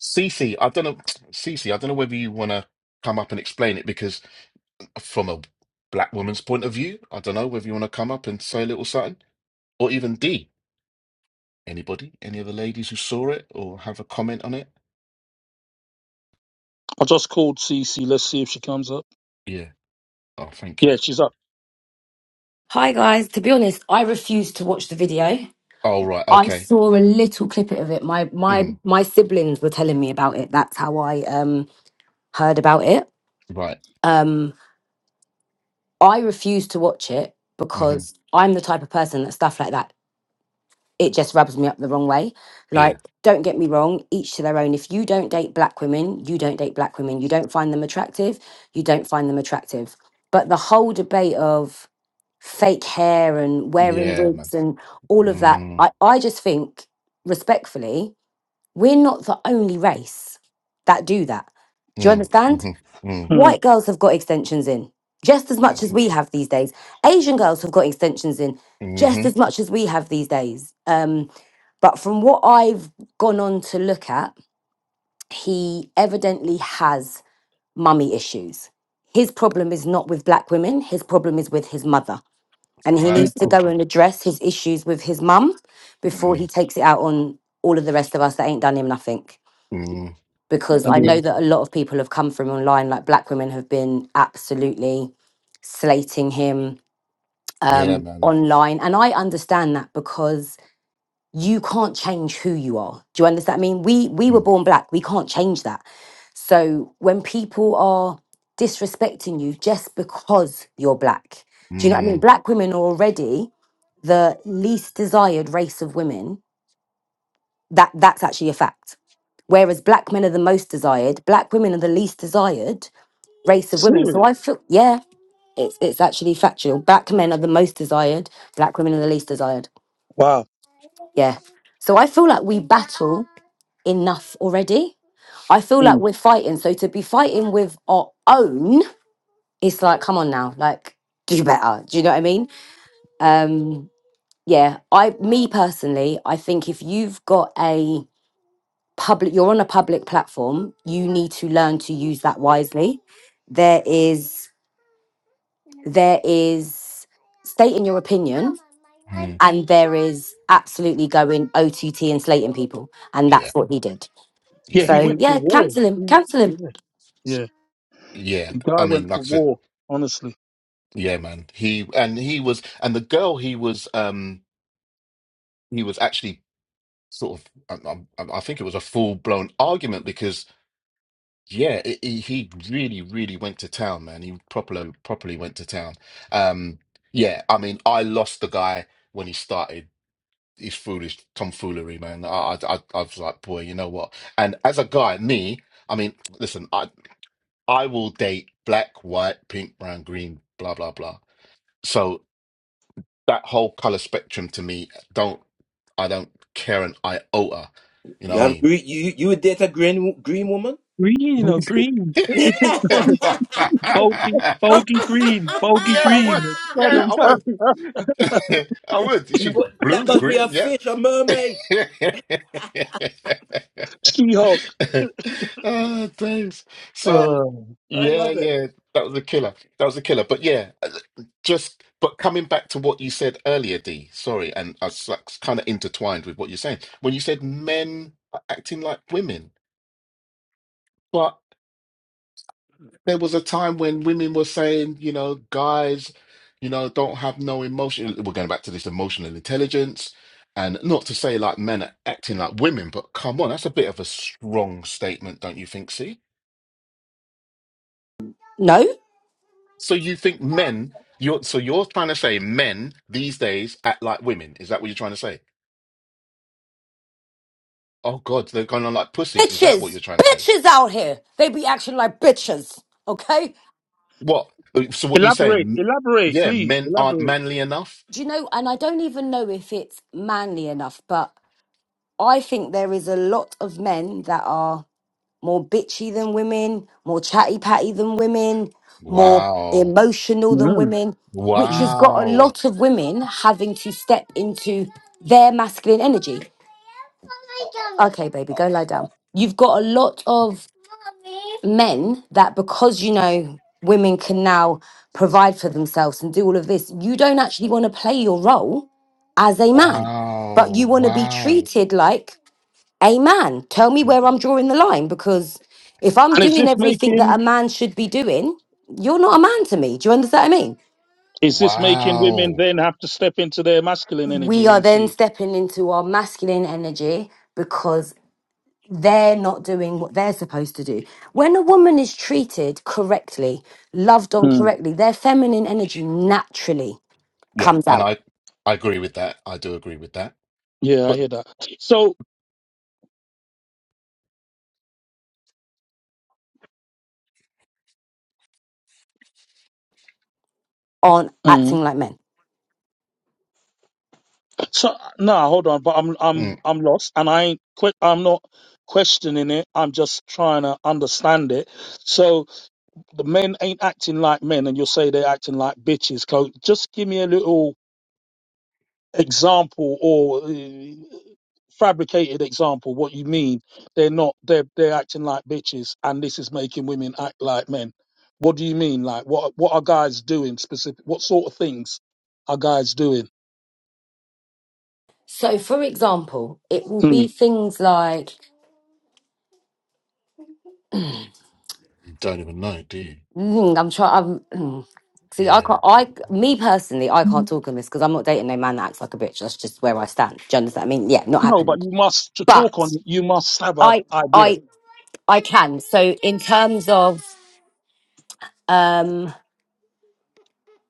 Speaker 2: Cece, I don't know, Cece, I don't know whether you want to come up and explain it because from a black woman's point of view, I don't know whether you want to come up and say a little something or even D. Anybody? Any other ladies who saw it or have a comment on it?
Speaker 1: I just called Cece. Let's see if she comes up.
Speaker 2: Yeah. Oh, thank you.
Speaker 1: Yeah, she's up.
Speaker 5: Hi guys, to be honest, I refused to watch the video.
Speaker 2: Oh, right.
Speaker 5: I
Speaker 2: Okay.
Speaker 5: saw a little clip of it. My my
Speaker 2: Mm,
Speaker 5: my siblings were telling me about it. That's how I um heard about it.
Speaker 2: right.
Speaker 5: Um I refused to watch it
Speaker 2: hmm
Speaker 5: because I'm the type of person that stuff like that it just rubs me up the wrong way.
Speaker 2: Yeah.
Speaker 5: Like don't get me wrong, each to their own. If you don't date black women, you don't date black women. You don't find them attractive, you don't find them attractive. But the whole debate of fake hair and wearing
Speaker 2: Yeah, man.
Speaker 5: wigs and all of that.
Speaker 2: Mm,
Speaker 5: I, I just think, respectfully, we're not the only race that do that. Do you
Speaker 2: mm,
Speaker 5: understand?
Speaker 2: mm-hmm, mm,
Speaker 1: Mm.
Speaker 5: White girls have got extensions in just as much as
Speaker 2: mm
Speaker 5: we have these days. Asian girls have got extensions in
Speaker 2: mm-hmm.
Speaker 5: just as much as we have these days. Um, but from what I've gone on to look at, he evidently has mummy issues. His problem is not with black women, his problem is with his mother and
Speaker 2: All
Speaker 5: he
Speaker 2: right.
Speaker 5: needs to
Speaker 1: Okay.
Speaker 5: go
Speaker 2: Okay.
Speaker 5: and address his issues with his mum before he
Speaker 2: Mm,
Speaker 5: takes it out on all of the rest of us that ain't done him nothing.
Speaker 2: mm.
Speaker 5: Because I
Speaker 2: Y-
Speaker 1: Yeah.
Speaker 5: know that a lot of people have come from online, like black women have been absolutely slating him
Speaker 2: Yeah,
Speaker 5: um,
Speaker 2: man.
Speaker 5: online, and I understand that because you can't change who you are. Do you understand? I mean, we we were
Speaker 2: Mm,
Speaker 5: born black, we can't change that. So when people are disrespecting you just because you're black, do you know what I mean?
Speaker 2: mm,
Speaker 5: Black women are already the least desired race of women, that that's actually a fact. Whereas black men are the most desired, black women are the least desired race of women. So
Speaker 1: Serious?
Speaker 5: I feel yeah, it's it's actually factual. Black men are the most desired, black women are the least desired.
Speaker 1: Wow.
Speaker 5: Yeah. So I feel like we battle enough already. I feel like
Speaker 1: Mm.
Speaker 5: we're fighting. So to be fighting with our own, it's like, come on now, like do better. Do you know what I mean? Um yeah, I me personally, I think if you've got a public you're on a public platform you need to learn to use that wisely there is there is stating your opinion
Speaker 2: mm.
Speaker 5: and there is absolutely going ott and slating people and
Speaker 2: Yeah.
Speaker 5: that's what he did
Speaker 1: Yeah,
Speaker 2: Yeah.
Speaker 1: he
Speaker 5: so
Speaker 1: went for
Speaker 5: yeah
Speaker 1: war.
Speaker 5: cancel him
Speaker 1: He,
Speaker 5: cancel him
Speaker 1: yeah, yeah.
Speaker 2: Yeah.
Speaker 1: The
Speaker 2: I
Speaker 1: guy
Speaker 2: mean,
Speaker 1: went
Speaker 2: like
Speaker 1: for
Speaker 2: I said,
Speaker 1: war. Honestly,
Speaker 2: yeah, man. He and he was, and the girl he was, um, he was actually sort of. I, I, I think it was a full blown argument because Yeah, it, it- he really, really went to town, man. He properly, properly went to town. Um, yeah, I mean, I lost the guy when he started his foolish tomfoolery, man. I, I, I I was like, boy, you know what? And as a guy, me, I mean, listen, I, I will date black, white, pink, brown, green, blah, blah, blah. So that whole color spectrum to me, don't, I don't care an iota. You know
Speaker 3: You have gre-
Speaker 2: what
Speaker 3: you you would date a green green woman?
Speaker 4: Green or green?
Speaker 3: but
Speaker 4: God,
Speaker 2: I
Speaker 4: bogey,
Speaker 2: mean?
Speaker 4: bogey green, bogey
Speaker 2: Yeah, I
Speaker 4: green.
Speaker 2: would.
Speaker 4: God,
Speaker 2: Yeah,
Speaker 4: I'm
Speaker 2: I
Speaker 1: ah,
Speaker 2: would.
Speaker 4: like.
Speaker 2: I would. She's
Speaker 3: that
Speaker 2: blue,
Speaker 3: must be
Speaker 2: green.
Speaker 3: a
Speaker 2: Yeah.
Speaker 3: fish, a mermaid.
Speaker 1: She-Hulk.
Speaker 2: oh, thanks.
Speaker 3: Eh,
Speaker 2: So,
Speaker 1: Uh,
Speaker 3: I
Speaker 2: yeah,
Speaker 3: love it.
Speaker 2: yeah, that was a killer. That was a killer. But yeah, just but coming back to what you said earlier, D. Sorry, and I was kind of intertwined with what you're saying when you said men are acting like women. but. there was a time when women were saying, you know, guys, you know, don't have no emotion. We're going back to this emotional intelligence. And not to say like men are acting like women, but come on, that's a bit of a strong statement, don't you think, see?
Speaker 5: no
Speaker 2: So you think men, you're so you're trying to say men these days act like women. Is that what you're trying to say? Oh God, they're going on like pussies. Is that what
Speaker 5: bitches
Speaker 2: you're trying to say?
Speaker 5: bitches out here they be acting like bitches okay
Speaker 2: What? So what you
Speaker 1: elaborate,
Speaker 2: saying?
Speaker 1: elaborate,
Speaker 2: Yeah,
Speaker 1: please,
Speaker 2: men aren't
Speaker 1: elaborate.
Speaker 2: manly enough?
Speaker 5: do you know and i don't even know if it's manly enough but i think there is a lot of men that are more bitchy than women, more chatty patty than women, more
Speaker 2: Wow.
Speaker 5: emotional than
Speaker 1: Mm.
Speaker 5: women, which has got a
Speaker 2: Wow.
Speaker 5: lot of women having to step into their masculine energy. Okay, baby, go lie down. You've got a lot of men that because you know women can now provide for themselves and do all of this, you don't actually want to play your role as a man, but you
Speaker 2: Wow,
Speaker 5: want to be
Speaker 2: wow,
Speaker 5: treated like a man. Tell me where I'm drawing the line because if I'm
Speaker 1: And is
Speaker 5: doing
Speaker 1: this
Speaker 5: everything that
Speaker 1: making?
Speaker 5: a man should be doing, you're not a man to me. Do you understand what I mean?
Speaker 1: Is this making women
Speaker 2: wow.
Speaker 1: then have to step into their masculine energy
Speaker 5: We are
Speaker 1: then
Speaker 5: then
Speaker 1: see?
Speaker 5: stepping into our masculine energy because they're not doing what they're supposed to do. When a woman is treated correctly, loved on
Speaker 1: Mm.
Speaker 5: correctly, their feminine energy naturally
Speaker 2: Yeah,
Speaker 5: comes
Speaker 2: and
Speaker 5: out
Speaker 2: I I agree with that. I do agree with that.
Speaker 1: Yeah, I
Speaker 2: But
Speaker 1: hear that. So
Speaker 5: on
Speaker 1: mm.
Speaker 5: acting like men.
Speaker 1: so no, hold on, but I'm
Speaker 2: mm,
Speaker 1: I'm I'm lost and I ain't que- I'm not questioning it. I'm just trying to understand it. So the men ain't acting like men and you'll say they're acting like bitches. Co- just give me a little example or uh, fabricated example what you mean they're not they're they're acting like bitches and this is making women act like men what do you mean like what what are guys doing specific what sort of things are guys doing
Speaker 5: So, for example, it will be
Speaker 1: mm.
Speaker 5: things like
Speaker 2: you don't even know, do you?
Speaker 5: Mm, I'm trying. I'm see. I
Speaker 2: Yeah.
Speaker 5: can't. I me personally, I can't talk on this because I'm not dating no man that acts like a bitch. That's just where I stand. Do you understand? I mean, yeah, not
Speaker 1: no but
Speaker 5: happening.
Speaker 1: you must to
Speaker 5: But
Speaker 1: talk on it, you must have a
Speaker 5: I,
Speaker 1: idea
Speaker 5: I, I can. So in terms of, um,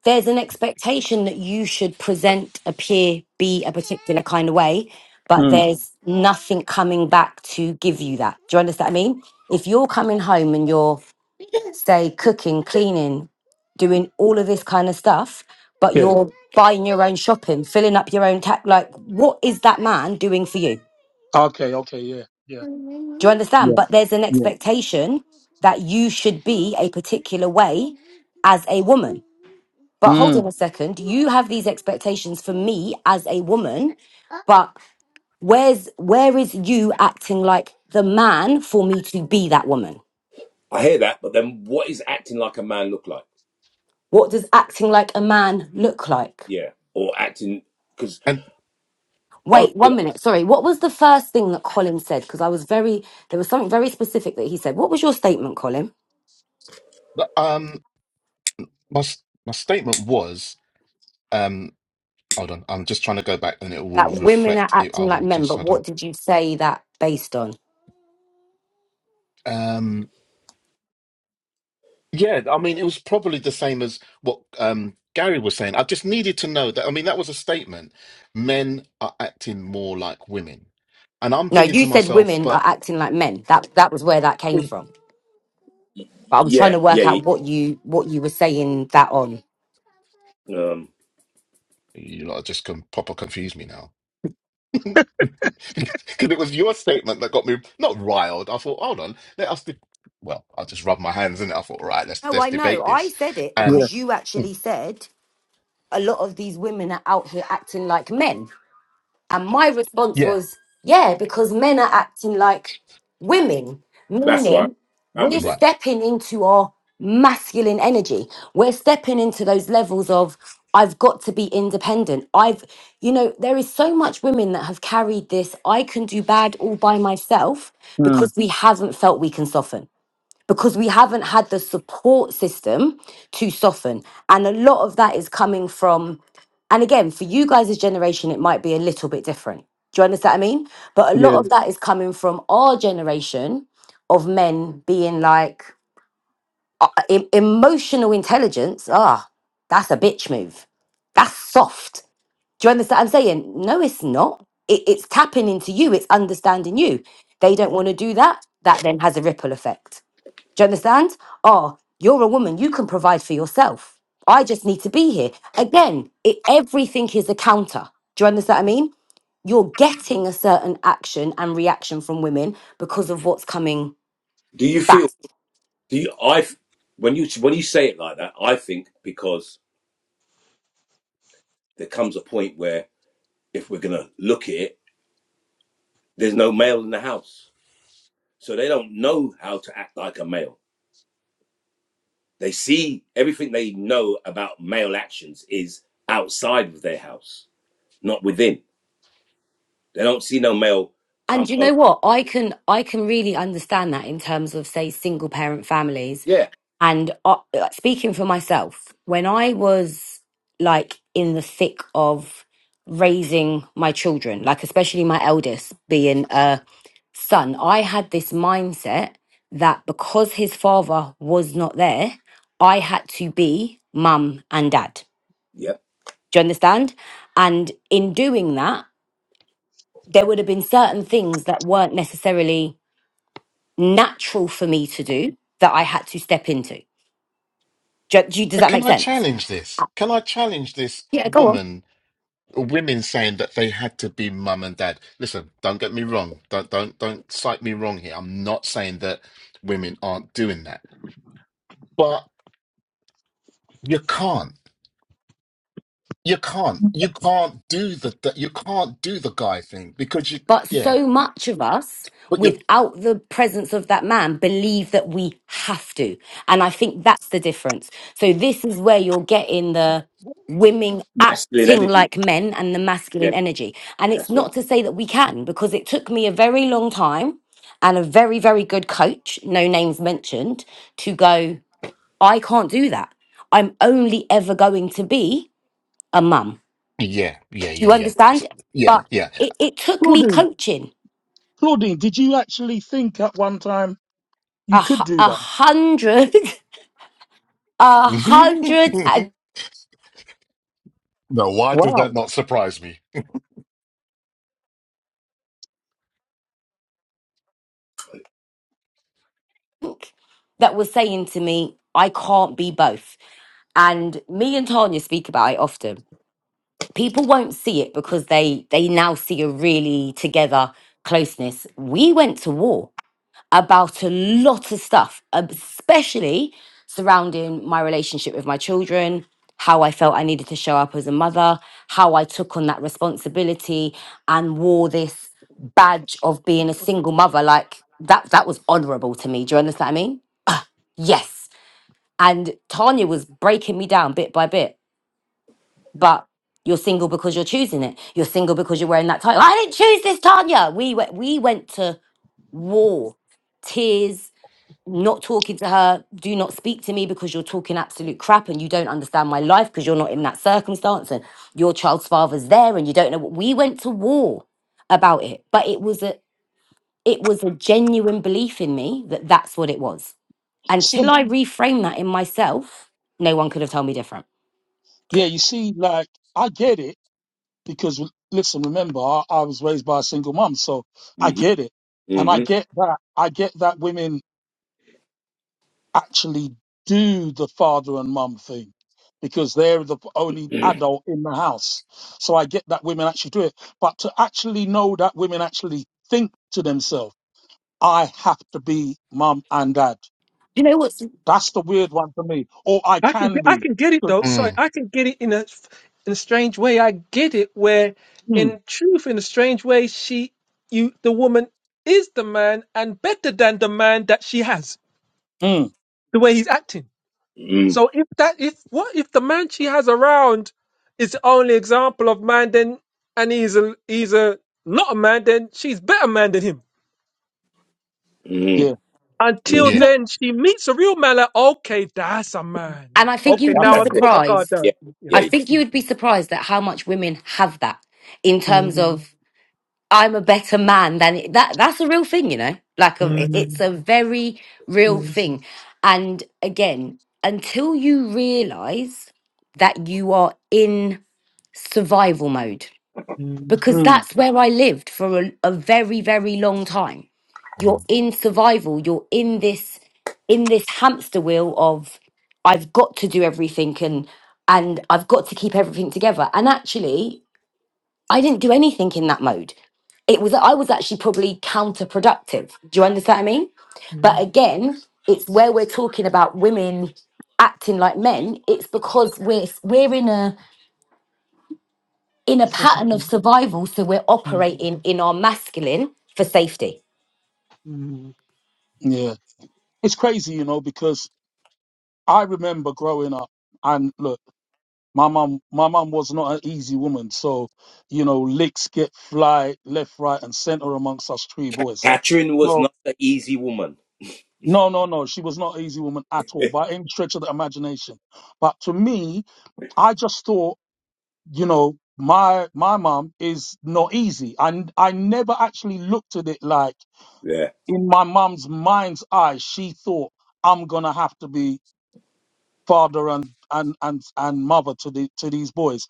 Speaker 5: there's an expectation that you should present, appear, be a particular kind of way, but
Speaker 1: mm.
Speaker 5: there's nothing coming back to give you that. Do you understand? What I mean, if you're coming home and you're say cooking, cleaning, doing all of this kind of stuff, but
Speaker 1: yeah
Speaker 5: you're buying your own shopping, filling up your own tap. Like, what is that man doing for you?
Speaker 1: okay okay yeah yeah
Speaker 5: Do you understand?
Speaker 1: yeah
Speaker 5: But there's an
Speaker 1: yeah
Speaker 5: expectation that you should be a particular way as a woman. But hold
Speaker 1: mm.
Speaker 5: on a second, you have these expectations for me as a woman, but where's where is you acting like the man for me to be that woman?
Speaker 3: I hear that, but then what is acting like a man look like?
Speaker 5: What does acting like a man look like?
Speaker 3: Yeah, or acting because
Speaker 2: And
Speaker 3: I
Speaker 5: Wait, one minute. Sorry. What was the first thing that Colin said? Because I was very, there was something very specific that he said. What was your statement, Colin?
Speaker 2: um my s- my statement was um hold on, I'm just trying to go back and it will
Speaker 5: That women are
Speaker 2: reflect it. I
Speaker 5: acting like
Speaker 2: will
Speaker 5: men,
Speaker 2: just
Speaker 5: but
Speaker 2: hold
Speaker 5: what
Speaker 2: on.
Speaker 5: did you say that based on?
Speaker 2: Um yeah, I mean it was probably the same as what um Gary was saying. I just needed to know that I mean that was a statement. Men are acting more like women. And I'm
Speaker 5: No,
Speaker 2: thinking
Speaker 5: you
Speaker 2: to
Speaker 5: said
Speaker 2: myself,
Speaker 5: women
Speaker 2: but
Speaker 5: are acting like men. That that was where that came
Speaker 2: Mm.
Speaker 5: from. But I'm trying
Speaker 3: yeah
Speaker 5: to work
Speaker 3: yeah
Speaker 5: out what you what you were saying that on.
Speaker 3: um
Speaker 2: You lot are just can proper confuse me now. Because it was your statement that got me not riled. I thought, hold on, let us. De- well, I just rubbed my hands in it. I thought, all right, let's
Speaker 5: No,
Speaker 2: let's
Speaker 5: I
Speaker 2: debate
Speaker 5: know. I
Speaker 2: this.
Speaker 5: said it
Speaker 2: And
Speaker 1: yeah
Speaker 5: because you
Speaker 2: mm,
Speaker 5: actually said a lot of these women are out here acting like men. And my response
Speaker 2: yeah,
Speaker 5: was, yeah, because men are acting like women,
Speaker 3: that's right
Speaker 5: meaning
Speaker 3: that
Speaker 5: we're
Speaker 3: was it.
Speaker 2: right.
Speaker 5: stepping into our masculine energy. We're stepping into those levels of, I've got to be independent. I've, you know, there is so much women that have carried this, I can do bad all by myself
Speaker 1: mm.
Speaker 5: because we haven't felt we can soften because we haven't had the support system to soften. And a lot of that is coming from, and again, for you guys' generation, it might be a little bit different. Do you understand what I mean? But a lot
Speaker 1: yeah
Speaker 5: of that is coming from our generation of men being like, "E- emotional intelligence, ah, that's a bitch move. That's soft. Do you understand what I'm saying? No, it's not. It, it's tapping into you, it's understanding you. They don't want to do that. That then has a ripple effect. Do you understand? Oh, you're a woman. You can provide for yourself. I just need to be here. Again, it, everything is a counter. Do you understand what I mean? You're getting a certain action and reaction from women because of what's coming
Speaker 3: Do you
Speaker 5: back.
Speaker 3: feel do you I f- when you when you say it like that I think because there comes a point where if we're gonna look at it, there's no male in the house. So they don't know how to act like a male. They see everything they know about male actions is outside of their house, not within. They don't see no male come
Speaker 5: And you
Speaker 3: home.
Speaker 5: know what? I can I can really understand that in terms of say single parent families.
Speaker 3: Yeah,
Speaker 5: And uh, uh, speaking for myself, when I was like in the thick of raising my children, like especially my eldest being a son, I had this mindset that because his father was not there, I had to be mum and dad.
Speaker 3: yeah.
Speaker 5: Do you understand? And in doing that, there would have been certain things that weren't necessarily natural for me to do that I had to step into. Do, do, does
Speaker 2: Uh,
Speaker 5: that
Speaker 2: Can
Speaker 5: make
Speaker 2: I
Speaker 5: sense?
Speaker 2: challenge this? Can I challenge this woman? uh, Women saying that they had to be mum and dad. Listen, don't get me wrong. Don't don't don't cite me wrong here. I'm not saying that women aren't doing that, but you can't. you can't you can't do the, the you can't do the guy thing because you
Speaker 5: But
Speaker 2: yeah
Speaker 5: so much of us,
Speaker 2: but you are
Speaker 5: without the presence of that man, believe that we have to. And I think that's the difference. So this is where you're getting the women
Speaker 3: Masculine
Speaker 5: acting
Speaker 3: energy.
Speaker 5: like men and the
Speaker 3: Yeah,
Speaker 5: masculine energy. And it's
Speaker 3: that's right.
Speaker 5: not to say that we can, because it took me a very long time and a very, very good coach, no names mentioned, to go, I can't do that. I'm only ever going to be a mum.
Speaker 2: yeah yeah
Speaker 5: Do
Speaker 2: yeah
Speaker 5: you
Speaker 2: yeah S-
Speaker 5: understand?
Speaker 2: yeah
Speaker 5: But
Speaker 2: yeah
Speaker 5: it, it took me
Speaker 1: claudine
Speaker 5: coaching
Speaker 1: claudine did you actually think at one time you
Speaker 5: a,
Speaker 1: could
Speaker 5: hu-
Speaker 1: do
Speaker 5: a
Speaker 1: that
Speaker 5: hundred, a hundred, I
Speaker 2: no why does
Speaker 1: wow
Speaker 2: that not surprise me
Speaker 5: think, that were saying to me, I can't be both. And me and Tanya speak about it often. People won't see it because they they now see a really together closeness. We went to war. about a lot of stuff, um, especially surrounding my relationship with my children, how I felt I needed to show up as a mother, how I took on that responsibility and wore this badge of being a single mother. Like that, that was honorable to me. Do you understand what I mean? Yes. And Tanya was breaking me down bit by bit, but you're single because you're choosing it. You're single because you're wearing that title. I didn't choose this, Tanya. We went, we went to war, tears, not talking to her, do not speak to me because you're talking absolute crap and you don't understand my life because you're not in that circumstance and your child's father's there and you don't know what we went to war about it but it was a it was a genuine belief in me that that's what it was until
Speaker 1: See,
Speaker 5: I reframed that in myself no one could have told me different
Speaker 1: yeah, you see, like I get it because listen, remember, I, I was raised by a single mom, so I
Speaker 3: hmm
Speaker 1: get it, and I
Speaker 3: hmm
Speaker 1: get that. I get that women actually do the father and mum thing because they're the only
Speaker 3: mm
Speaker 1: adult in the house. So I get that women actually do it, but to actually know that women actually think to themselves, "I have to be mum and dad."
Speaker 5: you know what's
Speaker 1: That's the weird one for me, or I
Speaker 4: I can
Speaker 1: can
Speaker 4: I
Speaker 1: be.
Speaker 4: can get it though. Sorry,
Speaker 2: mm,
Speaker 4: I can get it in a in a strange way. I get it where,
Speaker 1: Hmm,
Speaker 4: in truth, in a strange way, she you the woman is the man and better than the man that she has.
Speaker 1: hmm,
Speaker 4: The way he's acting.
Speaker 3: mm
Speaker 4: So if that if what if the man she has around is the only example of man, then and he's a he's a not a man, then she's better man than him.
Speaker 3: mm
Speaker 1: yeah,
Speaker 4: Until
Speaker 1: you
Speaker 3: mm.
Speaker 2: yeah
Speaker 1: know,
Speaker 4: then, she meets a real man. Like okay, that's a man.
Speaker 5: And I think
Speaker 3: That,
Speaker 4: Okay,
Speaker 5: you'd
Speaker 3: that-
Speaker 5: be
Speaker 1: that's
Speaker 4: now I
Speaker 3: that's
Speaker 4: can
Speaker 1: all.
Speaker 3: it.
Speaker 4: put my guard
Speaker 5: surprised.
Speaker 3: Yeah,
Speaker 4: down. Yeah.
Speaker 3: yeah.
Speaker 5: I
Speaker 3: yeah.
Speaker 5: think you would be surprised at how much women have that in terms
Speaker 4: Mm.
Speaker 5: of I'm a better man than that. That's a real thing, you know. Like a, it's
Speaker 4: Mm,
Speaker 5: a very real
Speaker 4: mm,
Speaker 5: thing. And again, until you realize that you are in survival mode
Speaker 4: mm,
Speaker 5: because
Speaker 1: man.
Speaker 5: that's where I lived for a, a very, very long time. You're
Speaker 2: mm.
Speaker 5: in survival. You're in this in this hamster wheel of I've got to do everything and and I've got to keep everything together. And actually, I didn't do anything in that mode. It was I was actually probably counterproductive. Do you understand what I mean? But
Speaker 4: mm.
Speaker 5: again, it's where we're talking about women acting like men. It's because we're we're in a in a
Speaker 4: So-
Speaker 5: pattern of
Speaker 4: mm,
Speaker 5: survival. So we're operating in our masculine for safety.
Speaker 4: mm.
Speaker 1: Yeah, it's crazy, you know, because I remember growing up, and look, my mum, my mum was not an easy woman, so you know, licks get fly left, right, and centre amongst us three boys.
Speaker 3: Catherine was
Speaker 1: No,
Speaker 3: not an easy woman.
Speaker 1: no, no, no, she was not an easy woman at all, by any stretch of the imagination. But to me, I just thought, you know, my my mum is not easy, and I, never actually looked at it like
Speaker 3: Yeah.
Speaker 1: in my mum's mind's eye, she thought I'm gonna have to be father and and and and mother to the to these boys.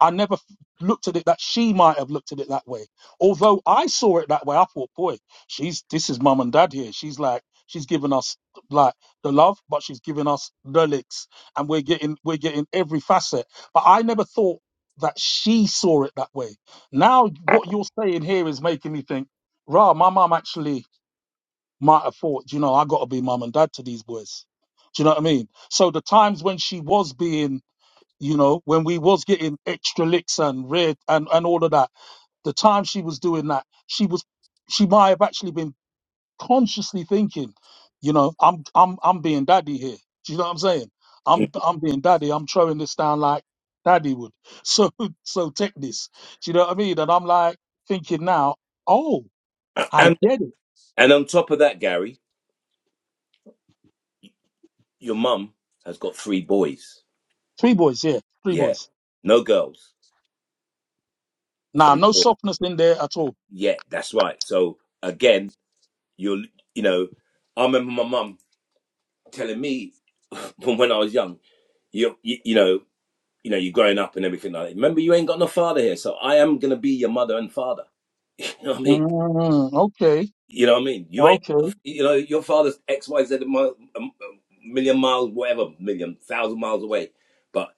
Speaker 1: I never f- looked at it that she might have looked at it that way. Although I saw it that way, I thought, boy, she's this is mum and dad here. She's like she's giving us like the love, but she's giving us the licks, and we're getting we're getting every facet. But I never thought that she saw it that way. Now what you're saying here is making me think, rah, my mum actually might have thought, you know, I got to be mum and dad to these boys. Do you know what I mean? So the times when she was being, you know, when we was getting extra licks and red and and all of that, the time she was doing that, she was, she might have actually been consciously thinking, you know, I'm I'm I'm being daddy here. Do you know what I'm saying?
Speaker 3: Mm.
Speaker 1: I'm I'm being daddy. I'm throwing this down like daddy would. So so take this. Do you know what I mean? And I'm like thinking now, oh, I
Speaker 3: And
Speaker 1: get it.
Speaker 3: and on top of that, Gary, your mum has got three boys.
Speaker 1: Three boys, yeah, three
Speaker 3: Yeah.
Speaker 1: boys.
Speaker 3: No girls.
Speaker 1: Nah,
Speaker 3: Three
Speaker 1: no
Speaker 3: boys.
Speaker 1: softness in there at all.
Speaker 3: Yeah, that's right. So again, you'll you know, I remember my mum telling me from when I was young, you you, you know, you know, you're growing up and everything like that. Remember, you ain't got no father here, so I am gonna be your mother and father. You know what I mean?
Speaker 1: Mm, okay.
Speaker 3: You know what I mean? You ain't,
Speaker 1: Okay.
Speaker 3: you know, your father's X, Y, Z, mi- a million miles, whatever, million, thousand miles away. But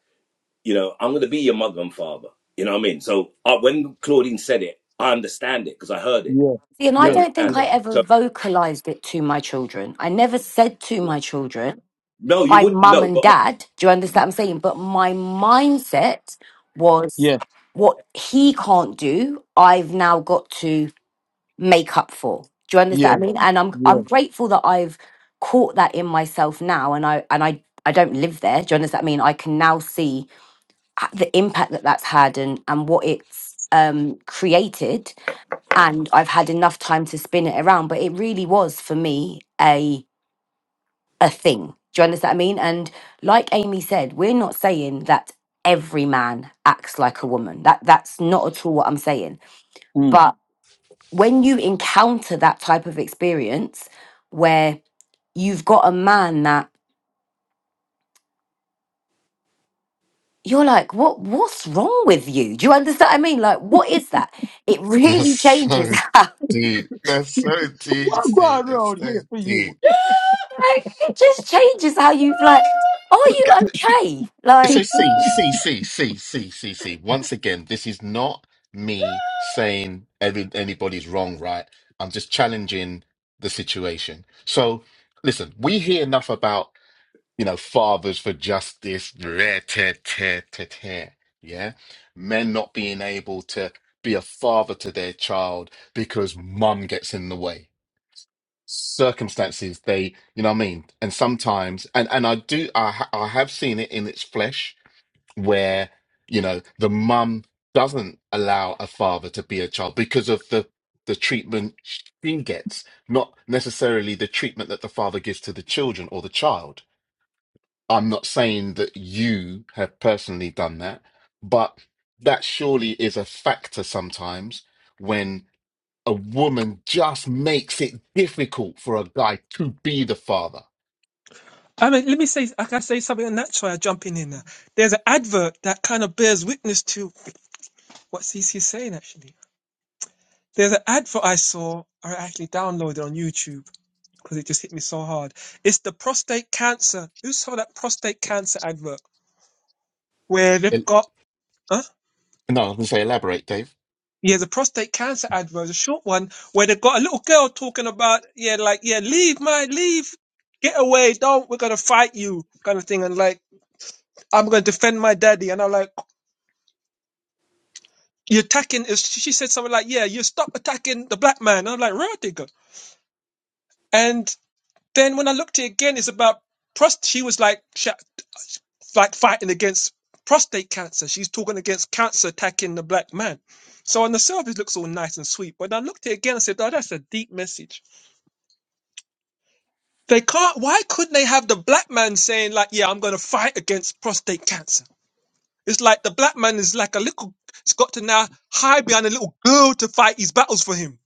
Speaker 3: you know, I'm gonna be your mother and father. You know what I mean? So uh, when Claudine said it, I understand it because I heard it.
Speaker 1: Yeah.
Speaker 5: See, and I
Speaker 3: You
Speaker 1: Yeah.
Speaker 5: don't think
Speaker 3: understand?
Speaker 1: Yeah.
Speaker 5: I ever
Speaker 3: So
Speaker 5: vocalized it to my children. I never said to
Speaker 3: yeah,
Speaker 5: my children,
Speaker 3: no, you
Speaker 5: I'm
Speaker 3: wouldn't.
Speaker 5: mum
Speaker 3: No,
Speaker 5: and
Speaker 3: but
Speaker 5: dad. Do you understand what I'm saying? But my mindset was
Speaker 1: Yeah.
Speaker 5: what he can't do, I've now got to make up for. Do you
Speaker 1: Yeah.
Speaker 5: understand what I mean? And I'm
Speaker 1: Yeah.
Speaker 5: I'm grateful that I've caught that in myself now and I and I I don't live there. Do you understand what I mean? I can now see h- the impact that that's had and and what it's um created and I've had enough time to spin it around but it really was for me a a thing do you understand what I mean and like Amy said we're not saying that every man acts like a woman that that's not at all what I'm saying
Speaker 1: Mm.
Speaker 5: but when you encounter that type of experience where you've got a man that you're like what what's wrong with you do you understand what I mean like what is that it
Speaker 2: that's
Speaker 5: really changes
Speaker 2: so deep that's so deep
Speaker 1: What
Speaker 2: Steve.
Speaker 1: going
Speaker 2: that's
Speaker 1: on
Speaker 2: so
Speaker 1: here for you?
Speaker 2: deep
Speaker 5: Like, it just changes how you like. Are you okay?
Speaker 2: So
Speaker 5: Like,
Speaker 2: see, see, see, see, see, see, see. Once again, this is not me saying every, anybody's wrong, right? I'm just challenging the situation. So listen, we hear enough about, you know, fathers for justice, rare, tear, tear, tear, tear, yeah? Men not being able to be a father to their child because mum gets in the way. Circumstances, they, you know what I mean? And sometimes, and, and I do, I, ha- I have seen it in its flesh where you know the mum doesn't allow a father to be a child because of the the treatment she gets not necessarily the treatment that the father gives to the children or the child i'm not saying that you have personally done that but that surely is a factor sometimes when a woman just makes it difficult for a guy to be the father
Speaker 4: I mean, let me say, I can say something on that. Try I jump in here now. There's an advert that kind of bears witness to what C. CC's saying, actually. There's an advert I saw, I actually downloaded on YouTube because it just hit me so hard. It's the prostate cancer. Who saw that prostate cancer advert where
Speaker 2: El-
Speaker 4: they've got, huh?
Speaker 2: no i was going to say elaborate dave
Speaker 4: Yeah, the prostate cancer ad was a short one where they got a little girl talking about, yeah, like, yeah, leave, man, leave, get away, don't, we're gonna fight you, kind of thing, and like, I'm gonna defend my daddy, and I'm like, you're attacking. is- She said something like, yeah, you stop attacking the black man. And I'm like, real digger. And then when I looked at it again, it's about prost. She was like, sh- like fighting against prostate cancer. She's talking against cancer attacking the black man. So on the surface, it looks all nice and sweet, but when I looked at it again, I said, oh, that's a deep message They can't. Why couldn't they have the black man saying like, "Yeah, I'm gonna fight against prostate cancer"? It's like the black man is like a little. It's got to now hide behind a little girl to fight his battles for him.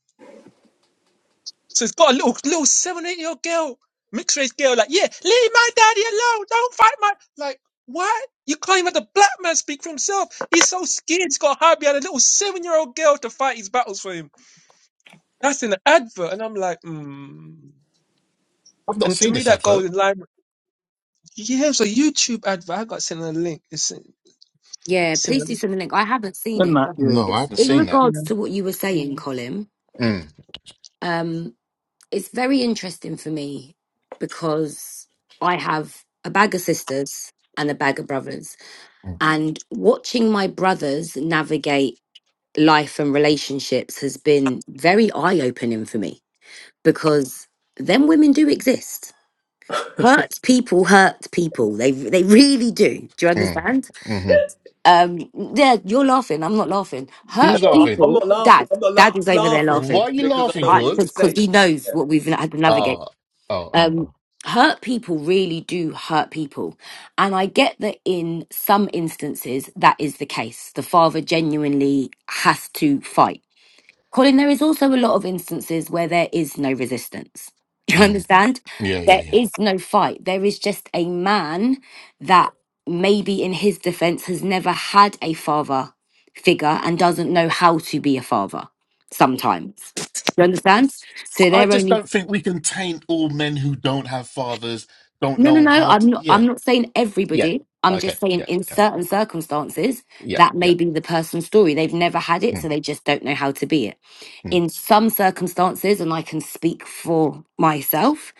Speaker 4: So it's got a little little seven eight year old girl, mixed race girl, like, "Yeah, leave my daddy alone. Don't fight my like." Why? You can't even let the black man speak for himself. He's so scared. He's got to hide behind a little seven-year-old girl to fight his battles for him. That's in the advert, and I'm like, hmm.
Speaker 2: I've not
Speaker 4: And to
Speaker 2: seen
Speaker 4: me,
Speaker 2: this
Speaker 4: that
Speaker 2: advert.
Speaker 4: goes in line. Yeah, so YouTube advert. I got sent a link. It's sent,
Speaker 5: yeah.
Speaker 4: sent a
Speaker 5: Please do
Speaker 4: link,
Speaker 5: something. Like, I haven't seen
Speaker 1: And
Speaker 5: it.
Speaker 1: that,
Speaker 5: but
Speaker 1: yeah.
Speaker 2: No, I
Speaker 5: It's
Speaker 2: haven't
Speaker 5: in
Speaker 2: seen that.
Speaker 4: you
Speaker 5: regards
Speaker 4: know.
Speaker 5: to what you were saying, Colin.
Speaker 2: Mm,
Speaker 5: Um, it's very interesting for me because I have a bag of sisters and a bag of brothers,
Speaker 2: mm,
Speaker 5: and watching my brothers navigate life and relationships has been very eye opening for me because them women do exist hurt people hurt people they they really do do you
Speaker 2: mm,
Speaker 5: understand
Speaker 2: hmm
Speaker 5: um yeah you're laughing i'm not laughing
Speaker 3: No,
Speaker 5: hurt
Speaker 2: Who's
Speaker 3: I-
Speaker 2: laughing?
Speaker 3: I'm
Speaker 5: people
Speaker 3: not laughing.
Speaker 5: dad
Speaker 3: I'm not la-
Speaker 5: dad
Speaker 3: I'm
Speaker 5: is over there
Speaker 3: laughing
Speaker 2: Why
Speaker 5: laughing
Speaker 2: are you
Speaker 3: because I
Speaker 2: laughing,
Speaker 3: know what
Speaker 5: I
Speaker 3: you're going
Speaker 2: Claude?
Speaker 3: to
Speaker 5: because
Speaker 3: say.
Speaker 5: he knows
Speaker 3: Yeah.
Speaker 5: what we've had to navigate
Speaker 2: Oh, oh, oh,
Speaker 5: um
Speaker 2: oh.
Speaker 5: hurt people really do hurt people and i get that in some instances that is the case the father genuinely has to fight Colin, there is also a lot of instances where there is no resistance. Do you
Speaker 2: Mm.
Speaker 5: understand?
Speaker 2: Yeah, yeah,
Speaker 5: There
Speaker 2: yeah.
Speaker 5: is no fight. There is just a man that maybe in his defense has never had a father figure and doesn't know how to be a father sometimes. You understand? So
Speaker 2: I
Speaker 5: they're
Speaker 2: just
Speaker 5: only
Speaker 2: don't think we can taint all men who don't have fathers, don't
Speaker 5: No, no,
Speaker 2: know
Speaker 5: no.
Speaker 2: how
Speaker 5: I'm
Speaker 2: to.
Speaker 5: not.
Speaker 2: Yeah,
Speaker 5: I'm not saying
Speaker 2: yeah.
Speaker 5: everybody. I'm
Speaker 2: Okay,
Speaker 5: just saying
Speaker 2: yeah,
Speaker 5: in
Speaker 2: yeah,
Speaker 5: certain circumstances
Speaker 2: yeah,
Speaker 5: that
Speaker 2: yeah.
Speaker 5: may be the person's story. They've never had it, so
Speaker 2: Mm,
Speaker 5: they just don't know how to be it.
Speaker 2: mm.
Speaker 5: In some circumstances, and I can speak for myself,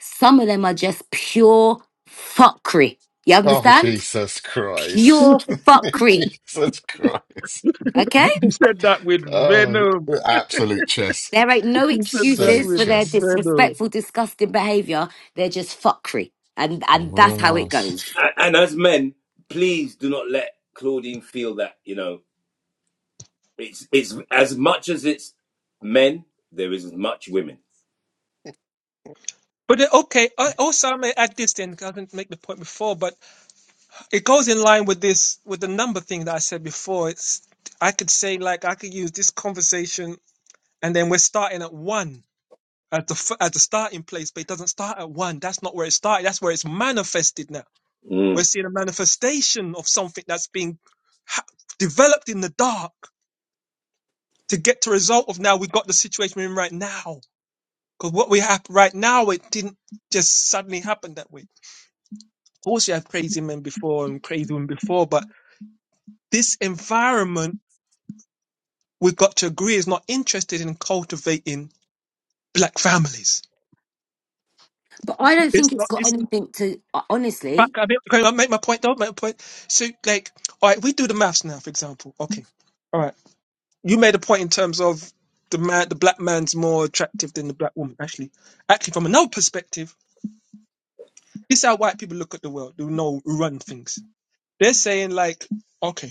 Speaker 5: some of them are just pure fuckery. You
Speaker 2: Oh,
Speaker 5: understand?
Speaker 2: Jesus Christ.
Speaker 5: Pure
Speaker 1: Mm,
Speaker 5: fuckery.
Speaker 2: Jesus Christ.
Speaker 5: Okay?
Speaker 1: You said that with
Speaker 2: Oh,
Speaker 1: venom.
Speaker 2: absolute chess.
Speaker 5: There ain't no
Speaker 1: You said that
Speaker 5: excuses
Speaker 2: Absolute
Speaker 1: with
Speaker 5: for their
Speaker 2: chess.
Speaker 1: venom.
Speaker 5: disrespectful, disgusting behavior. They're just fuckery. And and that's how it
Speaker 2: Ross.
Speaker 5: goes.
Speaker 3: A- And as men, please do not let Claudine feel that you know it's it's as much as it's men, there is as much women.
Speaker 4: But then, okay, I- also I may add this then because I didn't make the point before, but it goes in line with this with the number thing that I said before. It's I could say like I could use this conversation, and then we're starting at one at the f- at the starting place, but it doesn't start at one. That's not where it started. That's where it's manifested now. We're
Speaker 3: Mm.
Speaker 4: seeing a manifestation of something that's being ha- developed in the dark to get to result of now. We've got the situation we're in right now Because what we have right now, it didn't just suddenly happen that way. Of course, you have crazy men before and crazy women before, but this environment, we've got to agree, is not interested in cultivating black families.
Speaker 5: But I don't
Speaker 4: It's
Speaker 5: think it's
Speaker 4: not,
Speaker 5: got
Speaker 4: it's,
Speaker 5: anything to
Speaker 4: but
Speaker 5: honestly.
Speaker 4: I mean, can I make my point though? Make my point. So, like, all right, we do the maths now, for example. Okay. All right. You made a point in terms of the man, the black man's more attractive than the black woman. Actually, actually, from another perspective, this is how white people look at the world, who know, who run things. They're saying, like, okay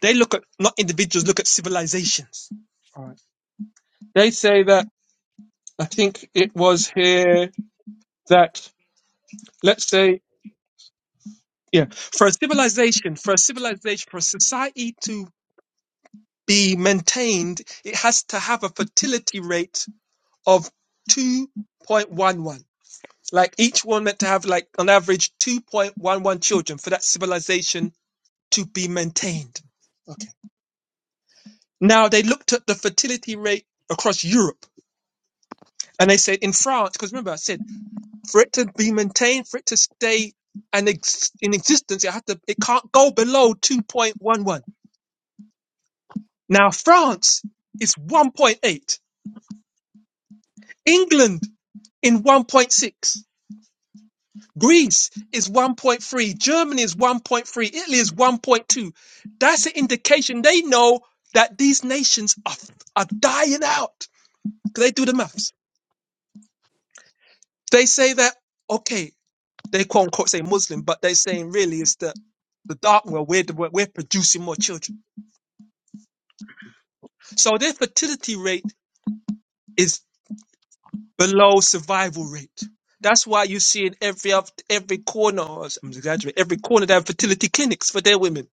Speaker 4: They look at not individuals, look at civilizations. All right. They say that I think it was here that let's say yeah, for a civilization, for a civilization, for a society to be maintained, it has to have a fertility rate of two point one one. Like each one meant to have like on average two point one one children for that civilization to be maintained. Okay. Now they looked at the fertility rate across Europe and they said in France, because remember I said for it to be maintained, for it to stay and ex- in existence, it has to it can't go below 2.11. Now France is 1.8, England in 1.6, Greece is 1.3, Germany is 1.3, Italy is 1.2. That's an indication they know that these nations are are dying out. 'Cause They do the maths. They say that okay, they quote unquote say Muslim, but they're saying really it's the the dark world. We're the- we're producing more children So their fertility rate is below survival rate. That's why you see in every of- every corner, I'm exaggerating, every corner they have fertility clinics for their women.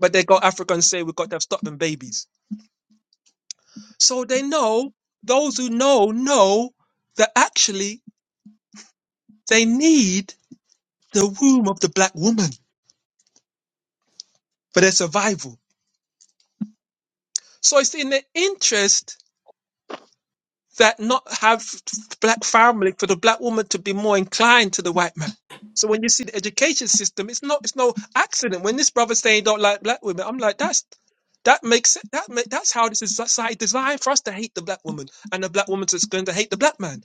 Speaker 4: But they go Africa and say we've got to have stop them babies. So they know those who know know that actually they need the womb of the black woman for their survival. So it's in the interest that not have black family for the black woman to be more inclined to the white man. So when you see the education system, it's not it's no accident. When this brother saying he don't like black women, I'm like that's that makes it- that make, that's how this is society designed for us to hate the black woman and the black woman's is going to hate the black man.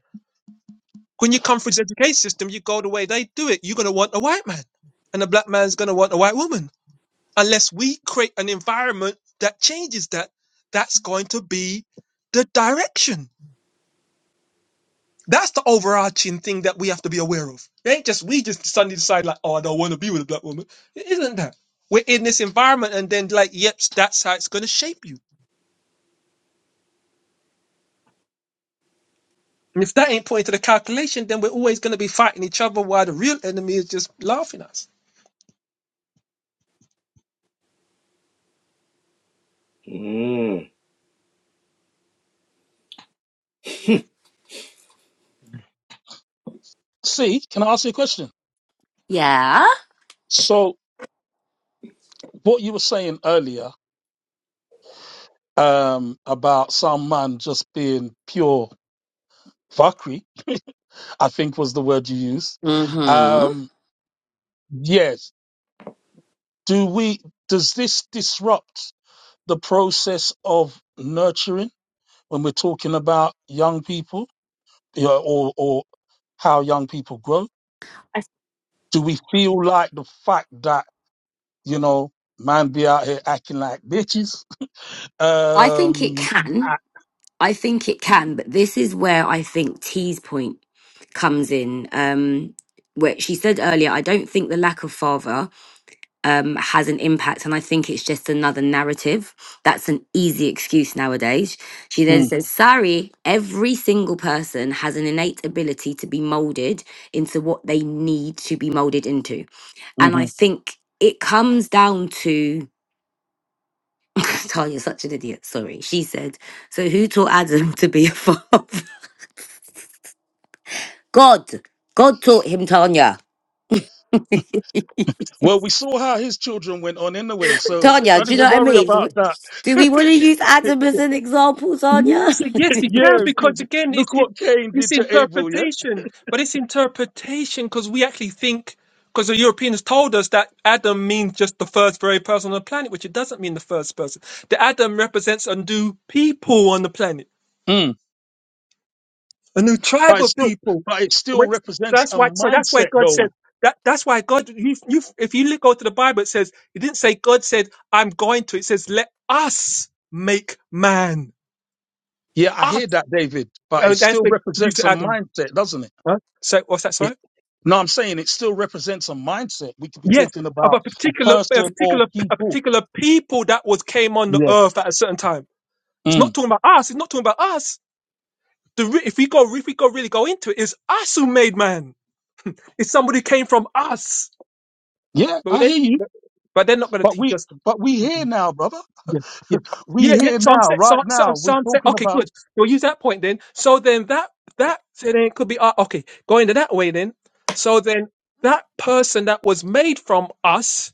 Speaker 4: When you come through this education system, you go the way they do it. You're gonna want a white man, and the black man's gonna want a white woman. Unless we create an environment that changes that, that's going to be the direction That's the overarching thing that we have to be aware of. It ain't just we just suddenly decide like, oh, I don't want to be with a black woman. It isn't that. We're in this environment and then like, yep, that's how it's gonna shape you. And if that ain't put into the calculation, then we're always gonna be fighting each other while the real enemy is just laughing at us.
Speaker 3: Mm.
Speaker 1: See, can I ask you a question?
Speaker 5: Yeah.
Speaker 1: So what you were saying earlier, um, about some man just being pure fuckery, I think was the word you used.
Speaker 5: hmm
Speaker 1: Um, yes. Do we, does this disrupt the process of nurturing when we're talking about young people you know, or, or how young people grow?
Speaker 5: I,
Speaker 1: Do we feel like the fact that, you know, man be out here acting like bitches?
Speaker 5: I think it
Speaker 1: Um,
Speaker 5: can.
Speaker 1: I-
Speaker 5: I think it can, but this is where I think T's point comes in. Um, where she said earlier, I don't think the lack of father um, has an impact, and I think it's just another narrative. That's an easy excuse nowadays. She then
Speaker 1: Mm,
Speaker 5: says, Sorry, every single person has an innate ability to be molded into what they need to be molded into. And I
Speaker 1: mhm.
Speaker 5: think it comes down to Tanya's such an idiot. Sorry. She said, So who taught Adam to be a father? God. God taught him Tanya.
Speaker 1: Well, we saw how his children went on anyway, so
Speaker 5: Tanya,
Speaker 1: don't
Speaker 5: do you know
Speaker 1: even
Speaker 5: what I
Speaker 1: worry
Speaker 5: mean?
Speaker 1: about that.
Speaker 5: Do we want to use Adam as an example, Tanya?
Speaker 4: Yes, yes, we can
Speaker 1: yeah,
Speaker 4: because
Speaker 1: because
Speaker 4: again, it's
Speaker 1: look
Speaker 4: it's
Speaker 1: what Cain
Speaker 4: it's
Speaker 1: did to Abel, yeah?
Speaker 4: interpretation, but it's interpretation because we actually think because the Europeans told us that Adam means just the first very person on the planet, which it doesn't mean the first person. The Adam represents a new people on the planet,
Speaker 1: Mm.
Speaker 4: a new
Speaker 1: But,
Speaker 4: tribe
Speaker 1: it
Speaker 4: of
Speaker 1: still,
Speaker 4: people.
Speaker 1: but it still
Speaker 4: Which,
Speaker 1: represents
Speaker 4: that's
Speaker 1: a
Speaker 4: why. So that's why
Speaker 1: mindset,
Speaker 4: God
Speaker 1: though
Speaker 4: says that. That's why God. You, you, if you look- go to the Bible, it says it didn't say God said I'm going to. It says let us make man.
Speaker 1: Yeah, I
Speaker 4: Us.
Speaker 1: hear that, David, but it
Speaker 4: And that's
Speaker 1: still
Speaker 4: the you
Speaker 1: represents
Speaker 4: to
Speaker 1: a
Speaker 4: Adam.
Speaker 1: mindset, doesn't it?
Speaker 4: Huh? So what's that?
Speaker 1: It
Speaker 4: Sorry.
Speaker 1: no, I'm saying it still represents a mindset. We could be
Speaker 4: Yes,
Speaker 1: talking
Speaker 4: of
Speaker 1: about
Speaker 4: a
Speaker 1: a
Speaker 4: particular, a
Speaker 1: person or
Speaker 4: particular, a
Speaker 1: people.
Speaker 4: particular people that was came on the
Speaker 1: Yeah.
Speaker 4: earth at a certain time. It's not
Speaker 1: Mm.
Speaker 4: talking about us. It's not talking about us. The re- if we go, if we go really go into it, it's us who made man. It's somebody who came from us.
Speaker 1: Yeah,
Speaker 4: But
Speaker 1: I
Speaker 4: they,
Speaker 1: hear you.
Speaker 4: but they're not going to
Speaker 1: But
Speaker 4: teach
Speaker 1: we
Speaker 4: us. Them.
Speaker 1: but we here now, brother.
Speaker 4: Yeah, yeah,
Speaker 1: We
Speaker 4: yeah. yeah.
Speaker 1: here
Speaker 4: So I'm
Speaker 1: now,
Speaker 4: saying, so,
Speaker 1: right
Speaker 4: I'm- so,
Speaker 1: now.
Speaker 4: so
Speaker 1: We're
Speaker 4: I'm saying,
Speaker 1: talking
Speaker 4: okay,
Speaker 1: about
Speaker 4: good. We'll use that point then. So then that that so then it could be uh, okay going to that way then. So then that person that was made from us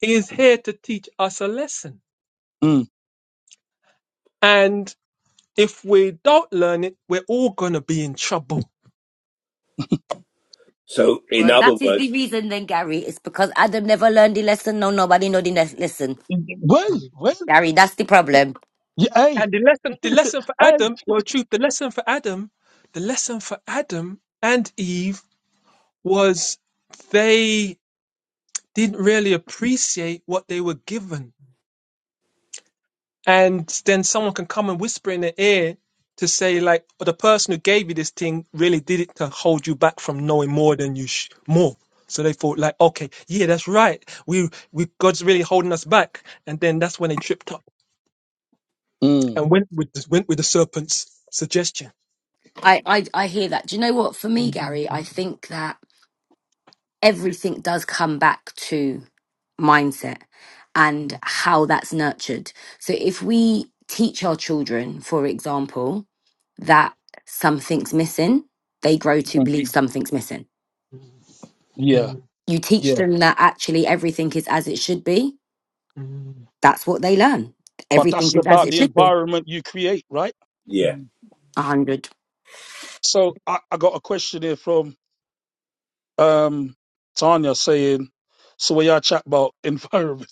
Speaker 4: He is here to teach us a lesson.
Speaker 1: mm.
Speaker 4: And if we don't learn it, we're all going to be in trouble.
Speaker 3: So, in
Speaker 5: Well,
Speaker 3: other
Speaker 5: that is the
Speaker 3: words,
Speaker 5: reason then, Gary. It's because Adam never learned the lesson. No, nobody know the les- lesson.
Speaker 1: well,
Speaker 4: Mhm.
Speaker 1: well,
Speaker 5: Gary, that's the problem.
Speaker 1: yeah, hey,
Speaker 4: And the lesson, the lesson for
Speaker 1: hey.
Speaker 4: Adam, well, truth, the lesson for Adam, the lesson for Adam and Eve was they didn't really appreciate what they were given. and then someone can come and whisper in their ear to say like oh, the person who gave you this thing really did it to hold you back from knowing more than you sh- more so they thought like okay yeah that's right we we god's really holding us back and then that's when they tripped up
Speaker 1: Mm.
Speaker 4: and went with the, went with the serpent's suggestion
Speaker 5: I, I, I hear that. Do you know what? For me, Gary, I think that everything does come back to mindset and how that's nurtured. So if we teach our children, for example, that something's missing, they grow to
Speaker 1: Mm.
Speaker 5: believe something's missing.
Speaker 1: Yeah,
Speaker 4: uh-oh
Speaker 5: you teach
Speaker 1: yeah.
Speaker 5: them that actually everything is as it should be. That's what they learn.
Speaker 1: But
Speaker 5: Everything
Speaker 1: that's
Speaker 5: is as
Speaker 1: about
Speaker 5: it
Speaker 1: the
Speaker 5: should be.
Speaker 1: environment you create, right?
Speaker 3: yeah.
Speaker 5: A hundred.
Speaker 1: So I, I got a question here from. um Tanya saying, so when y'all chat about environment,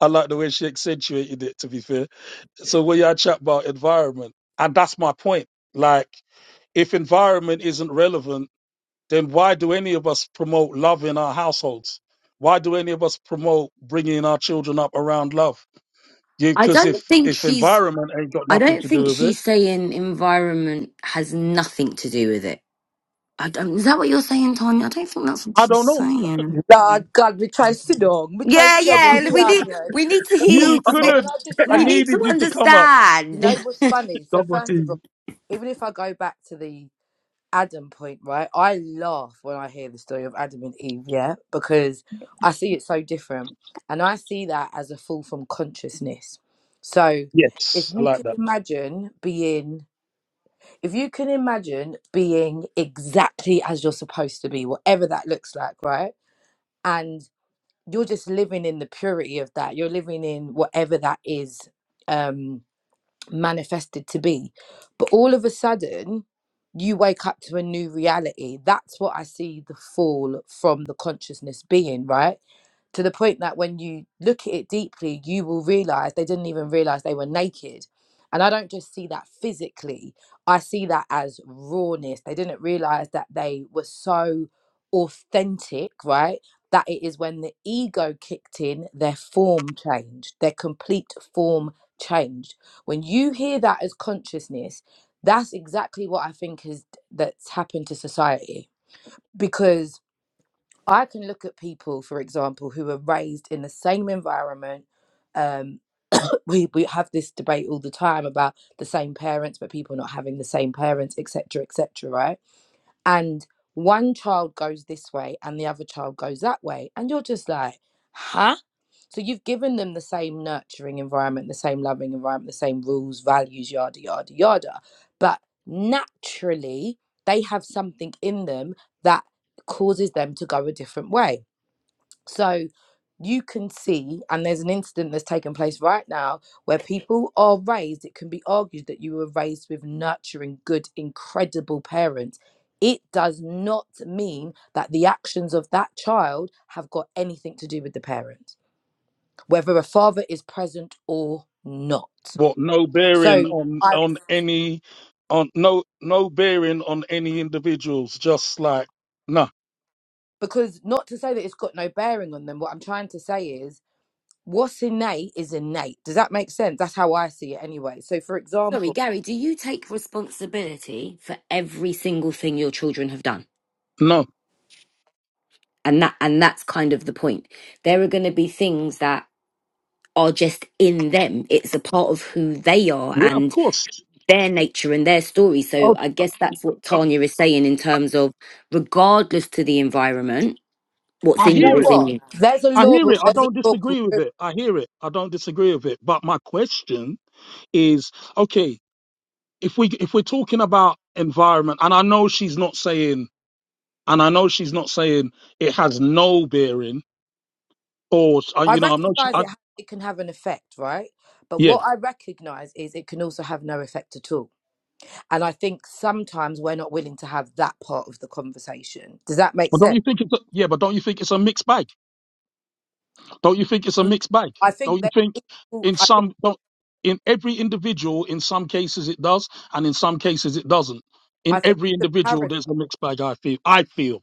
Speaker 1: I like the way she accentuated it to be fair. So when y'all chat about environment, and that's my point. Like, if environment isn't relevant, then why do any of us promote love in our households? Why do any of us promote bringing our children up around love?
Speaker 5: I
Speaker 1: Because
Speaker 5: don't
Speaker 1: if
Speaker 5: think
Speaker 1: if
Speaker 5: she's.
Speaker 1: environment ain't got
Speaker 5: I
Speaker 1: nothing
Speaker 5: don't
Speaker 1: to do
Speaker 5: think
Speaker 1: with it,
Speaker 5: she's saying environment has nothing to do with it. I don't. Is that what you're saying, Tanya? I don't think that's what
Speaker 1: I
Speaker 5: she's
Speaker 1: don't know.
Speaker 5: saying.
Speaker 6: God, God, we try Sidong. We try
Speaker 5: Yeah,
Speaker 6: Sidong in
Speaker 5: yeah.
Speaker 6: the
Speaker 5: We need
Speaker 6: argument.
Speaker 5: we need to hear you
Speaker 1: You
Speaker 5: because we
Speaker 6: Can
Speaker 1: couldn't.
Speaker 6: I just
Speaker 1: I
Speaker 5: we
Speaker 6: say,
Speaker 5: need to
Speaker 1: needed you to come up.
Speaker 6: you know
Speaker 5: understand.
Speaker 6: what's funny? So,
Speaker 4: double
Speaker 6: first of
Speaker 4: d
Speaker 6: all, even if I go back to the Adam point, right, I laugh when I hear the story of Adam and Eve, yeah, because I see it so different. And I see that as a fall from consciousness. So,
Speaker 1: Yes,
Speaker 6: if
Speaker 1: I
Speaker 6: you
Speaker 1: like
Speaker 6: can
Speaker 1: that.
Speaker 6: imagine being, if you can imagine being exactly as you're supposed to be, whatever that looks like, right? and. you're just living in the purity of that you're living in whatever that is um manifested to be but all of a sudden you wake up to a new reality that's what i see the fall from the consciousness being right to the point that when you look at it deeply, you will realize they didn't even realize they were naked. And I don't just see that physically, I see that as rawness. They didn't realize that they were so authentic, right? That it is when the ego kicked in, their form changed, their complete form changed. When you hear that as consciousness, that's exactly what I think is that's happened to society because I can look at people, for example, who are raised in the same environment. Um, we we have this debate all the time about the same parents, but people not having the same parents, etc., etc. right? And one child goes this way, and the other child goes that way, and you're just like, huh? So you've given them the same nurturing environment, the same loving environment, the same rules, values, yada yada yada, but naturally they have something in them that causes them to go a different way so you can see, and there's an incident that's taken place right now where people are raised. It can be argued that you were raised with nurturing, good, incredible parents. It does not mean that the actions of that child have got anything to do with the parent, whether a father is present or not.
Speaker 1: What no bearing
Speaker 6: So
Speaker 1: on
Speaker 6: I,
Speaker 1: on any on no no bearing on any individuals. Just like no,
Speaker 6: because not to say that it's got no bearing on them, what I'm trying to say is what's innate is innate. Does that make sense? That's how I see it anyway. So, for example,
Speaker 5: Sorry, Gary. Do you take responsibility for every single thing your children have done?
Speaker 1: no.
Speaker 5: And that and that's kind of the point. There are going to be things that are just in them. It's a part of who they are
Speaker 1: Yeah, of
Speaker 5: and
Speaker 1: course.
Speaker 5: their nature and their story. So
Speaker 1: Okay.
Speaker 5: I guess that's what
Speaker 1: I
Speaker 5: Tanya is saying in terms of regardless to the environment, what's
Speaker 1: I
Speaker 5: in
Speaker 6: you
Speaker 5: you
Speaker 6: know
Speaker 1: hear
Speaker 5: is
Speaker 1: it.
Speaker 5: in
Speaker 6: what?
Speaker 5: you.
Speaker 6: There's a
Speaker 1: I
Speaker 6: law.
Speaker 1: hear it. I
Speaker 6: There's a
Speaker 1: don't
Speaker 6: law called.
Speaker 1: disagree with it. I hear it. I don't disagree with it. But my question is, okay, if we if we're talking about environment, and I know she's not saying, and I know she's not saying it has no bearing, or uh,
Speaker 6: I
Speaker 1: you know, I'm not. su-
Speaker 6: recognise
Speaker 1: I,
Speaker 6: it. ha- It can have an effect, right? But
Speaker 1: yeah,
Speaker 6: what I recognise is it can also have no effect at all. And I think sometimes we're not willing to have that part of the conversation. Does that make
Speaker 1: but don't
Speaker 6: sense?
Speaker 1: you think it's a, yeah? But don't you think it's a mixed bag? Don't you think it's a mixed bag?
Speaker 6: I think
Speaker 1: Don't you
Speaker 6: that
Speaker 1: think
Speaker 6: equal-
Speaker 1: in
Speaker 6: I think,
Speaker 1: some don't, in every individual, in some cases it does, and in some cases it doesn't. In
Speaker 6: I think
Speaker 1: every
Speaker 6: the
Speaker 1: individual,
Speaker 6: paradox.
Speaker 1: there's a mixed bag. I feel. I feel.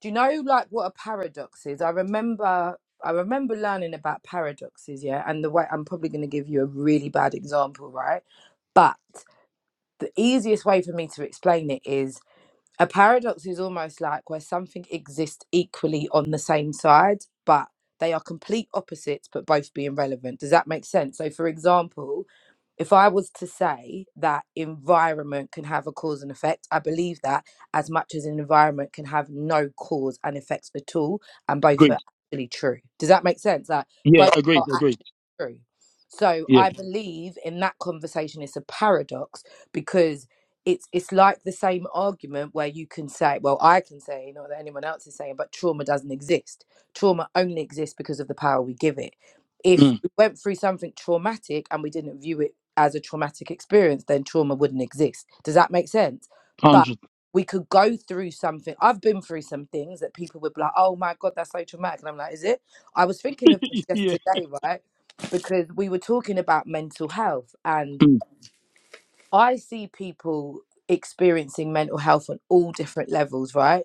Speaker 6: Do you know like what a paradox is? I remember I remember learning about paradoxes, yeah, and the way I'm probably going to give you a really bad example, right? But the easiest way for me to explain it is a paradox is almost like where something exists equally on the same side, but they are complete opposites, but both being relevant. Does that make sense? So, for example, if I was to say that environment can have a cause and effect, I believe that as much as an environment can have no cause and effects at all, and both
Speaker 1: Agreed.
Speaker 6: are actually true. Does that make sense? Like
Speaker 1: Yeah.
Speaker 6: both
Speaker 1: Agreed.
Speaker 6: are
Speaker 1: Agreed.
Speaker 6: actually true. So
Speaker 1: Yeah.
Speaker 6: I believe in that conversation, it's a paradox because it's it's like the same argument where you can say, well, I can say, not that anyone else is saying, but trauma doesn't exist. Trauma only exists because of the power we give it. If
Speaker 1: Mm.
Speaker 6: we went through something traumatic and we didn't view it as a traumatic experience, then trauma wouldn't exist. Does that make sense? But
Speaker 1: Hundred.
Speaker 6: we could go through something. I've been through some things that people would be like, oh my God, that's so traumatic. And I'm like, is it? I was thinking of this just
Speaker 1: Yeah.
Speaker 6: today, right? Because we were talking about mental health and
Speaker 1: Mm.
Speaker 6: I see people experiencing mental health on all different levels, right?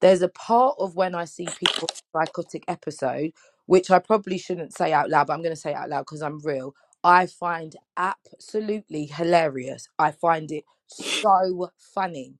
Speaker 6: There's a part of when I see people with psychotic episode, which I probably shouldn't say out loud, but I'm going to say it out loud because I'm real. I find absolutely hilarious. I find it so funny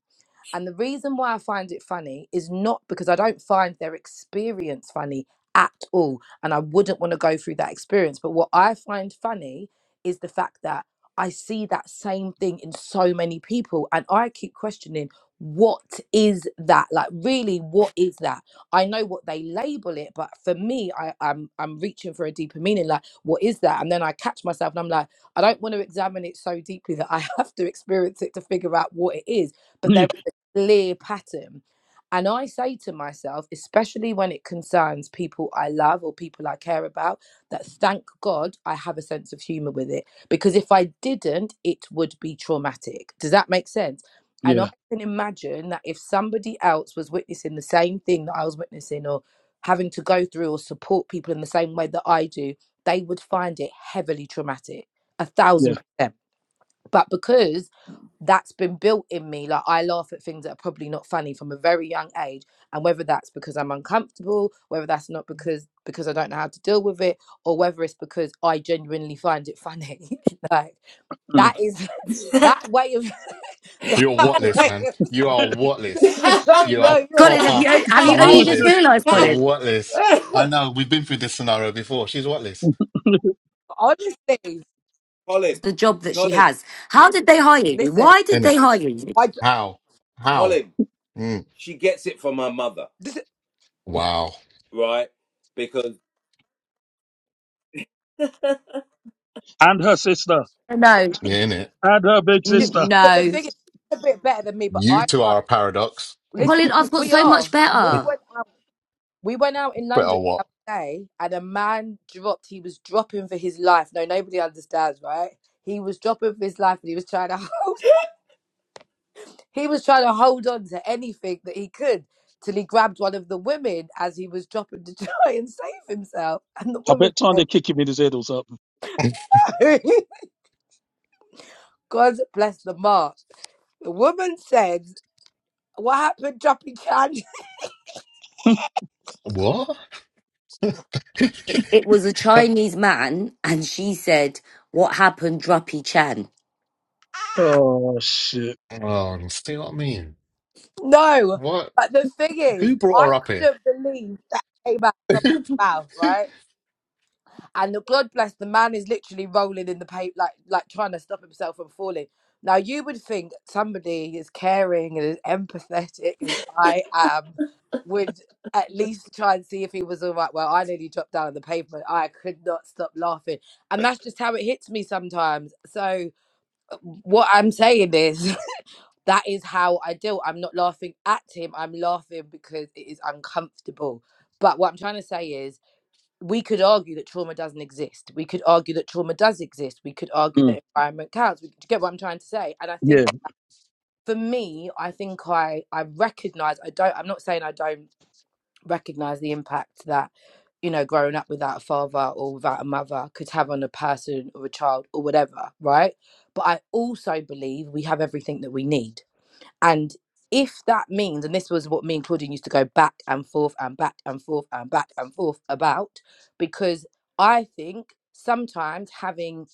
Speaker 6: and the reason why I find it funny is not because I don't find their experience funny at all. And I wouldn't want to go through that experience. But what I find funny is the fact that I see that same thing in so many people. And I keep questioning, what is that? Like, really, what is that? I know what they label it, but for me, I, I'm I'm reaching for a deeper meaning. Like, what is that? And then I catch myself and I'm like, I don't want to examine it so deeply that I have to experience it to figure out what it is but
Speaker 1: Yeah.
Speaker 6: there is clear pattern. And I say to myself, especially when it concerns people I love or people I care about, that thank God I have a sense of humor with it. Because if I didn't, it would be traumatic. Does that make sense? And I
Speaker 1: Yeah.
Speaker 6: can imagine that if somebody else was witnessing the same thing that I was witnessing or having to go through or support people in the same way that I do, they would find it heavily traumatic. A
Speaker 1: Yeah.
Speaker 6: thousand percent but because that's been built in me like i laugh at things that are probably not funny from a very young age and whether that's because i'm uncomfortable whether that's not because because i don't know how to deal with it or whether it's because i genuinely find it funny like
Speaker 1: Mm.
Speaker 6: that is that way of that
Speaker 2: You're whatless,
Speaker 6: way
Speaker 2: man.
Speaker 6: of
Speaker 2: You are whatless.
Speaker 6: no
Speaker 2: You are
Speaker 6: no no
Speaker 5: Colin, have
Speaker 6: Dan.
Speaker 2: proper
Speaker 5: you have
Speaker 6: but
Speaker 5: you
Speaker 6: i
Speaker 5: only just
Speaker 2: whatless.
Speaker 5: realised,
Speaker 2: You're
Speaker 5: Colin?
Speaker 2: whatless. I know, we've been through this scenario before. She's whatless,
Speaker 6: honestly
Speaker 3: Colin,
Speaker 5: the job that she
Speaker 3: Colin,
Speaker 5: has. How did they hire you?
Speaker 6: listen
Speaker 5: Why did
Speaker 2: isn't
Speaker 5: they
Speaker 2: it?
Speaker 5: hire you?
Speaker 6: i ju-
Speaker 2: How? How?
Speaker 3: Colin.
Speaker 2: Mm.
Speaker 3: She gets it from her mother,
Speaker 6: this
Speaker 2: Wow.
Speaker 3: right? Because
Speaker 1: And her sister.
Speaker 5: No,
Speaker 2: Yeah, in it.
Speaker 1: And her big sister.
Speaker 5: n-
Speaker 6: but the
Speaker 5: no.
Speaker 6: thing is it's a bit better than me but
Speaker 2: You
Speaker 6: i
Speaker 2: two
Speaker 6: can't
Speaker 2: are a paradox.
Speaker 6: listen
Speaker 5: Colin, I've got
Speaker 6: we
Speaker 5: so much
Speaker 6: are and we
Speaker 5: better.
Speaker 6: went We went out in
Speaker 2: But
Speaker 6: London
Speaker 2: a
Speaker 6: the
Speaker 2: what?
Speaker 6: other day and a man dropped, he was dropping for his life. No, nobody understands, right? He was dropping for his life and he was trying to hold he was trying to hold on to anything that he could till he grabbed one of the women as he was dropping to try and save himself. And the
Speaker 1: I
Speaker 6: woman
Speaker 1: bet time
Speaker 6: said,
Speaker 1: they kick him in his head or something.
Speaker 6: God bless the mark. The woman said, What happened, dropping Chan?
Speaker 2: What?
Speaker 5: It, it was a Chinese man, and she said, What happened, Druppy Chan?
Speaker 1: oh shit.
Speaker 2: oh, see what I mean?
Speaker 6: no.
Speaker 2: What?
Speaker 6: But the thing
Speaker 2: Who
Speaker 6: is,
Speaker 2: brought her
Speaker 6: I
Speaker 2: up here?
Speaker 6: couldn't believe that came out of someone's mouth, right? and the God bless the man is literally rolling in the paper, like like trying to stop himself from falling. Now you would think somebody as caring and as empathetic as I am would at least try and see if he was all right. Well, I nearly dropped down on the pavement. I could not stop laughing, and that's just how it hits me sometimes. So uh, what I'm saying is that is how I deal. I'm not laughing at him. I'm laughing because it is uncomfortable. But what I'm trying to say is we could argue that trauma doesn't exist. We could argue that trauma does exist. We could argue
Speaker 1: Mm.
Speaker 6: that environment counts. We, do you get what I'm trying to say? And I think
Speaker 1: Yeah.
Speaker 6: for me, I think I I recognize I don't. I'm not saying I don't recognize the impact that you know growing up without a father or without a mother could have on a person or a child or whatever, right? But I also believe we have everything that we need and if that means, and this was what me and Claudine used to go back and forth and back and forth and back and forth about, because I think sometimes having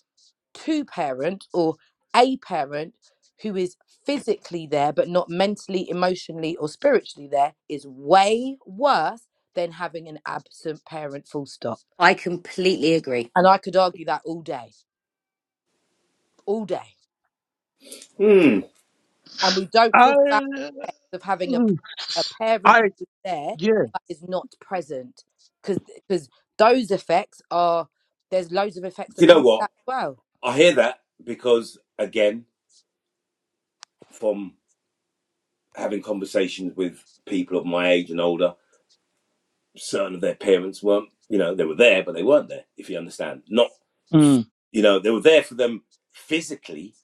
Speaker 6: two parents or a parent who is physically there but not mentally, emotionally, or spiritually there is way worse than having an absent parent, full stop.
Speaker 5: I completely agree.
Speaker 6: And I could argue that all day, all day.
Speaker 3: mm, do
Speaker 6: and we don't
Speaker 1: I.
Speaker 6: talk about the effect of having a, a parent
Speaker 1: I.
Speaker 6: who's there
Speaker 1: Yeah.
Speaker 6: but is not present because because those effects are there's loads of effects that
Speaker 3: you know
Speaker 6: come with
Speaker 3: what?
Speaker 6: that as well
Speaker 3: I hear that because again, from having conversations with people of my age and older, certain of their parents weren't, you know, they were there, but they weren't there, if you understand. Not,
Speaker 1: Mm.
Speaker 3: you know, they were there for them physically,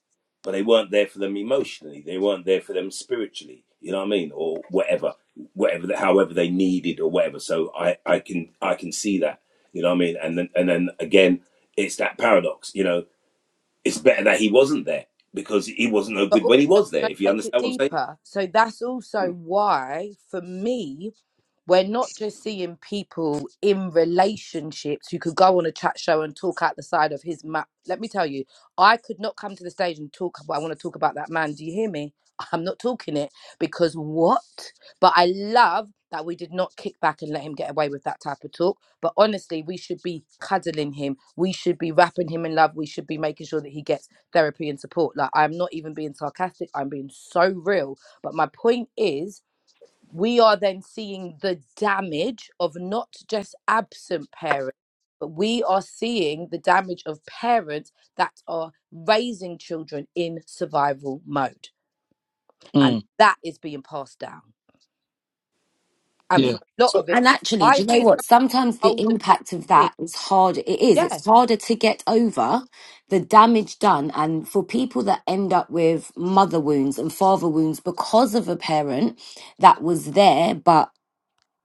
Speaker 3: but they weren't there for them emotionally. They weren't there for them spiritually, you know what I mean? Or whatever, whatever, however they needed or whatever. So I, I can, I can see that, you know what I mean? And then, and then again, it's that paradox, you know, it's better that he wasn't there because he wasn't no
Speaker 6: but
Speaker 3: good
Speaker 6: also
Speaker 3: when he
Speaker 6: can
Speaker 3: was there, if you
Speaker 6: I take it
Speaker 3: understand what I'm
Speaker 6: deeper so that's also
Speaker 3: saying.
Speaker 6: why for me we're not just seeing people in relationships who could go on a chat show and talk out the side of his mouth. Let me tell you, I could not come to the stage and talk about, I want to talk about that man. Do you hear me? I'm not talking it because what? But I love that we did not kick back and let him get away with that type of talk. But honestly, we should be cuddling him. We should be wrapping him in love. We should be making sure that he gets therapy and support. Like, I'm not even being sarcastic. I'm being so real. But my point is, we are then seeing the damage of not just absent parents, but we are seeing the damage of parents that are raising children in survival mode. And
Speaker 1: Mm.
Speaker 6: that is being passed down. And
Speaker 3: Mm,
Speaker 1: Yeah.
Speaker 6: for a lot
Speaker 2: so
Speaker 6: of it,
Speaker 5: And actually, do
Speaker 6: I
Speaker 5: you know
Speaker 6: hear
Speaker 5: what?
Speaker 6: some
Speaker 5: Sometimes the
Speaker 6: older
Speaker 5: impact of
Speaker 6: people,
Speaker 5: that is hard. It is.
Speaker 6: yeah,
Speaker 5: It's harder to get over the damage done. And for people that end up with mother wounds and father wounds because of a parent that was there, but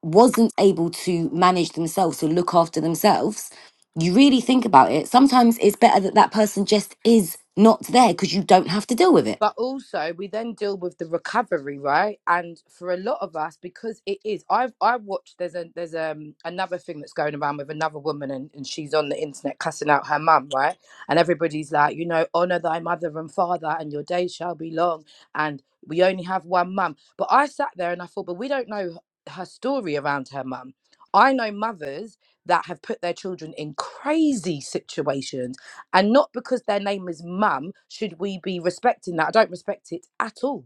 Speaker 5: wasn't able to manage themselves to look after themselves you really think about it sometimes it's better that that person just is not there because you don't have to deal with it
Speaker 6: but also we then deal with the recovery right and for a lot of us because it is i've i watched there's a there's um another thing that's going around with another woman and, and she's on the internet cussing out her mum right and everybody's like you know honor thy mother and father and your days shall be long and we only have one mum but i sat there and i thought but we don't know her story around her mum i know mothers that have put their children in crazy situations and not because their name is mum should we be respecting that. I don't respect it at all.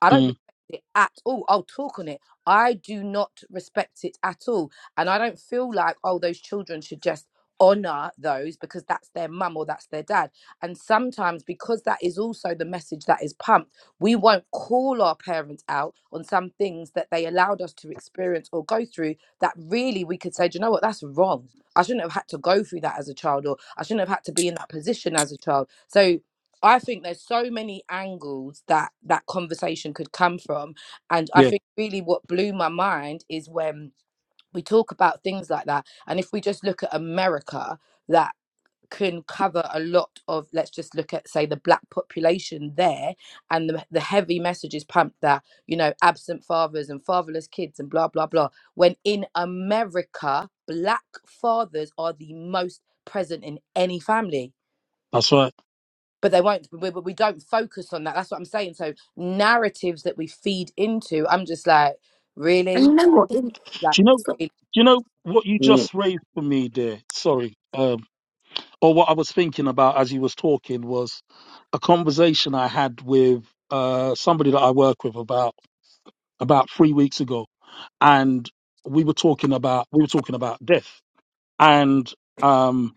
Speaker 6: I don't
Speaker 1: Mm.
Speaker 6: respect it at all. I'll talk on it. I do not respect it at all. And I don't feel like, oh, those children should just honor those because that's their mum or that's their dad. And sometimes, because that is also the message that is pumped, we won't call our parents out on some things that they allowed us to experience or go through that really we could say, do you know what, that's wrong. I shouldn't have had to go through that as a child, or I shouldn't have had to be in that position as a child. So I think there's so many angles that that conversation could come from. And I
Speaker 1: Yeah.
Speaker 6: think really what blew my mind is when we talk about things like that. And if we just look at America, that can cover a lot of, let's just look at, say, the black population there and the, the heavy messages pumped that, you know, absent fathers and fatherless kids and blah, blah, blah. When in America, black fathers are the most present in any family
Speaker 1: That's right.
Speaker 6: but they won't we, we don't focus on that that's what i'm saying so narratives that we feed into i'm just like
Speaker 5: and
Speaker 6: really
Speaker 5: you know what In-
Speaker 6: like
Speaker 1: Do you know?
Speaker 5: so-
Speaker 6: really?
Speaker 1: Do you know what you
Speaker 3: mm,
Speaker 1: just raised for me, dear? Sorry, um, or what I was thinking about as you was talking was a conversation I had with uh, somebody that I work with about about three weeks ago, and we were talking about we were talking about death, and um,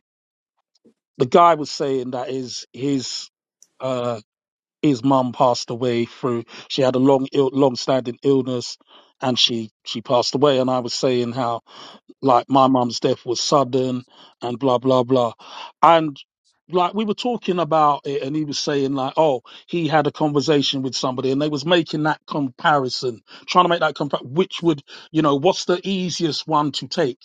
Speaker 1: the guy was saying that his his uh, his mum passed away through she had a long Ill, long standing illness, and she she passed away, and I was saying how like my mum's death was sudden and blah blah blah and like we were talking about it and he was saying like oh he had a conversation with somebody and they was making that comparison trying to make that compare which would you know what's the easiest one to take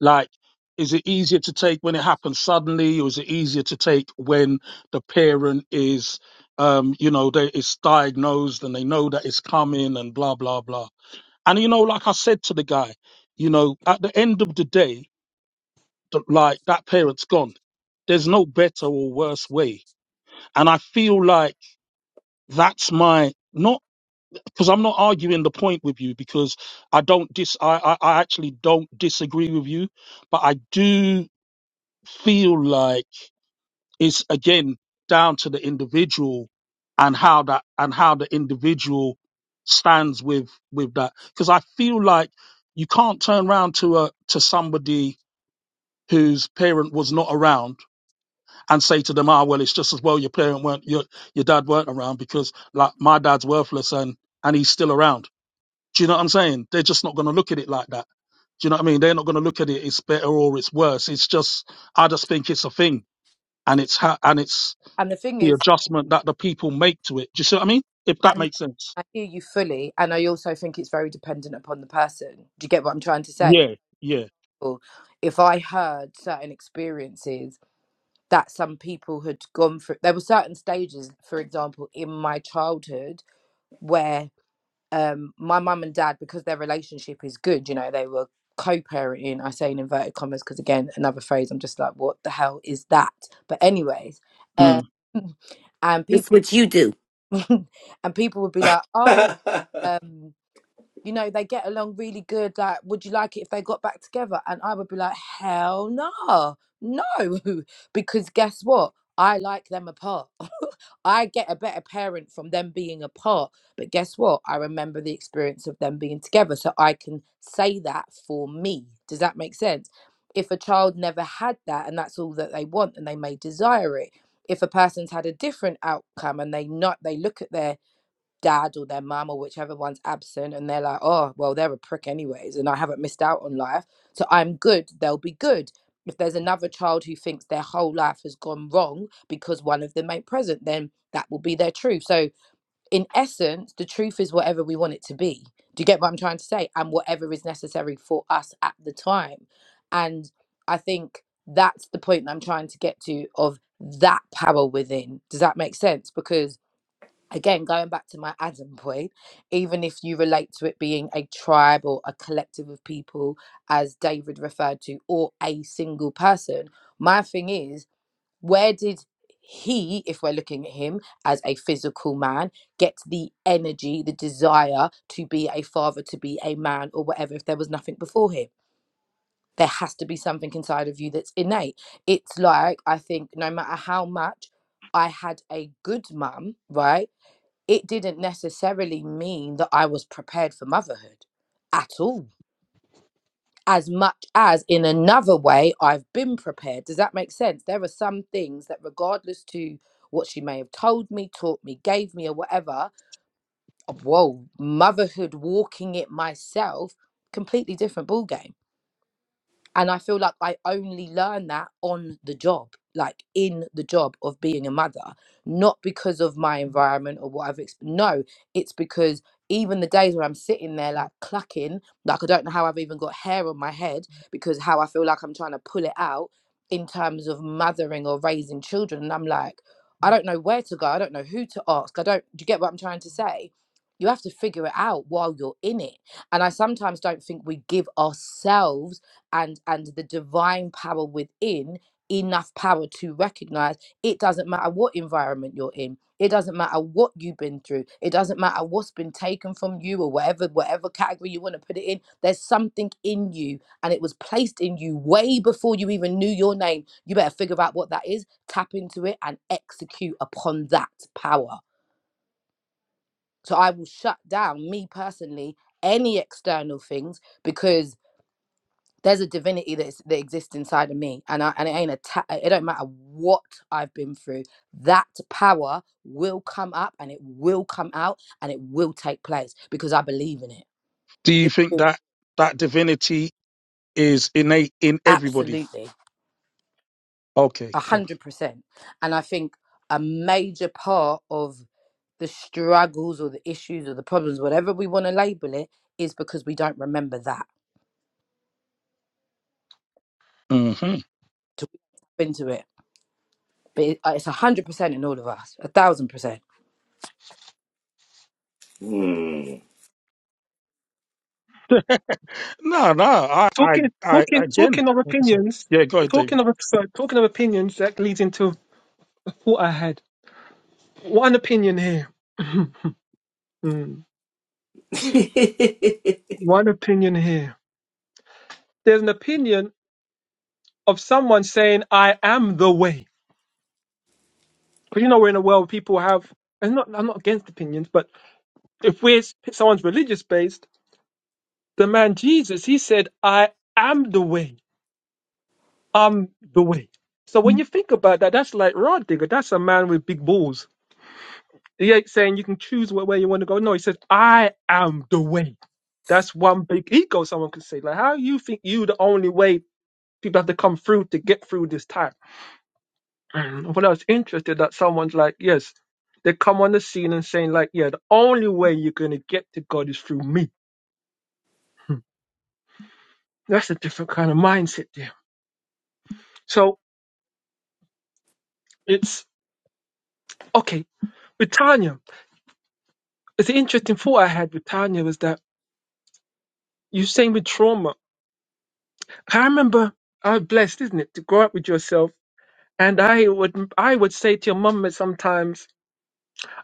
Speaker 1: like is it easier to take when it happens suddenly or is it easier to take when the parent is um you know they it's diagnosed and they know that it's coming and blah blah blah and you know, like I said to the guy, you know, at the end of the day, th- like that parent's gone. There's no better or worse way. And I feel like that's my not because I'm not arguing the point with you because I don't dis I, I, I actually don't disagree with you, but I do feel like It's again down to the individual and how that and how the individual stands with with that. Because I feel like you can't turn round to a to somebody whose parent was not around and say to them, "Ah, well, it's just as well your parent weren't your your dad weren't around because like my dad's worthless and and he's still around." Do you know what I'm saying? They're just not going to look at it like that. Do you know what I mean? They're not going to look at it. It's better or it's worse. It's just I just think it's a thing, and it's ha- and it's
Speaker 6: and the thing
Speaker 1: the
Speaker 6: is
Speaker 1: adjustment that the people make to it. Do you see what I mean? If that
Speaker 6: and
Speaker 1: makes
Speaker 6: yeah,
Speaker 1: sense.
Speaker 6: i hear you fully and i also think it's very dependent upon the person do you get what i'm trying to say
Speaker 1: Yeah, yeah.
Speaker 6: Or if i heard certain experiences that some people had gone through there were certain stages for example in my childhood where. um my mum and dad because their relationship is good you know they were co-parenting i say in inverted commas because again another phrase i'm just like what the hell is that but anyways um
Speaker 1: Mm.
Speaker 6: and
Speaker 5: it's
Speaker 6: people
Speaker 5: what you do
Speaker 6: and people would be like oh um you know, they get along really good. Like, would you like it if they got back together? And I would be like, hell no, no, because guess what? I like them apart. I get a better parent from them being apart. But guess what? I remember the experience of them being together. So I can say that for me. Does that make sense? If a child never had that and that's all that they want and they may desire it, if a person's had a different outcome and they not they look at their dad or their mum or whichever one's absent and they're like oh well they're a prick anyways and i haven't missed out on life so i'm good they'll be good if there's another child who thinks their whole life has gone wrong because one of them ain't present then that will be their truth so in essence the truth is whatever we want it to be do you get what i'm trying to say and whatever is necessary for us at the time and i think that's the point i'm trying to get to of that power within does that make sense because again going back to my adam point even if you relate to it being a tribe or a collective of people as david referred to or a single person my thing is where did he if we're looking at him as a physical man get the energy the desire to be a father to be a man or whatever if there was nothing before him there has to be something inside of you that's innate it's like i think no matter how much i had a good mum right it didn't necessarily mean that I was prepared for motherhood at all. As much as in another way, I've been prepared. Does that make sense? There are some things that, regardless to what she may have told me, taught me, gave me, or whatever, uh, whoa, motherhood, walking it myself, completely different ball game and i feel like i only learned that on the job like in the job of being a mother not because of my environment or what i've exp- no it's because even the days where i'm sitting there like clucking like i don't know how i've even got hair on my head because how i feel like i'm trying to pull it out in terms of mothering or raising children and i'm like i don't know where to go i don't know who to ask i don't do you get what i'm trying to say you have to figure it out while you're in it and i sometimes don't think we give ourselves and and the divine power within enough power to recognize it doesn't matter what environment you're in it doesn't matter what you've been through it doesn't matter what's been taken from you or whatever whatever category you want to put it in there's something in you and it was placed in you way before you even knew your name you better figure out what that is tap into it and execute upon that power so i will shut down me personally any external things because there's a divinity that's that exists inside of me and I, and it ain't a ta- it don't matter what I've been through that power will come up and it will come out and it will take place because I believe in it,
Speaker 1: Do you
Speaker 6: it
Speaker 1: think
Speaker 6: will-
Speaker 1: that that divinity is innate in everybody?
Speaker 6: absolutely
Speaker 1: Okay,
Speaker 6: a
Speaker 1: cool.
Speaker 6: hundred percent and I think a major part of the struggles or the issues or the problems whatever we want to label it is because we don't remember that
Speaker 1: hmm
Speaker 6: to tap into it but it, uh, it's a hundred percent in all of us a thousand percent
Speaker 3: Mm.
Speaker 1: No, no. I, I,
Speaker 4: talking
Speaker 1: I
Speaker 4: talking
Speaker 1: again.
Speaker 4: talking of
Speaker 1: like I said-
Speaker 4: opinions
Speaker 1: Yeah, go ahead, David.
Speaker 4: talking of sorry, talking of opinions that leads into what i had one opinion here One opinion here. There's an opinion of someone saying, I am the way. Because you know, we're in a world where people have, and not, I'm not against opinions, but if we're someone's religious based, the man Jesus, he said, I am the way. I'm the way. So when you think about that, that's like Rod Digger. That's a man with big balls. He ain't saying you can choose where, where you want to go. No, he says, I am the way. That's one big ego someone can say. Like, how you think you the only way people have to come through to get through this time? Mm, Well, I was interested that someone's like, yes, they come on the scene and saying like, yeah, the only way you're gonna get to God is through me. Hmm. That's a different kind of mindset there. So it's okay. With Tanya, it's an interesting thought I had with Tanya was that you saying with trauma. I remember I was blessed, isn't it, to grow up with yourself. And I would I would say to your mum sometimes,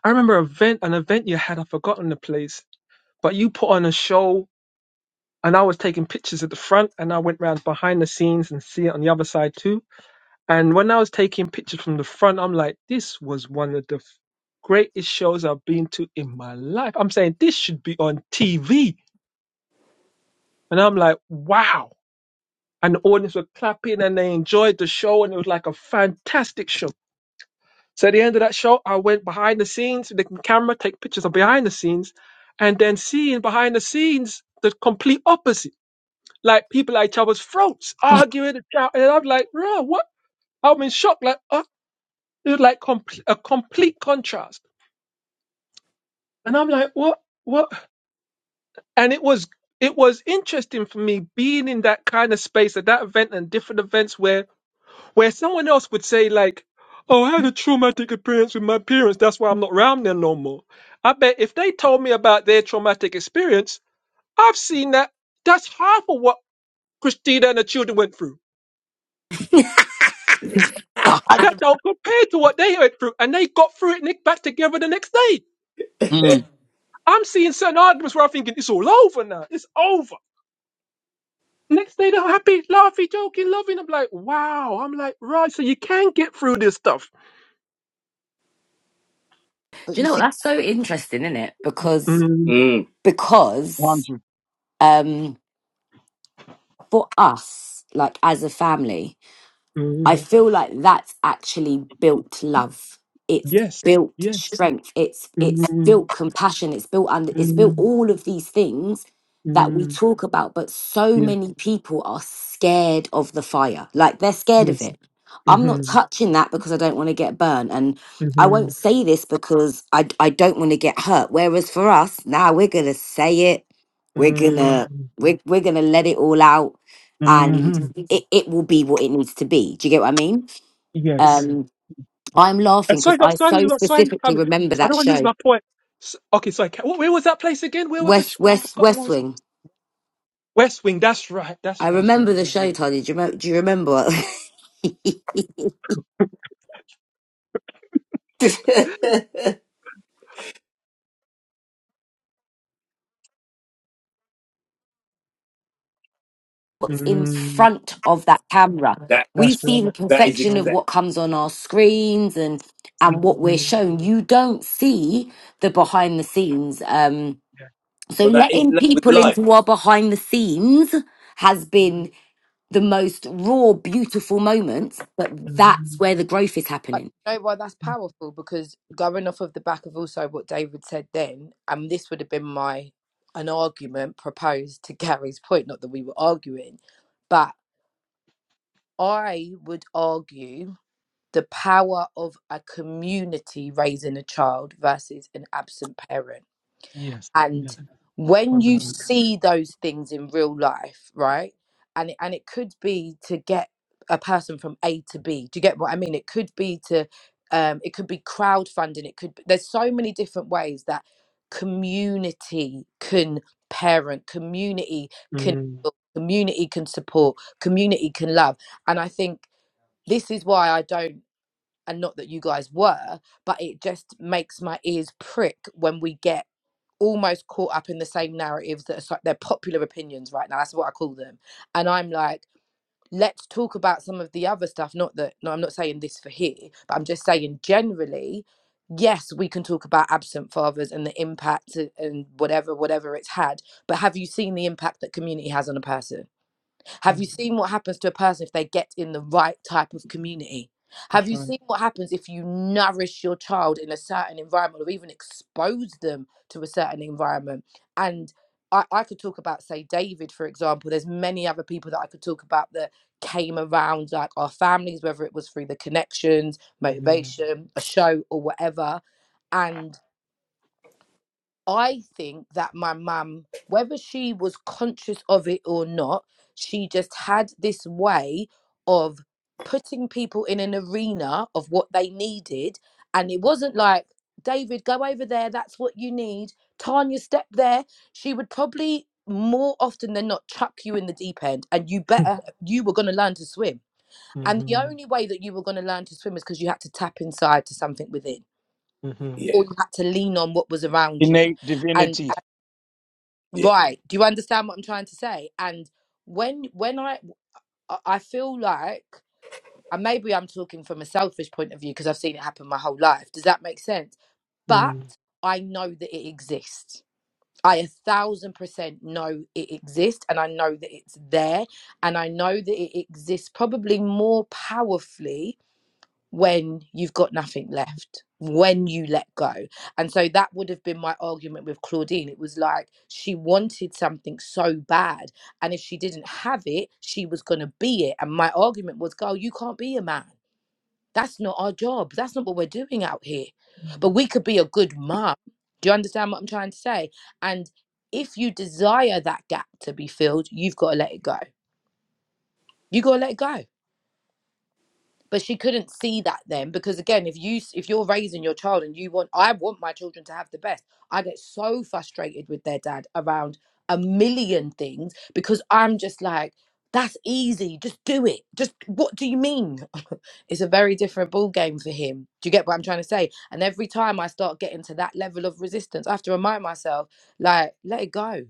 Speaker 4: I remember an event an event you had, I've forgotten the place, but you put on a show and I was taking pictures at the front, and I went round behind the scenes and see it on the other side too. And when I was taking pictures from the front, I'm like, this was one of the f- greatest shows I've been to in my life. I'm saying this should be on TV, and I'm like, wow. And the audience were clapping, and they enjoyed the show, and it was like a fantastic show. So at the end of that show, I went behind the scenes with the camera, take pictures of behind the scenes, and then seeing behind the scenes the complete opposite. like people at each other's throats, arguing and shouting. And I'm like, bro, what? I'm in shock. Like, uh, it was like complete, a complete contrast. And I'm like, what? What? And it was it was interesting for me being in that kind of space at that event and different events where where someone else would say like, oh, I had a traumatic experience with my parents. That's why I'm not around there no more. I bet if they told me about their traumatic experience, I've seen that. That's half of what Christina and the children went through.
Speaker 6: a
Speaker 4: that
Speaker 6: hundred.
Speaker 4: don't compare to what they went through, and they got through it and they back together the next day.
Speaker 1: Mm.
Speaker 4: I'm seeing certain arguments where I'm thinking it's all over now. It's over. Next day they're happy, laughing, joking, loving. I'm like, wow. I'm like, right. So you can get through this stuff.
Speaker 6: But
Speaker 5: do you
Speaker 6: you
Speaker 5: know what
Speaker 6: see.
Speaker 5: that's so interesting isn't it because
Speaker 4: mm
Speaker 3: mm.
Speaker 5: because
Speaker 1: Hundred
Speaker 5: um for us like as a family I
Speaker 4: mm,
Speaker 5: feel like that's actually built love. It's
Speaker 4: Yes.
Speaker 5: built
Speaker 4: Yes.
Speaker 5: strength. It's it's
Speaker 4: mm
Speaker 5: built compassion. It's built under it's built
Speaker 4: mm,
Speaker 5: all of these things that we
Speaker 4: mm,
Speaker 5: talk about, but so
Speaker 4: Yes.
Speaker 5: many people are scared of the fire. Like they're scared of
Speaker 4: Yes.
Speaker 5: it. I'm not
Speaker 4: Mm-hmm.
Speaker 5: touching that because I don't want to get burned. And I
Speaker 4: Mm-hmm.
Speaker 5: won't say this because I I don't want to get hurt. Whereas for us, now we're gonna say it. We're
Speaker 4: mm,
Speaker 5: gonna we're, we're gonna let it all out and
Speaker 4: Mm-hmm.
Speaker 5: it, it will be what it needs to be. Do you get what I mean?
Speaker 4: Yes.
Speaker 5: Um, I'm
Speaker 4: And
Speaker 5: laughing because
Speaker 4: sorry, not
Speaker 5: I
Speaker 4: sorry,
Speaker 5: so
Speaker 4: not sorry.
Speaker 5: specifically
Speaker 4: um,
Speaker 5: remember
Speaker 4: I don't
Speaker 5: that
Speaker 4: want to lose
Speaker 5: show,
Speaker 4: my point. S okay, so I ca- wh- where was that place again? Where was the? Sh-
Speaker 5: West
Speaker 4: I
Speaker 5: West
Speaker 4: forgot. What
Speaker 5: West
Speaker 4: was
Speaker 5: Wing.
Speaker 4: West Wing? That's right.
Speaker 5: I
Speaker 4: That's right. That's
Speaker 5: remember the
Speaker 4: right.
Speaker 5: show,
Speaker 4: Yeah.
Speaker 5: Tony. Do you, remember, do you remember what's in
Speaker 4: Mm,
Speaker 5: front of that camera?
Speaker 3: That
Speaker 5: We
Speaker 4: that's
Speaker 5: see the
Speaker 4: right.
Speaker 3: that
Speaker 4: That's
Speaker 3: is
Speaker 5: perfection
Speaker 4: right.
Speaker 5: of
Speaker 3: exact,
Speaker 5: what comes on our screens and and what we're
Speaker 4: Mm,
Speaker 5: shown. You don't see the behind the scenes. Um,
Speaker 4: yeah.
Speaker 5: so
Speaker 3: but that is
Speaker 5: letting
Speaker 3: li- with
Speaker 5: people
Speaker 3: life.
Speaker 5: into our behind the scenes has been the most raw, beautiful moments, but that's
Speaker 4: Mm,
Speaker 5: where the growth is
Speaker 6: But
Speaker 5: happening.
Speaker 6: you know why that's
Speaker 4: mhm.
Speaker 6: powerful? Because going off of the back of also what David said then, and this would have been my an argument proposed to Gary's point, not that we were arguing, but I would argue the power of a community raising a child versus an absent parent
Speaker 4: Yes.
Speaker 6: and
Speaker 4: Yes.
Speaker 6: when you
Speaker 4: Probably.
Speaker 6: see those things in real life right and it, and it could be to get a person from a to b do you get what i mean it could be to um it could be crowdfunding it could be, there's so many different ways that community can parent community can
Speaker 4: Mm,
Speaker 6: build, community can support community can love and i think this is why i don't and not that you guys were but it just makes my ears prick when we get almost caught up in the same narratives that are so- they're popular opinions right now. That's what I call them. And I'm like, let's talk about some of the other stuff. Not that, no, I'm not saying this for here, but I'm just saying generally, yes, we can talk about absent fathers and the impact uh, and whatever, whatever it's had. But have you seen the impact that community has on a person? Have
Speaker 4: mm,
Speaker 6: you seen what happens to a person if they get in the right type of community? Have
Speaker 4: that's
Speaker 6: you
Speaker 4: right.
Speaker 6: seen what happens if you nourish your child in a certain environment or even expose them to a certain environment? And I, I could talk about, say, David, for example. There's many other people that I could talk about that came around like our families, whether it was through the connections,
Speaker 4: Mm,
Speaker 6: motivation, a show, or whatever. And I think that my mum, whether she was conscious of it or not, she just had this way of putting people in an arena of what they needed. And it wasn't like, David, go over there, that's what you need. Tanya, step there. She would probably more often than not chuck you in the deep end and you better you were going to learn to swim and the
Speaker 4: mhm,
Speaker 6: only way that you were going to learn to swim is because you had to tap inside to something within
Speaker 4: mhm,
Speaker 3: Yeah,
Speaker 6: or you had to lean on what was around you
Speaker 1: innate
Speaker 6: and.
Speaker 1: divinity.
Speaker 3: yeah,
Speaker 6: Right. Do you understand what I'm trying to say? And when when I I I feel like and maybe I'm talking from a selfish point of view because I've seen it happen my whole life. Does that make sense? But
Speaker 4: mm,
Speaker 6: I know that it exists. I a thousand percent know it exists and I know that it's there and I know that it exists probably more powerfully when you've got nothing left when you let go and so that would have been my argument with claudine it was like she wanted something so bad and if she didn't have it she was going to be it and my argument was girl you can't be a man that's not our job that's not what we're doing out here but we could be a good mum. do you understand what i'm trying to say and if you desire that gap to be filled you've got to let it go you got to let it go but she couldn't see that then because again if you if you're raising your child and you want i want my children to have the best i get so frustrated with their dad around a million things because i'm just like that's easy just do it just what do you mean it's a very different ball game for him do you get what i'm trying to say and every time i start getting to that level of resistance i have to remind myself like let it go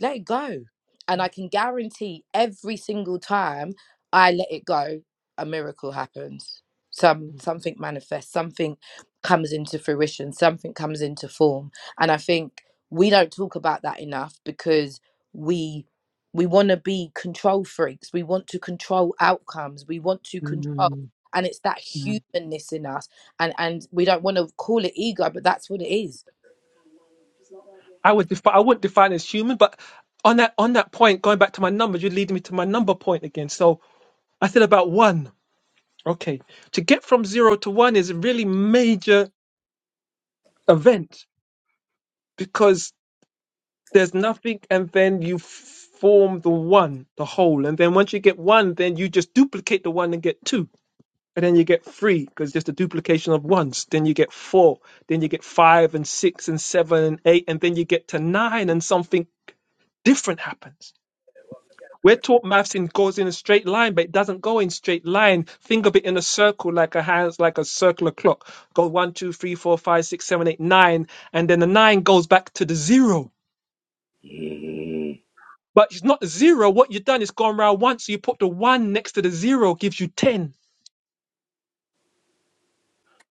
Speaker 6: let it go. And I can guarantee every single time I let it go, a miracle happens. Some
Speaker 4: mm,
Speaker 6: something manifests, something comes into fruition, something comes into form. And I think we don't talk about that enough because we we want to be control freaks. We want to control outcomes. We want to control
Speaker 4: mm,
Speaker 6: and it's that
Speaker 4: mm.
Speaker 6: humanness in us and and we don't want to call it ego but that's what it is
Speaker 4: I would defi- I wouldn't define it as human, but on that on that point, going back to my numbers, you're leading me to my number point again. So I said about one. Okay. To get from zero to one is a really major event because there's nothing and then you f- form the one, the whole. And then once you get one, then you just duplicate the one and get two. And then you get three because just a duplication of ones. Then you get four. Then you get five and six and seven and eight. And then you get to nine and something different happens We're taught maths in goes in a straight line, but it doesn't go in straight line. Think of it in a circle, like a hands, like a circular clock. Go one, two, three, four, five, six, seven, eight, nine, and then the nine goes back to the zero.
Speaker 3: mm.
Speaker 4: But it's not the zero. What you've done is gone round once. So you put the one next to the zero, gives you ten.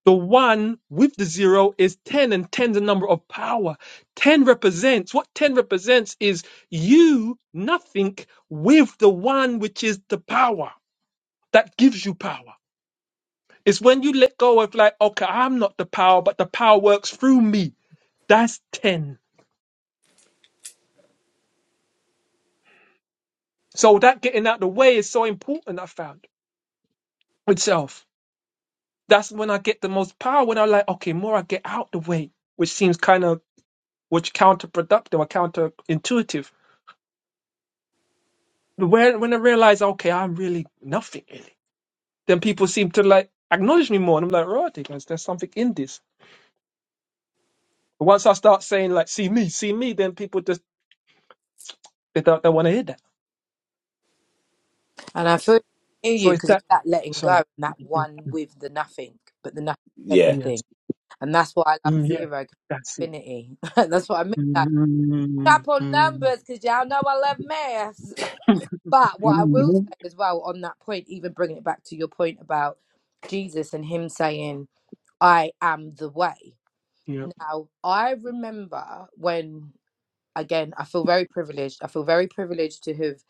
Speaker 4: The one with the zero is ten, and ten's a number of power. Ten represents what ten represents is you, nothing, with the one which is the power that gives you power. It's when you let go of like, okay, I'm not the power, but the power works through me. That's 10. So that getting out the way is so important, I found itself. That's when I get the most power when I am like, okay, more I get out the way, which seems kind of which counterproductive or counterintuitive. But when when I realize, okay, I'm really nothing really, then people seem to like acknowledge me more. And I'm like, right, because there's something in this. But once I start saying like, see me, see me, then people just they don't, they want to hear that.
Speaker 6: And I feel near
Speaker 4: So
Speaker 6: you
Speaker 4: it's
Speaker 6: because
Speaker 4: that
Speaker 6: it's that letting go
Speaker 4: sorry.
Speaker 6: and that one with the nothing, but the nothing is
Speaker 3: yeah.
Speaker 4: Yes.
Speaker 6: everything. And that's why I love
Speaker 4: Mm, yes.
Speaker 6: zero 'cause
Speaker 4: That's it.
Speaker 6: infinity. that's what I mean.
Speaker 4: mm
Speaker 6: Like,
Speaker 4: mm
Speaker 6: tap on numbers
Speaker 4: mm.
Speaker 6: because y'all know I love maths. But what I will say
Speaker 1: hmm
Speaker 6: as well on that point, even bringing it back to your point about Jesus and him saying, I am the way.
Speaker 4: Yep.
Speaker 6: Now, I remember when again, I feel very privileged. I feel very privileged to have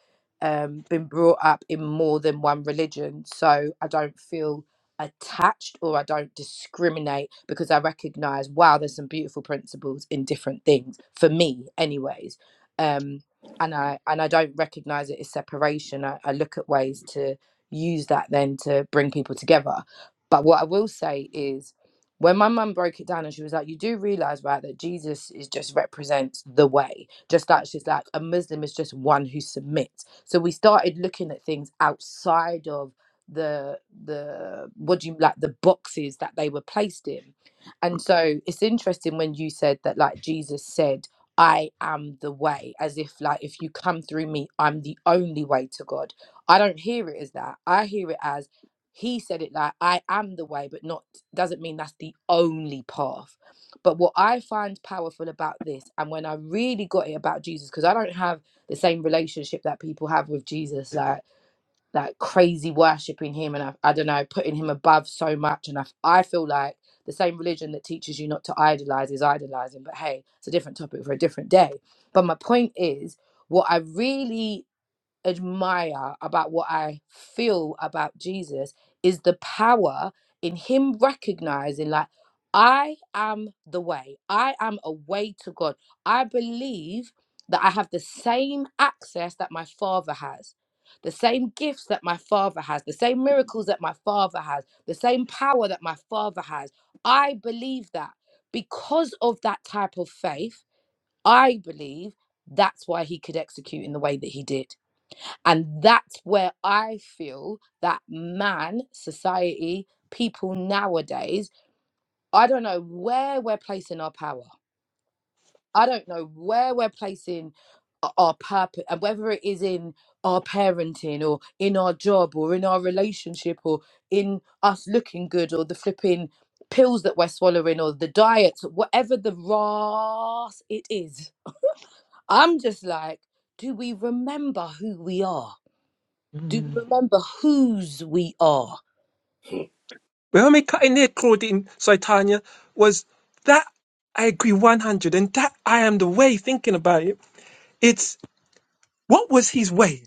Speaker 6: um, been brought up in more than one religion. So I don't feel attached or I don't discriminate because I recognize, wow, there's some beautiful principles in different things for me, anyways. Um, and I and I don't recognize it as separation. I, I look at ways to use that then to bring people together. But what I will say is when my mum broke it down and she was like, You do realize, right, that Jesus is just represents the way. Just like she's like, a Muslim is just one who submits. So we started looking at things outside of the the what do you like the boxes that they were placed in. And so it's interesting when you said that like Jesus said, I am the way, as if like if you come through me, I'm the only way to God. I don't hear it as that. I hear it as he said it like I am the way, but not doesn't mean that's the only path. But what I find powerful about this, and when I really got it about Jesus, because I don't have the same relationship that people have with Jesus, like like crazy worshiping him and I, I don't know, putting him above so much. And I I feel like the same religion that teaches you not to idolize is idolizing. But hey, it's a different topic for a different day. But my point is, what I really admire about what I feel about Jesus is the power in him recognizing, like, I am the way. I am a way to God. I believe that I have the same access that my father has, the same gifts that my father has, the same miracles that my father has, the same power that my father has. I believe that because of that type of faith, I believe that's why he could execute in the way that he did and that's where I feel that man, society, people nowadays, I don't know where we're placing our power. I don't know where we're placing o- our purpose, and whether it is in our parenting or in our job or in our relationship or in us looking good or the flipping pills that we're swallowing or the diets, whatever the ras it is. I'm just like, do we remember who we are? do
Speaker 4: Mm.
Speaker 6: we remember whose we are?
Speaker 4: Well, me cutting it, Claudine, sorry, Tanya, was that I agree 100 and that I am the way thinking about it. It's what was his way?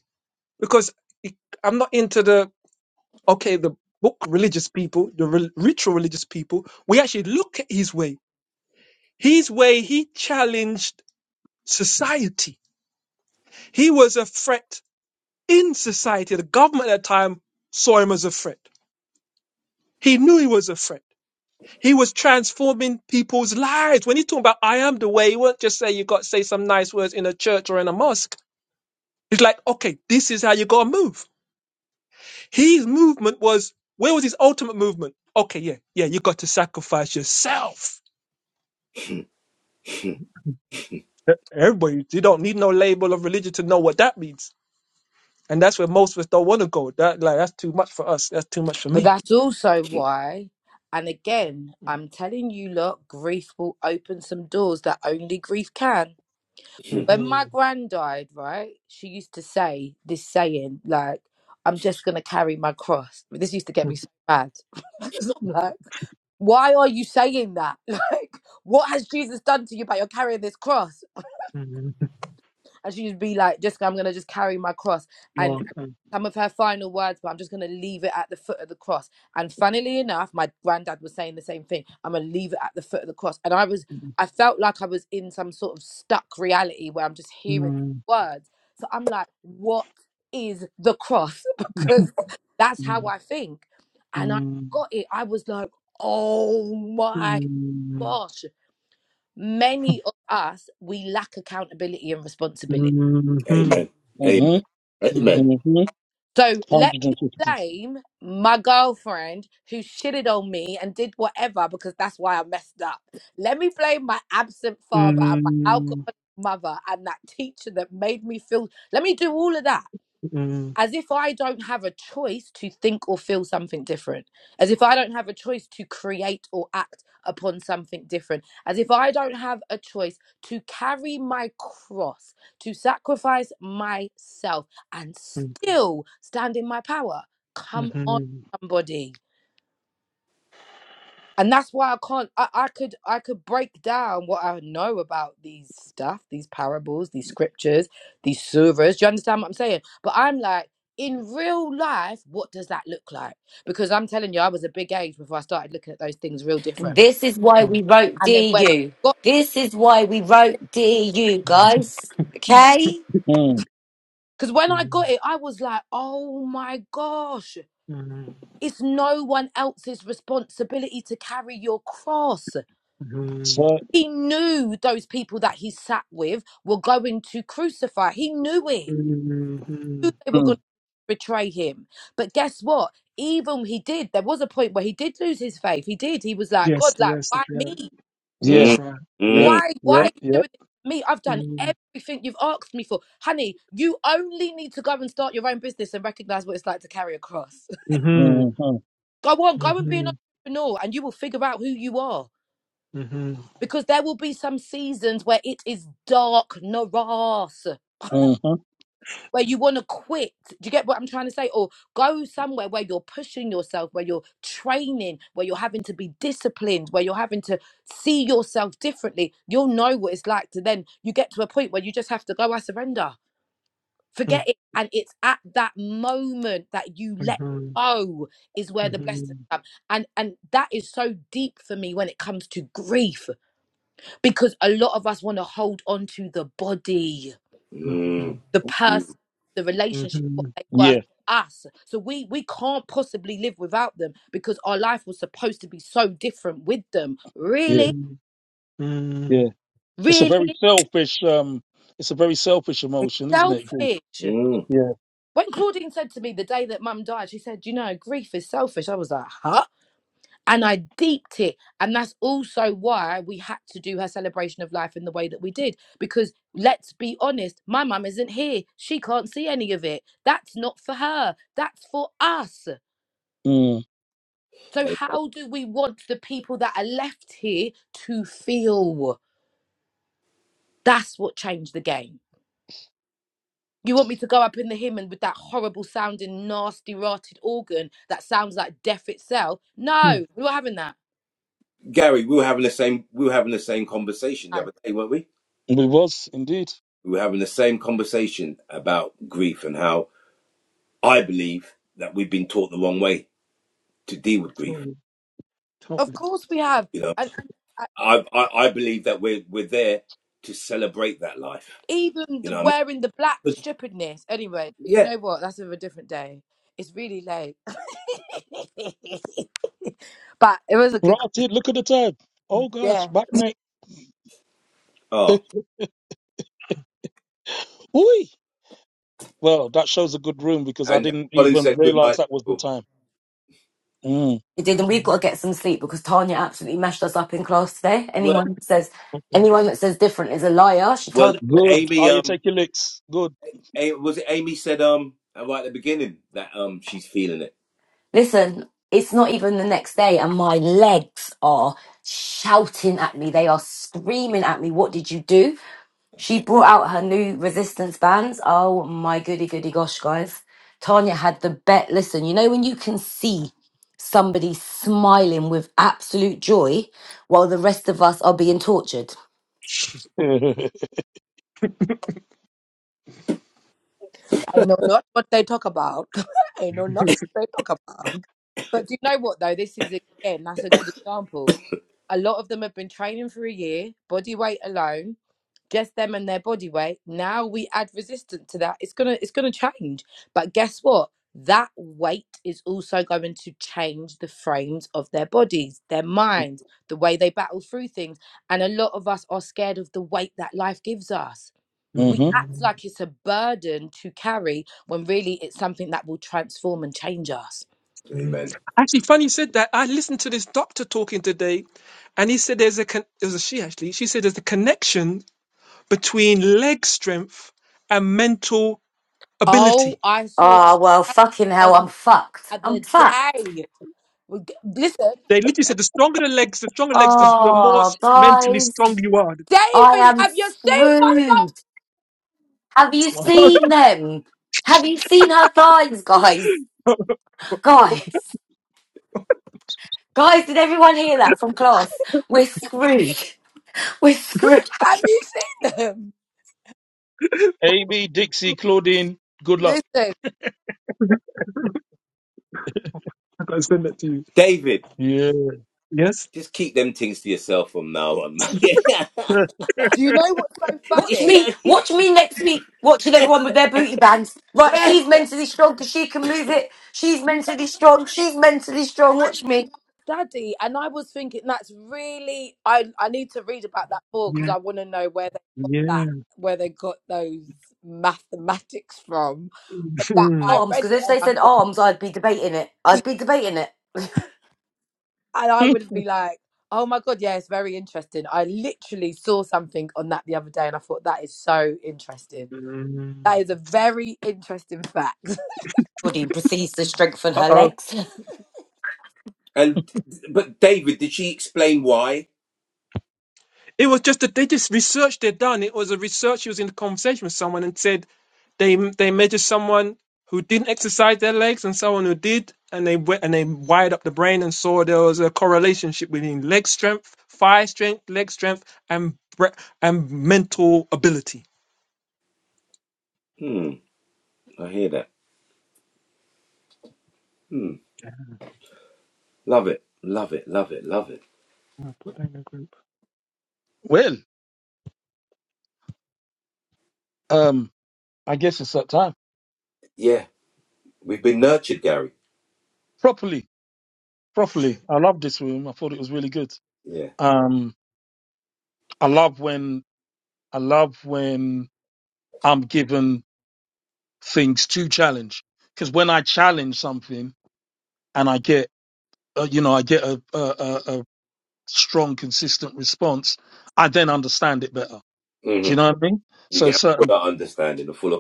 Speaker 4: Because it- I'm not into the, okay, the book religious people, the re- ritual religious people. We actually look at his way. His way, he challenged society. He was a threat in society, the government at the time saw him as a threat. He knew he was a threat. He was transforming people's lives. When he talking about I am the way, he won't just say you got to say some nice words in a church or in a mosque. It's like, okay, this is how you gotta move. His movement was where was his ultimate movement? Okay, yeah, yeah, you got to sacrifice yourself. E, Everybody, you don't need no label of religion to know what that means. And that's where most of us don't want to go. That like that's too much for us. That's too much for
Speaker 6: But
Speaker 4: me.
Speaker 6: that's also why, and again, I'm telling you, look, grief will open some doors that only grief can. When my gran died, right, she used to say this saying, like, I'm just going to carry my cross. This used to get me so mad. 'Cause I'm like, why are you saying that? Like, what has Jesus done to you, but you're carrying this cross?
Speaker 4: hmm
Speaker 6: And she'd be like, Jessica, I'm going to just carry my cross. and. some of her final words, but I'm just going to leave it at the foot of the cross. And funnily enough, my granddad was saying the same thing. I'm going to leave it at the foot of the cross. And I was,
Speaker 4: Mm,
Speaker 6: I felt like I was in some sort of stuck reality where I'm just hearing
Speaker 4: mm,
Speaker 6: words. So I'm like, what is the cross?
Speaker 4: mm,
Speaker 6: because that's how I think. And I
Speaker 4: mm,
Speaker 6: got it. I was like, oh
Speaker 4: mhm,
Speaker 6: my
Speaker 4: mm,
Speaker 6: gosh. Many of us, we lack accountability and
Speaker 4: mm, mm,
Speaker 6: responsibility
Speaker 4: mm,
Speaker 3: Amen.
Speaker 1: hmm
Speaker 3: Amen. Amen.
Speaker 1: hmm
Speaker 6: So let
Speaker 1: Hundred
Speaker 6: me
Speaker 1: and fifty.
Speaker 6: blame my girlfriend who shitted on me and did whatever because that's why I messed up. Let me blame my absent
Speaker 4: mhm,
Speaker 6: father and my
Speaker 4: mm,
Speaker 6: alcoholic mother and that teacher that made me feel. Let me do all of that as if I don't have a choice to think or feel something different, as if I don't have a choice to create or act upon something different, as if I don't have a choice to carry my cross, to sacrifice myself and still stand in my power. Come on, somebody and that's why i can't I, I could i could break down what i know about these stuff these parables these scriptures these surahs do you understand what i'm saying but i'm like in real life what does that look like because i'm telling you i was a big age before i started looking at those things real different
Speaker 5: This is why we wrote
Speaker 6: and then
Speaker 5: Dear
Speaker 6: when i
Speaker 5: You.
Speaker 6: got
Speaker 5: This is why we wrote Dear You, guys. Okay?
Speaker 1: Mm.
Speaker 6: because when i got it i was like oh my gosh it's no one else's responsibility to carry your cross
Speaker 4: mm, mm,
Speaker 1: So,
Speaker 6: He knew those people that he sat with were going to crucify. He knew it.
Speaker 4: mhm,
Speaker 6: Knew
Speaker 4: mhm.
Speaker 6: They were
Speaker 1: mm.
Speaker 6: going to betray him. But guess what? Even he did. There was a point where he did lose his faith. He did. He was like,
Speaker 4: Yes,
Speaker 6: God, like,
Speaker 4: yes, that's
Speaker 6: why
Speaker 4: right.
Speaker 6: me?
Speaker 1: yeah,
Speaker 4: That's
Speaker 3: Mm.
Speaker 4: right.
Speaker 1: yep,
Speaker 3: Mm.
Speaker 6: Why? Why are
Speaker 1: yep,
Speaker 3: Mm.
Speaker 6: you
Speaker 1: yep.
Speaker 6: doing this to me? I've done
Speaker 4: Mm,
Speaker 6: everything you've asked me for. Honey, you only need to go and start your own business and recognize what it's like to carry a cross.
Speaker 1: hmm
Speaker 4: mhm,
Speaker 6: go on, go and be an
Speaker 4: mhm,
Speaker 6: entrepreneur and you will figure out who you are.
Speaker 4: mhm, mhm,
Speaker 6: Because there will be some seasons where it is dark, Naras.
Speaker 1: hmm
Speaker 6: where you want to quit. Do you get what I'm trying to say? Or go somewhere where you're pushing yourself, where you're training, where you're having to be disciplined, where you're having to see yourself differently. You'll know what it's like to then you get to a point where you just have to go, I surrender. Forget it. And it's at that moment that you
Speaker 4: mhm, mhm,
Speaker 6: let go is where the blessings come. And and that is so deep for me when it comes to grief, because a lot of us want to hold on to the body
Speaker 3: Mm.
Speaker 6: the person,
Speaker 3: Mm.
Speaker 6: the relationship, what
Speaker 4: mhm,
Speaker 6: they were
Speaker 1: Yeah,
Speaker 6: for us. So we we can't possibly live without them because our life was supposed to be so different with them.
Speaker 1: yeah,
Speaker 6: Really,
Speaker 4: mhm,
Speaker 1: yeah.
Speaker 4: mhm,
Speaker 1: It's a
Speaker 6: really
Speaker 1: very selfish. Um, it's a very selfish emotion, isn't it? grief?
Speaker 6: selfish.
Speaker 3: Mm.
Speaker 1: Yeah.
Speaker 6: When Claudine said to me the day that mum died, she said, You know, grief is selfish. I was like, Huh? And I deeped it. And that's also why we had to do her celebration of life in the way that we did. Because let's be honest, my mum isn't here. She can't see any of it. That's not for her. That's for us.
Speaker 1: Mm.
Speaker 6: So,
Speaker 3: Amen.
Speaker 6: how do we want the people that are left here to feel? That's what changed the game. You want me to go up in the hymn and with that horrible sounding, nasty, rotted organ that sounds like death itself? No,
Speaker 4: mhm.
Speaker 6: we're not having that.
Speaker 3: Gary, we were having the same we were having the same conversation the
Speaker 6: No.
Speaker 3: other day, weren't we?
Speaker 1: It was indeed.
Speaker 3: We were having the same conversation about grief and how I believe that we've been taught the wrong way to deal with grief.
Speaker 4: Totally,
Speaker 6: Of
Speaker 4: totally.
Speaker 6: course we have.
Speaker 3: You know.
Speaker 6: And, and uh,
Speaker 3: I, I I believe that we're we're there to celebrate that life.
Speaker 6: even
Speaker 3: You
Speaker 6: the
Speaker 3: know what I mean?
Speaker 6: wearing the black
Speaker 3: But,
Speaker 6: stupidness. Anyway, you
Speaker 3: yeah.
Speaker 6: know what? That's of a different day. It's really late. but it was a good
Speaker 1: Right,
Speaker 6: conversation.
Speaker 1: Look at the time. Oh gosh,
Speaker 6: Yeah.
Speaker 1: back night. Eh,
Speaker 3: Oh,
Speaker 1: Oi. Well, that shows a good room because I
Speaker 3: and
Speaker 1: didn't
Speaker 3: Colin
Speaker 1: even
Speaker 3: said good
Speaker 1: realize
Speaker 3: night.
Speaker 1: that was the
Speaker 3: people.
Speaker 1: time. Mm.
Speaker 5: It did, and we've
Speaker 4: um,
Speaker 5: got to get some sleep because Tanya absolutely mashed us up in class today.
Speaker 3: well,
Speaker 5: Anyone who says
Speaker 4: totally.
Speaker 5: anyone that says different is a liar. She
Speaker 3: well,
Speaker 5: told
Speaker 1: Good.
Speaker 3: Amy.
Speaker 1: Are you
Speaker 3: Um,
Speaker 1: taking licks? Good.
Speaker 3: A- was it Amy said um right at the beginning that um she's feeling it.
Speaker 5: listen, it's not even the next day, and my legs are shouting at me. They are screaming at me. What did you do? She brought out her new resistance bands. Oh my goody goody gosh, guys. Tanya had the bet. Listen, you know when you can see somebody smiling with absolute joy while the rest of us are being tortured?
Speaker 6: I know not what they talk about. I know not what they talk about. But do you know what though? This is again, that's a good example. A lot of them have been training for a year, body weight alone, just them and their body weight. Now we add resistance to that. It's gonna it's gonna change. But guess what? That weight is also going to change the frames of their bodies, their minds, the way they battle through things. And a lot of us are scared of the weight that life gives us. We
Speaker 1: hmm
Speaker 6: act like it's a burden to carry when really it's something that will transform and change us.
Speaker 4: Mm.
Speaker 3: Amen.
Speaker 4: Actually, funny you said that. I listened to this doctor talking today, and he said there's a con- it was a she actually. She said there's a connection between leg strength and mental ability.
Speaker 6: Oh, I saw a
Speaker 5: Oh, well,
Speaker 6: statue
Speaker 5: fucking
Speaker 6: on
Speaker 5: hell, I'm
Speaker 6: the
Speaker 5: fucked. I'm
Speaker 6: other
Speaker 5: fucked.
Speaker 6: day. We g- Listen,
Speaker 4: They literally said the stronger the legs, the stronger legs, the the more s-
Speaker 5: Oh,
Speaker 4: mentally
Speaker 5: guys,
Speaker 4: strong you are.
Speaker 5: I
Speaker 6: David,
Speaker 5: am
Speaker 6: have you seen my son?
Speaker 5: screwed. Have you seen them? Have you seen her thighs, guys? Guys, guys, did everyone hear that from class? We're screwed. We're screwed.
Speaker 6: Have you seen them?
Speaker 1: Amy, Dixie, Claudine. Good luck.
Speaker 6: Listen,
Speaker 4: I gotta send that to you.
Speaker 3: David,
Speaker 1: Yeah.
Speaker 4: Yes.
Speaker 3: just keep them things to yourself from now on, man.
Speaker 1: uh
Speaker 6: do you know what's so
Speaker 5: Watch
Speaker 6: funny?
Speaker 5: me, watch me next week watching everyone with their booty bands. Right, she's mentally strong because she can move it. She's mentally strong. She's mentally strong. Watch me.
Speaker 6: Daddy, and I was thinking that's really I I need to read about that more because
Speaker 4: Yeah.
Speaker 6: I want to know where they got
Speaker 4: Yeah.
Speaker 6: that where they got those mathematics from. But that I
Speaker 5: Arms,
Speaker 6: read
Speaker 5: because
Speaker 6: it
Speaker 5: if
Speaker 6: and
Speaker 5: they
Speaker 6: I
Speaker 5: said
Speaker 6: thought.
Speaker 5: arms, I'd be debating it. I'd be debating it.
Speaker 6: and I would be like, "Oh my god, yeah, it's very interesting." I literally saw something on that the other day, and I thought that is so interesting.
Speaker 4: Mm.
Speaker 6: That is a very interesting fact.
Speaker 5: Body proceeds to strengthen her
Speaker 1: oh.
Speaker 5: legs.
Speaker 3: and but David, did she explain why?
Speaker 4: It was just that they just research they'd done. It was a research. He was in a conversation with someone and said they they measured someone who didn't exercise their legs and someone who did, and they went and they wired up the brain and saw there was a correlation between leg strength, thigh strength, leg strength, and bre- and mental ability.
Speaker 3: Hmm, I hear that. Hmm, love it, love it, love it, love it.
Speaker 4: I'll put that in the group.
Speaker 1: Well, um, I guess it's that time.
Speaker 3: Yeah. We've been nurtured, Gary.
Speaker 1: Properly, properly. I love this room. I thought it was really good.
Speaker 3: Yeah.
Speaker 1: Um, I love when I love when I'm given things to challenge because when I challenge something and I get uh, you know I get a, a a a strong consistent response, I then understand it better. Do
Speaker 3: hmm
Speaker 1: you know what I mean?
Speaker 3: You
Speaker 1: So
Speaker 3: get a
Speaker 1: certain
Speaker 3: fuller understanding, a fuller,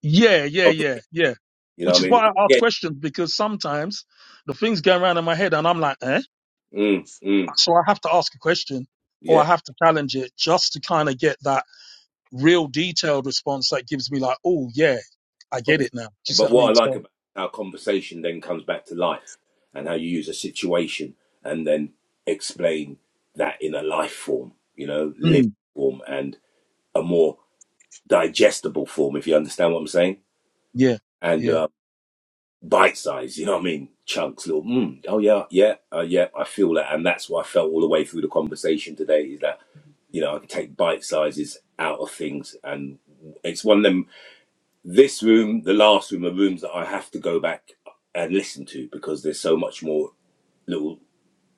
Speaker 1: yeah yeah
Speaker 3: of-
Speaker 1: yeah yeah,
Speaker 3: you know
Speaker 1: which
Speaker 3: what
Speaker 1: is
Speaker 3: I mean?
Speaker 1: why I ask
Speaker 3: Yeah.
Speaker 1: questions because sometimes the things going around in my head and I'm like eh,
Speaker 3: Mm, mm,
Speaker 1: so I have to ask a question or I
Speaker 3: yeah.
Speaker 1: have to challenge it just to kind of get that real detailed response that gives me like, oh yeah, I get it now. Do you see
Speaker 3: But
Speaker 1: what I
Speaker 3: what
Speaker 1: mean?
Speaker 3: I like
Speaker 1: So,
Speaker 3: about how conversation then comes back to life and how you use a situation and then explain that in a life form, you know, living
Speaker 1: mm,
Speaker 3: form and a more digestible form, if you understand what I'm saying.
Speaker 1: yeah,
Speaker 3: And
Speaker 1: yeah,
Speaker 3: uh, bite size, you know what I mean? Chunks, little, mm, oh yeah, yeah, uh, yeah, I feel that. And that's what I felt all the way through the conversation today is that, you know, I can take bite sizes out of things. And it's one of them, this room, the last room, are rooms that I have to go back and listen to because there's so much more little,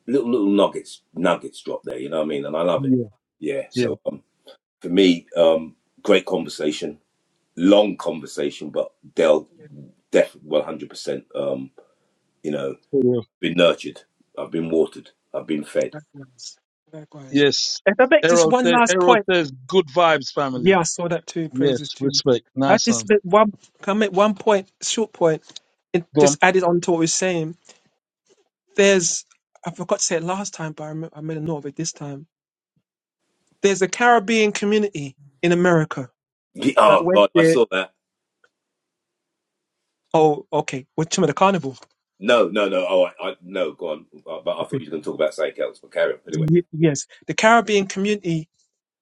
Speaker 3: little, little nuggets, nuggets drop there, you know what I mean? And I love it.
Speaker 1: yeah,
Speaker 3: Yeah.
Speaker 1: yeah,
Speaker 3: So um, for me, um, great conversation, long conversation, but Dell, definitely 100%. Um, you know.
Speaker 1: for real.
Speaker 3: been nurtured. I've been watered. I've been fed.
Speaker 4: Likewise. Likewise.
Speaker 1: Yes.
Speaker 4: If I make just
Speaker 1: Errol,
Speaker 4: one
Speaker 1: sa-
Speaker 4: last
Speaker 1: Errol
Speaker 4: point,
Speaker 1: says, good vibes, family.
Speaker 4: yeah, I saw that too.
Speaker 1: Yes,
Speaker 4: Praises too.
Speaker 1: respect.
Speaker 4: I
Speaker 1: Nice one.
Speaker 4: just make one. Can I make one point? Short point. It just
Speaker 1: Go
Speaker 4: added on to what we we're saying There's, I forgot to say it last time, but I, remember, I made a note of it this time. There's a Caribbean community in America that
Speaker 3: Oh
Speaker 4: went
Speaker 3: God, I
Speaker 4: there.
Speaker 3: saw that.
Speaker 4: Oh, okay. With some of the carnival.
Speaker 3: No, no, no. Oh, I, I no. Go on. Uh, But I thought
Speaker 4: Okay.
Speaker 3: you were going to talk about something else. But carry on anyway.
Speaker 4: Y- yes. The Caribbean community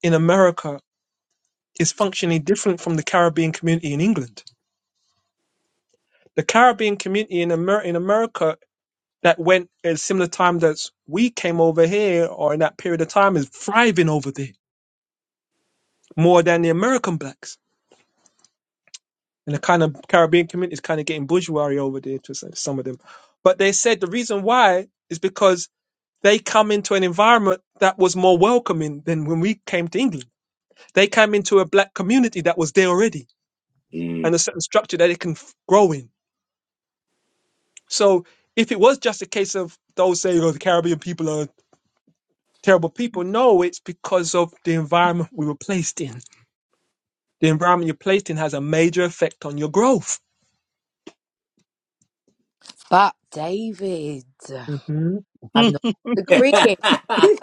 Speaker 4: in America is functionally different from the Caribbean community in England. The Caribbean community in, Amer- in America that went at a similar time that we came over here or in that period of time is thriving over there more than the American blacks and the kind of Caribbean community is kind of getting bourgeoisie over there to some some of them. But they said the reason why is because they come into an environment that was more welcoming than when we came to England. They came into a black community that was there already and
Speaker 3: Mm.
Speaker 4: a certain structure that it can f- grow in. So if it was just a case of those saying, oh, the Caribbean people are terrible people, no, it's because of the environment we were placed in. The environment you're placed in has a major effect on your growth.
Speaker 6: But David,
Speaker 4: hmm
Speaker 6: I'm
Speaker 1: on.
Speaker 6: not agreeing.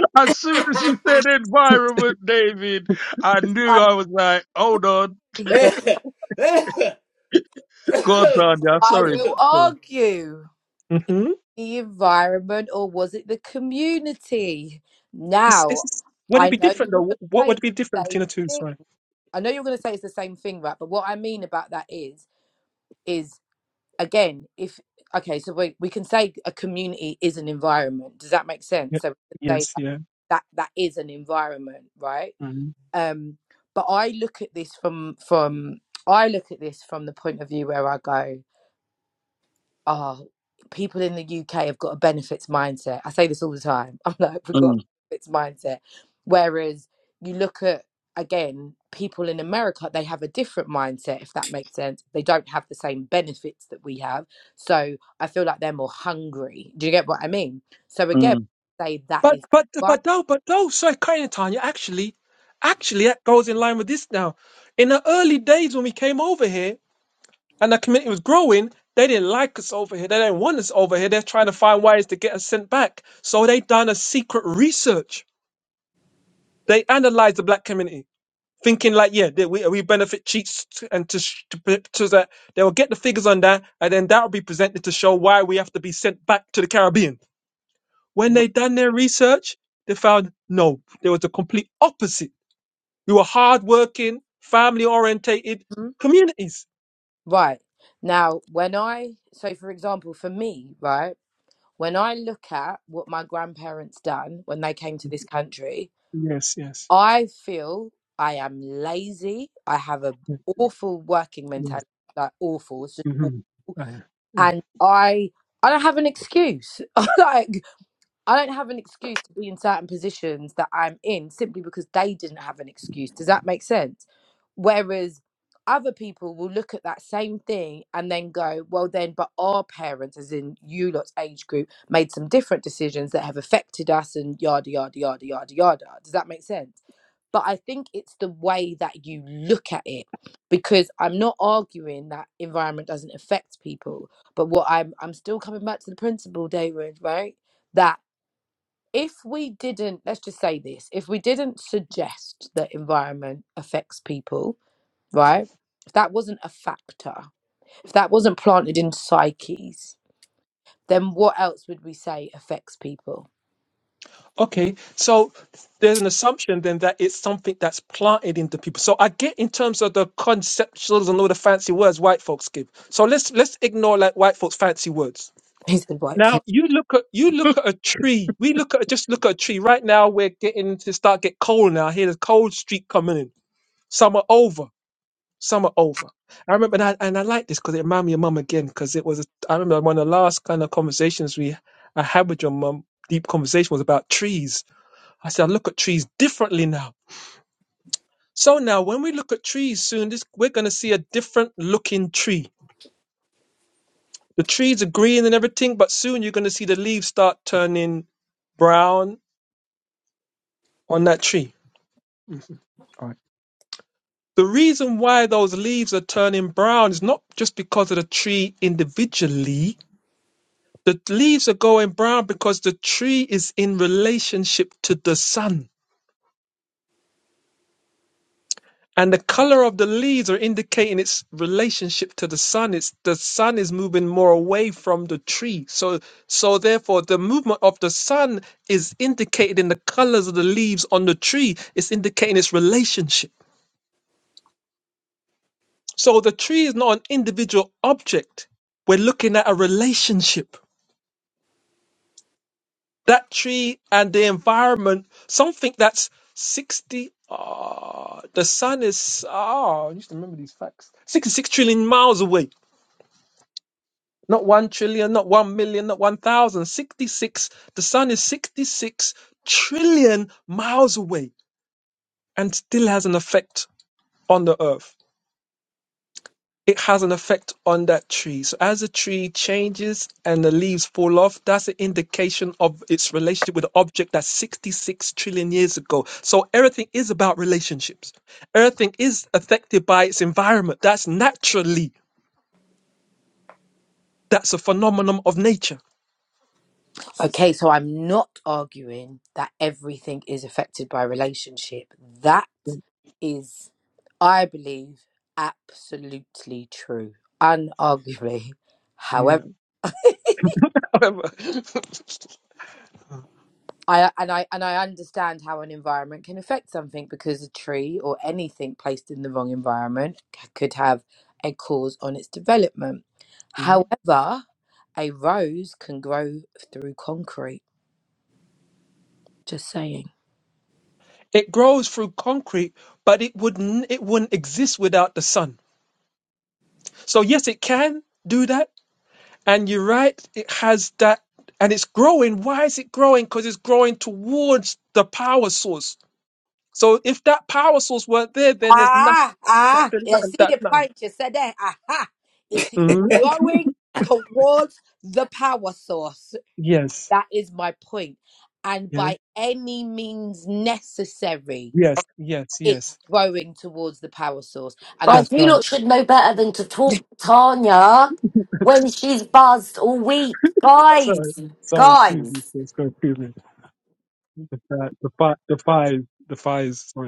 Speaker 1: as soon as you said environment, David, I knew
Speaker 6: I
Speaker 1: I was like, hold on.
Speaker 6: think that
Speaker 1: God, Tanya,
Speaker 6: I
Speaker 1: sorry.
Speaker 6: will
Speaker 1: sorry.
Speaker 6: argue
Speaker 4: hmm
Speaker 6: the environment, or was it the community?
Speaker 4: It's,
Speaker 6: Now,
Speaker 4: it's, would it
Speaker 6: I
Speaker 4: be
Speaker 6: know you
Speaker 4: different
Speaker 6: were going
Speaker 4: though?
Speaker 6: to
Speaker 4: What
Speaker 6: say
Speaker 4: would
Speaker 6: it's
Speaker 4: be
Speaker 6: the
Speaker 4: different
Speaker 6: same
Speaker 4: between the two?
Speaker 6: thing.
Speaker 4: Sorry.
Speaker 6: I know you're going to say it's the same thing, right? But what I mean about that is, is again, if okay, so we we can say a community is an environment. Does that make
Speaker 4: Yeah.
Speaker 6: sense? So we can say
Speaker 4: Yes. Yeah.
Speaker 6: that that is an environment, right?
Speaker 4: Mm.
Speaker 6: Um, but I look at this from from I look at this from the point of view where I go oh, people in the UK have got a benefits mindset. I say this all the time. I'm like, we've got a
Speaker 1: Mm,
Speaker 6: benefits mindset. Whereas you look at, again, people in America, they have a different mindset, if that makes sense. They don't have the same benefits that we have. So I feel like they're more hungry. Do you get what I mean? So again,
Speaker 1: mm.
Speaker 6: say that
Speaker 4: But
Speaker 6: is
Speaker 4: but
Speaker 6: right.
Speaker 4: but no, but no, sorry, Karina Tanya, actually, actually that goes in line with this now. In the early days when we came over here and the community was growing, they didn't like us over here. They didn't want us over here. They're trying to find ways to get us sent back. So they done a secret research. They analyzed the black community. thinking like, yeah, that we, we benefit cheats to- and to, sh- to, pre- to that they will get the figures on that, and then that will be presented to show why we have to be sent back to the Caribbean. When they done their research, they found no, there was a complete opposite. We were hardworking, family orientated
Speaker 6: Mhm.
Speaker 4: communities.
Speaker 6: Right. Now, when I, so for example, for me, right, when I look at what my grandparents done when they came to this country,
Speaker 4: Yes, yes,
Speaker 6: I feel I am lazy. I have a awful working
Speaker 4: yes.
Speaker 6: mentality, like awful. It's just
Speaker 4: hmm
Speaker 6: awful. And I I don't have an excuse. like I don't have an excuse to be in certain positions that I'm in simply because they didn't have an excuse. Does that make sense? Whereas other people will look at that same thing and then go, well, then, but our parents, as in you lot's age group, made some different decisions that have affected us and yada, yada, yada, yada, yada. Does that make sense? But I think it's the way that you look at it because I'm not arguing that environment doesn't affect people. But what I'm, I'm still coming back to the principle, David, right? That if we didn't let's just say this if we didn't suggest that environment affects people right if that wasn't a factor if that wasn't planted in psyches then what else would we say affects people
Speaker 4: Okay, so there's an assumption then that it's something that's planted into people. So I get in terms of the conceptuals and all the fancy words white folks give. So let's let's ignore like white folks' fancy words.
Speaker 6: he said white
Speaker 4: Now
Speaker 6: fig-
Speaker 4: you look at you look at a tree. We look at just look at a tree. Right now we're getting to start get cold now. I hear the cold streak coming in. Summer over. Summer over. I remember and I, and I like this because it reminded me of mum again because it was a, I remember one of the last kind of conversations we I had with your mum. Deep conversation was about trees I said, I look at trees differently now. So now when we look at trees soon, this we're gonna see a different looking tree. The trees are green and everything, but soon you're gonna see the leaves start turning brown on that tree. Mhm. The reason why those leaves are turning brown is not just because of the tree individually. The leaves are going brown because the tree is in relationship to the sun and the color of the leaves are indicating its relationship to the sun it's the sun is moving more away from the tree so so therefore the movement of the sun is indicated in the colors of the leaves on the tree it's indicating its relationship so the tree is not an individual object we're looking at a relationship that tree and the environment something that's 60 ah the sun is ah i used to remember these facts 66 trillion miles away Not one trillion, not one million, not one thousand. 66. The sun is 66 trillion miles away and still has an effect on the earth. It has an effect on that tree. So as a tree changes and the leaves fall off, that's an indication of its relationship with the object that's 66 trillion years ago. So everything is about relationships. Everything is affected by its environment. That's naturally, that's a phenomenon of nature.
Speaker 6: okay so i'm not arguing that everything is affected by relationship that is i believe absolutely true unarguably however
Speaker 4: Yeah.
Speaker 6: I and I and I understand how an environment can affect something because a tree or anything placed in the wrong environment c- could have a cause on its development.
Speaker 4: Yeah.
Speaker 6: However, a rose can grow through concrete. Just saying.
Speaker 4: It grows through concrete, but it wouldn't it wouldn't exist without the sun. So yes, it can do that. And you're right, it has that and it's growing. Why is it growing? Because it's growing towards the power source. So if that power source weren't there, then there's nothing
Speaker 6: Ah,
Speaker 4: that
Speaker 6: ah,
Speaker 4: there's
Speaker 6: you
Speaker 4: nothing
Speaker 6: see
Speaker 4: that
Speaker 6: the
Speaker 4: nothing.
Speaker 6: point you said there? Aha! It is
Speaker 4: Mhm.
Speaker 6: blowing towards the power source.
Speaker 4: Yes.
Speaker 6: That is my point. And
Speaker 4: Yes.
Speaker 6: by any means necessary.
Speaker 4: Yes. Yes.
Speaker 6: it's
Speaker 4: Yes.
Speaker 6: growing towards the power source. And I
Speaker 5: Right,
Speaker 4: That's
Speaker 5: you
Speaker 4: right.
Speaker 5: lot should know better than to talk Tanya when she's buzzed all week. Guys,
Speaker 4: sorry. Sorry, excuse
Speaker 5: guys.
Speaker 4: me. Yes. Sorry, excuse me. The fire the fire the fire is the fire is sorry.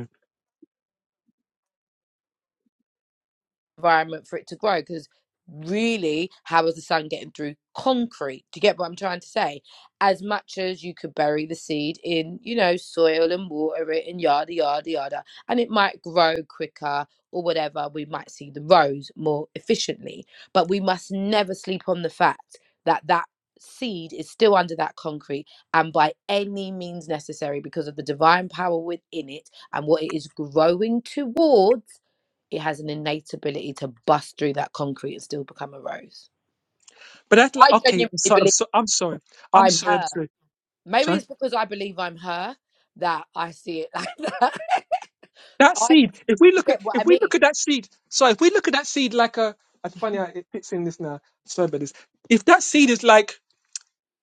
Speaker 6: environment for it to grow because really how is the sun getting through concrete do you get what i'm trying to say as much as you could bury the seed in you know soil and water it and yada yada yada and it might grow quicker or whatever we might see the rows more efficiently but we must never sleep on the fact that that seed is still under that concrete and by any means necessary because of the divine power within it and what it is growing towards it has an innate ability to bust through that concrete and still become a rose.
Speaker 4: But that's like
Speaker 6: I
Speaker 4: okay.
Speaker 6: genuinely
Speaker 4: I'm sorry. I'm,
Speaker 6: believe
Speaker 4: so, I'm sorry. I'm
Speaker 6: I'm
Speaker 4: sorry. I'm
Speaker 6: her.
Speaker 4: sorry.
Speaker 6: Maybe
Speaker 4: Sorry.
Speaker 6: it's because I believe I'm her that I see it like that.
Speaker 4: That
Speaker 6: I,
Speaker 4: seed. If we
Speaker 6: you
Speaker 4: look at
Speaker 6: get what I
Speaker 4: if we
Speaker 6: mean?
Speaker 4: look at that seed. So if we look at that seed like a. It's funny how it fits in this now. Sorry about this. If that seed is like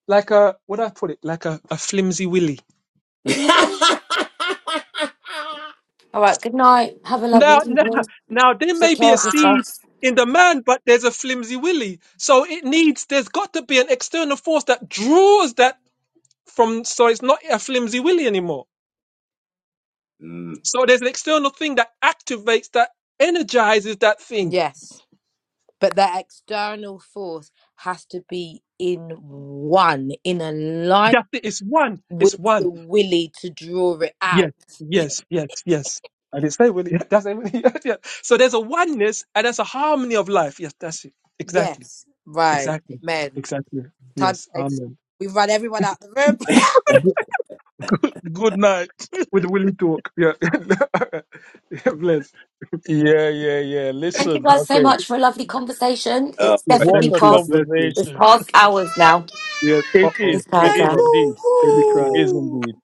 Speaker 4: like a what do I put it like a, a flimsy willy.
Speaker 5: All right, good night. Have a lovely
Speaker 4: Now now
Speaker 5: evening.
Speaker 4: now there
Speaker 5: Take
Speaker 4: may be
Speaker 5: care
Speaker 4: a
Speaker 5: of
Speaker 6: Ah.
Speaker 4: seed
Speaker 5: yourselves.
Speaker 4: in the man, but there's a flimsy willy. So it needs. There's got to be an external force that draws that from. So it's not a flimsy willy anymore.
Speaker 3: mm.
Speaker 4: So there's an external thing that activates that energizes that thing
Speaker 6: Yes, but that external force has to be in one, in alignment
Speaker 4: That's it. It's one. It's
Speaker 6: with the
Speaker 4: one.
Speaker 6: willy to draw it
Speaker 4: Yes.
Speaker 6: out.
Speaker 4: Yes. Yes. Yes. And it's not really. That's not really. yeah. So there's a oneness and there's a harmony of life. Yes. That's it. Exactly.
Speaker 6: Yes, right,
Speaker 4: Exactly.
Speaker 6: amen.
Speaker 4: Exactly.
Speaker 6: Time to
Speaker 4: Yes.
Speaker 6: say,
Speaker 4: Amen.
Speaker 6: we've run everyone out the room.
Speaker 1: G- Good night.
Speaker 4: With the willing talk. Yeah. yeah bless.
Speaker 1: Yeah, yeah, yeah.
Speaker 5: Thank you
Speaker 1: Listen,
Speaker 5: guys so
Speaker 1: okay.
Speaker 5: much for a lovely conversation.
Speaker 3: Oh.
Speaker 5: It's
Speaker 4: Yeah.
Speaker 1: What
Speaker 5: definitely
Speaker 1: a
Speaker 4: Thank you.
Speaker 5: past
Speaker 4: Bless this.
Speaker 5: it's
Speaker 1: conversation.
Speaker 5: past hours now.
Speaker 4: Yes. Uh
Speaker 1: It
Speaker 4: oh.
Speaker 1: is.
Speaker 5: It's
Speaker 1: It
Speaker 4: Oh
Speaker 6: No,
Speaker 1: is
Speaker 5: Carter.
Speaker 4: God.
Speaker 1: indeed.
Speaker 6: woo,
Speaker 4: Baby cry.
Speaker 1: It is
Speaker 6: woo.
Speaker 1: indeed.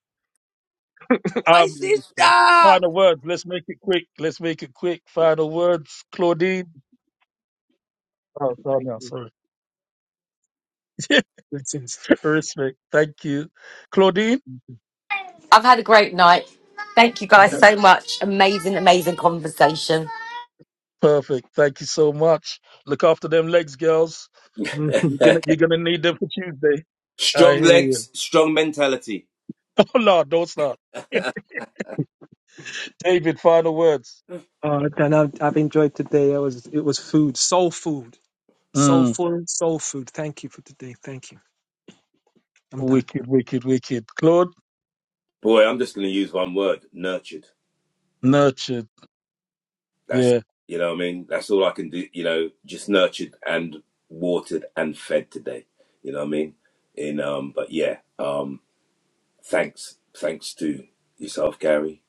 Speaker 6: my
Speaker 1: Um,
Speaker 4: Baby cry.
Speaker 6: sister.
Speaker 1: final words. Let's make it quick. Let's make it quick. Final words, Claudine. Oh,
Speaker 4: Yes.
Speaker 1: sorry,
Speaker 4: Thank
Speaker 1: no,
Speaker 4: you.
Speaker 1: sorry.
Speaker 4: Blessings.
Speaker 1: Respect. Thank you, Claudine.
Speaker 5: I've had a great night. Thank you guys
Speaker 1: Yeah.
Speaker 5: so much. Amazing, amazing conversation.
Speaker 1: Perfect. Thank you so much. Look after them legs, girls.
Speaker 4: Mhm.
Speaker 1: You're gonna you're gonna need them for Tuesday. I
Speaker 3: strong
Speaker 1: hear you.
Speaker 3: legs, strong mentality.
Speaker 1: Oh Lord, don't start. David, final words.
Speaker 4: Uh, and I've, I've enjoyed today. It was it was food, soul food
Speaker 1: Mm,
Speaker 4: Soulful soul food. Thank you for today. Thank you. I'm done.
Speaker 1: wicked, wicked, wicked. Claude,
Speaker 3: Boy, I'm just going to use one word: nurtured.
Speaker 1: nurtured.
Speaker 3: That's
Speaker 1: Yeah,
Speaker 3: you know what I mean. That's all I can do. You know, just nurtured and watered and fed today. You know what I mean. In um, but yeah, um, thanks, thanks to yourself, Gary.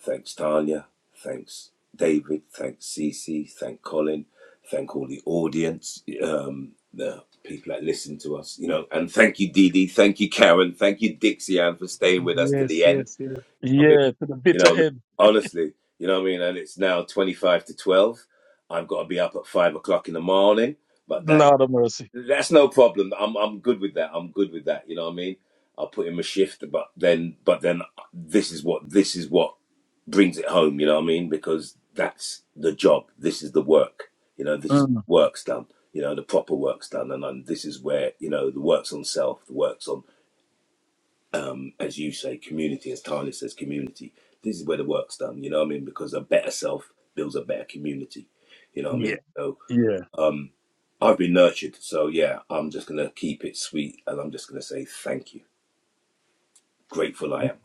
Speaker 3: Thanks, Tanya. Thanks, David. Thanks, Cece. Thank Colin. Thank all the audience. Um, the people that listen to us. You know, and thank you, Dee Dee. Thank you, Karen. Thank you, Dixie Ann, for staying with us to the
Speaker 4: Yes,
Speaker 3: end.
Speaker 4: yes, yes.
Speaker 3: I mean,
Speaker 1: yeah. To the
Speaker 3: you know,
Speaker 1: bitter
Speaker 3: what I mean,
Speaker 1: end.
Speaker 3: honestly, you know what I mean. And it's now twenty-five to twelve. I've got to be up at five o'clock in the morning, but that
Speaker 1: Lord of mercy.
Speaker 3: that's no problem. I'm I'm good with that. I'm good with that. You know what I mean. I'll put in my shift, but then but then this is what this is what brings it home. You know what I mean? Because that's the job. This is the work. You know, this is
Speaker 1: Mm,
Speaker 3: work's done. You know, the proper work's done, and, and this is where you know the work's on self, the work's on um, as you say, community, as Tanya says, community. This is where the work's done, you know what I mean? Because a better self builds a better community, you know what I
Speaker 1: yeah,
Speaker 3: mean? So
Speaker 1: yeah.
Speaker 3: um, I've been nurtured. So yeah, I'm just going to keep it sweet and I'm just going to say thank you. Grateful I am.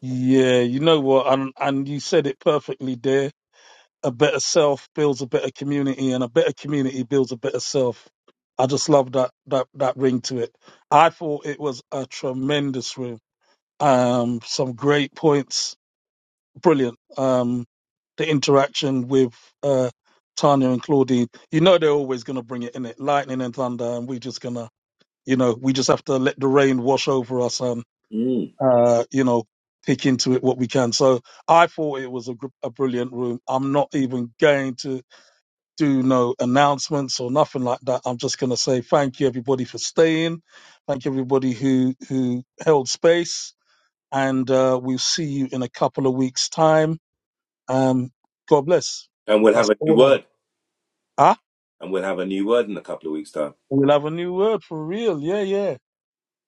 Speaker 1: Yeah, you know what, and and you said it perfectly there. A better self builds a better community, and a better community builds a better self. I just love that that that ring to it. I thought it was a tremendous room. Um, some great points, brilliant. Um, the interaction with uh Tanya and Claudine, you know they're always gonna bring it in it, lightning and thunder, and we just gonna, you know, we just have to let the rain wash over us
Speaker 3: Mm.
Speaker 1: uh, you know, pick into it what we can. So I thought it was a, gr- a brilliant room. I'm not even going to do no announcements or nothing like that. I'm just going to say thank you everybody for staying. Thank you everybody who who held space, and uh, we'll see you in a couple of weeks' time. Um, God bless.
Speaker 3: And we'll have
Speaker 1: That's
Speaker 3: a new
Speaker 1: all I got.
Speaker 3: word.
Speaker 1: Ah,
Speaker 3: And we'll have a new word in a couple of weeks' time.
Speaker 1: we'll have a new word for real. Yeah, yeah.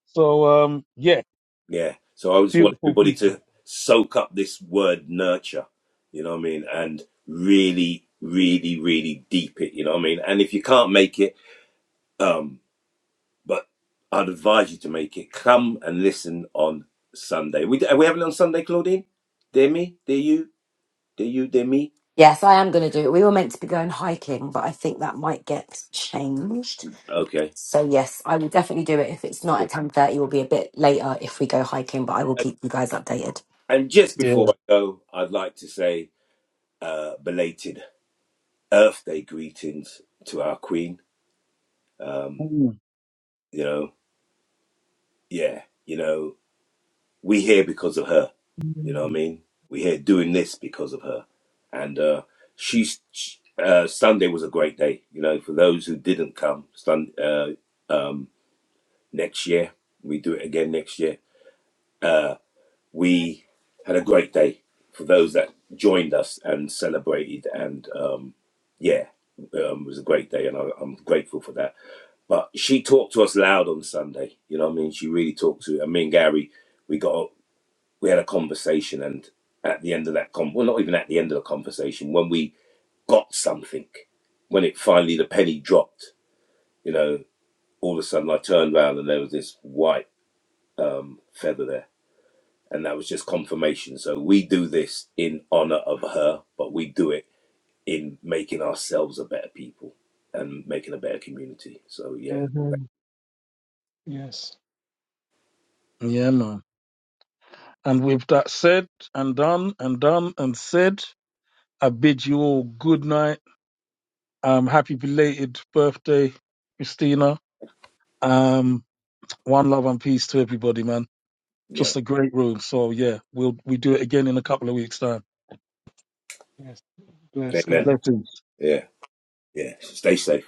Speaker 1: So um, yeah,
Speaker 3: Yeah. So I just want
Speaker 1: beautiful
Speaker 3: everybody
Speaker 1: people.
Speaker 3: to soak up this word nurture, you know what I mean? And really, really, really deep it, you know what I mean? And if you can't make it, um, but I'd advise you to make it. Come and listen on Sunday. We are we having it on Sunday, Claudine? Dear me, dear you, dear you, dear me.
Speaker 5: Yes, I am going to do it. We were meant to be going hiking, but I think that might get changed.
Speaker 3: Okay.
Speaker 5: So yes, I will definitely do it. If it's not at
Speaker 3: good.
Speaker 5: ten thirty, it will be a bit later if we go hiking. But I will
Speaker 3: And
Speaker 5: keep you guys updated.
Speaker 3: and just
Speaker 1: Yeah.
Speaker 3: before I go, I'd like to say uh, belated Earth Day greetings to our Queen. Um,
Speaker 1: Mm.
Speaker 3: you know, yeah, you know. we here because of her. You know what I mean? We here doing this because of her. And uh, she's she- uh, Sunday was a great day. You know, for those who didn't come, Sun, uh, um, next year we do it again next year. Uh, we had a great day for those that joined us and celebrated, and um, yeah, um, it was a great day, and I, I'm grateful for that. But she talked to us loud on Sunday. You know what I mean? She really talked to. I mean, Gary, we got we had a conversation, and at the end of that con, well, not even at the end of the conversation, when we got something, when it finally the penny dropped, you know, all of a sudden I turned around and there was this white um, feather there, and that was just confirmation. So we do this in honor of her, but we do it in making ourselves a better people and making a better community. So yeah,
Speaker 4: hmm Yes,
Speaker 1: Yeah, man. And with that said and done and done and said, I bid you all good night. Um, happy belated birthday, Christina. Um, one love and peace to everybody, man.
Speaker 3: yeah,
Speaker 1: Just a great room. So yeah, we'll we do it again in a couple of weeks' time.
Speaker 4: yes. Bless. Good
Speaker 3: amen.
Speaker 4: night.
Speaker 1: Blessings.
Speaker 3: Yeah, yeah. Stay safe.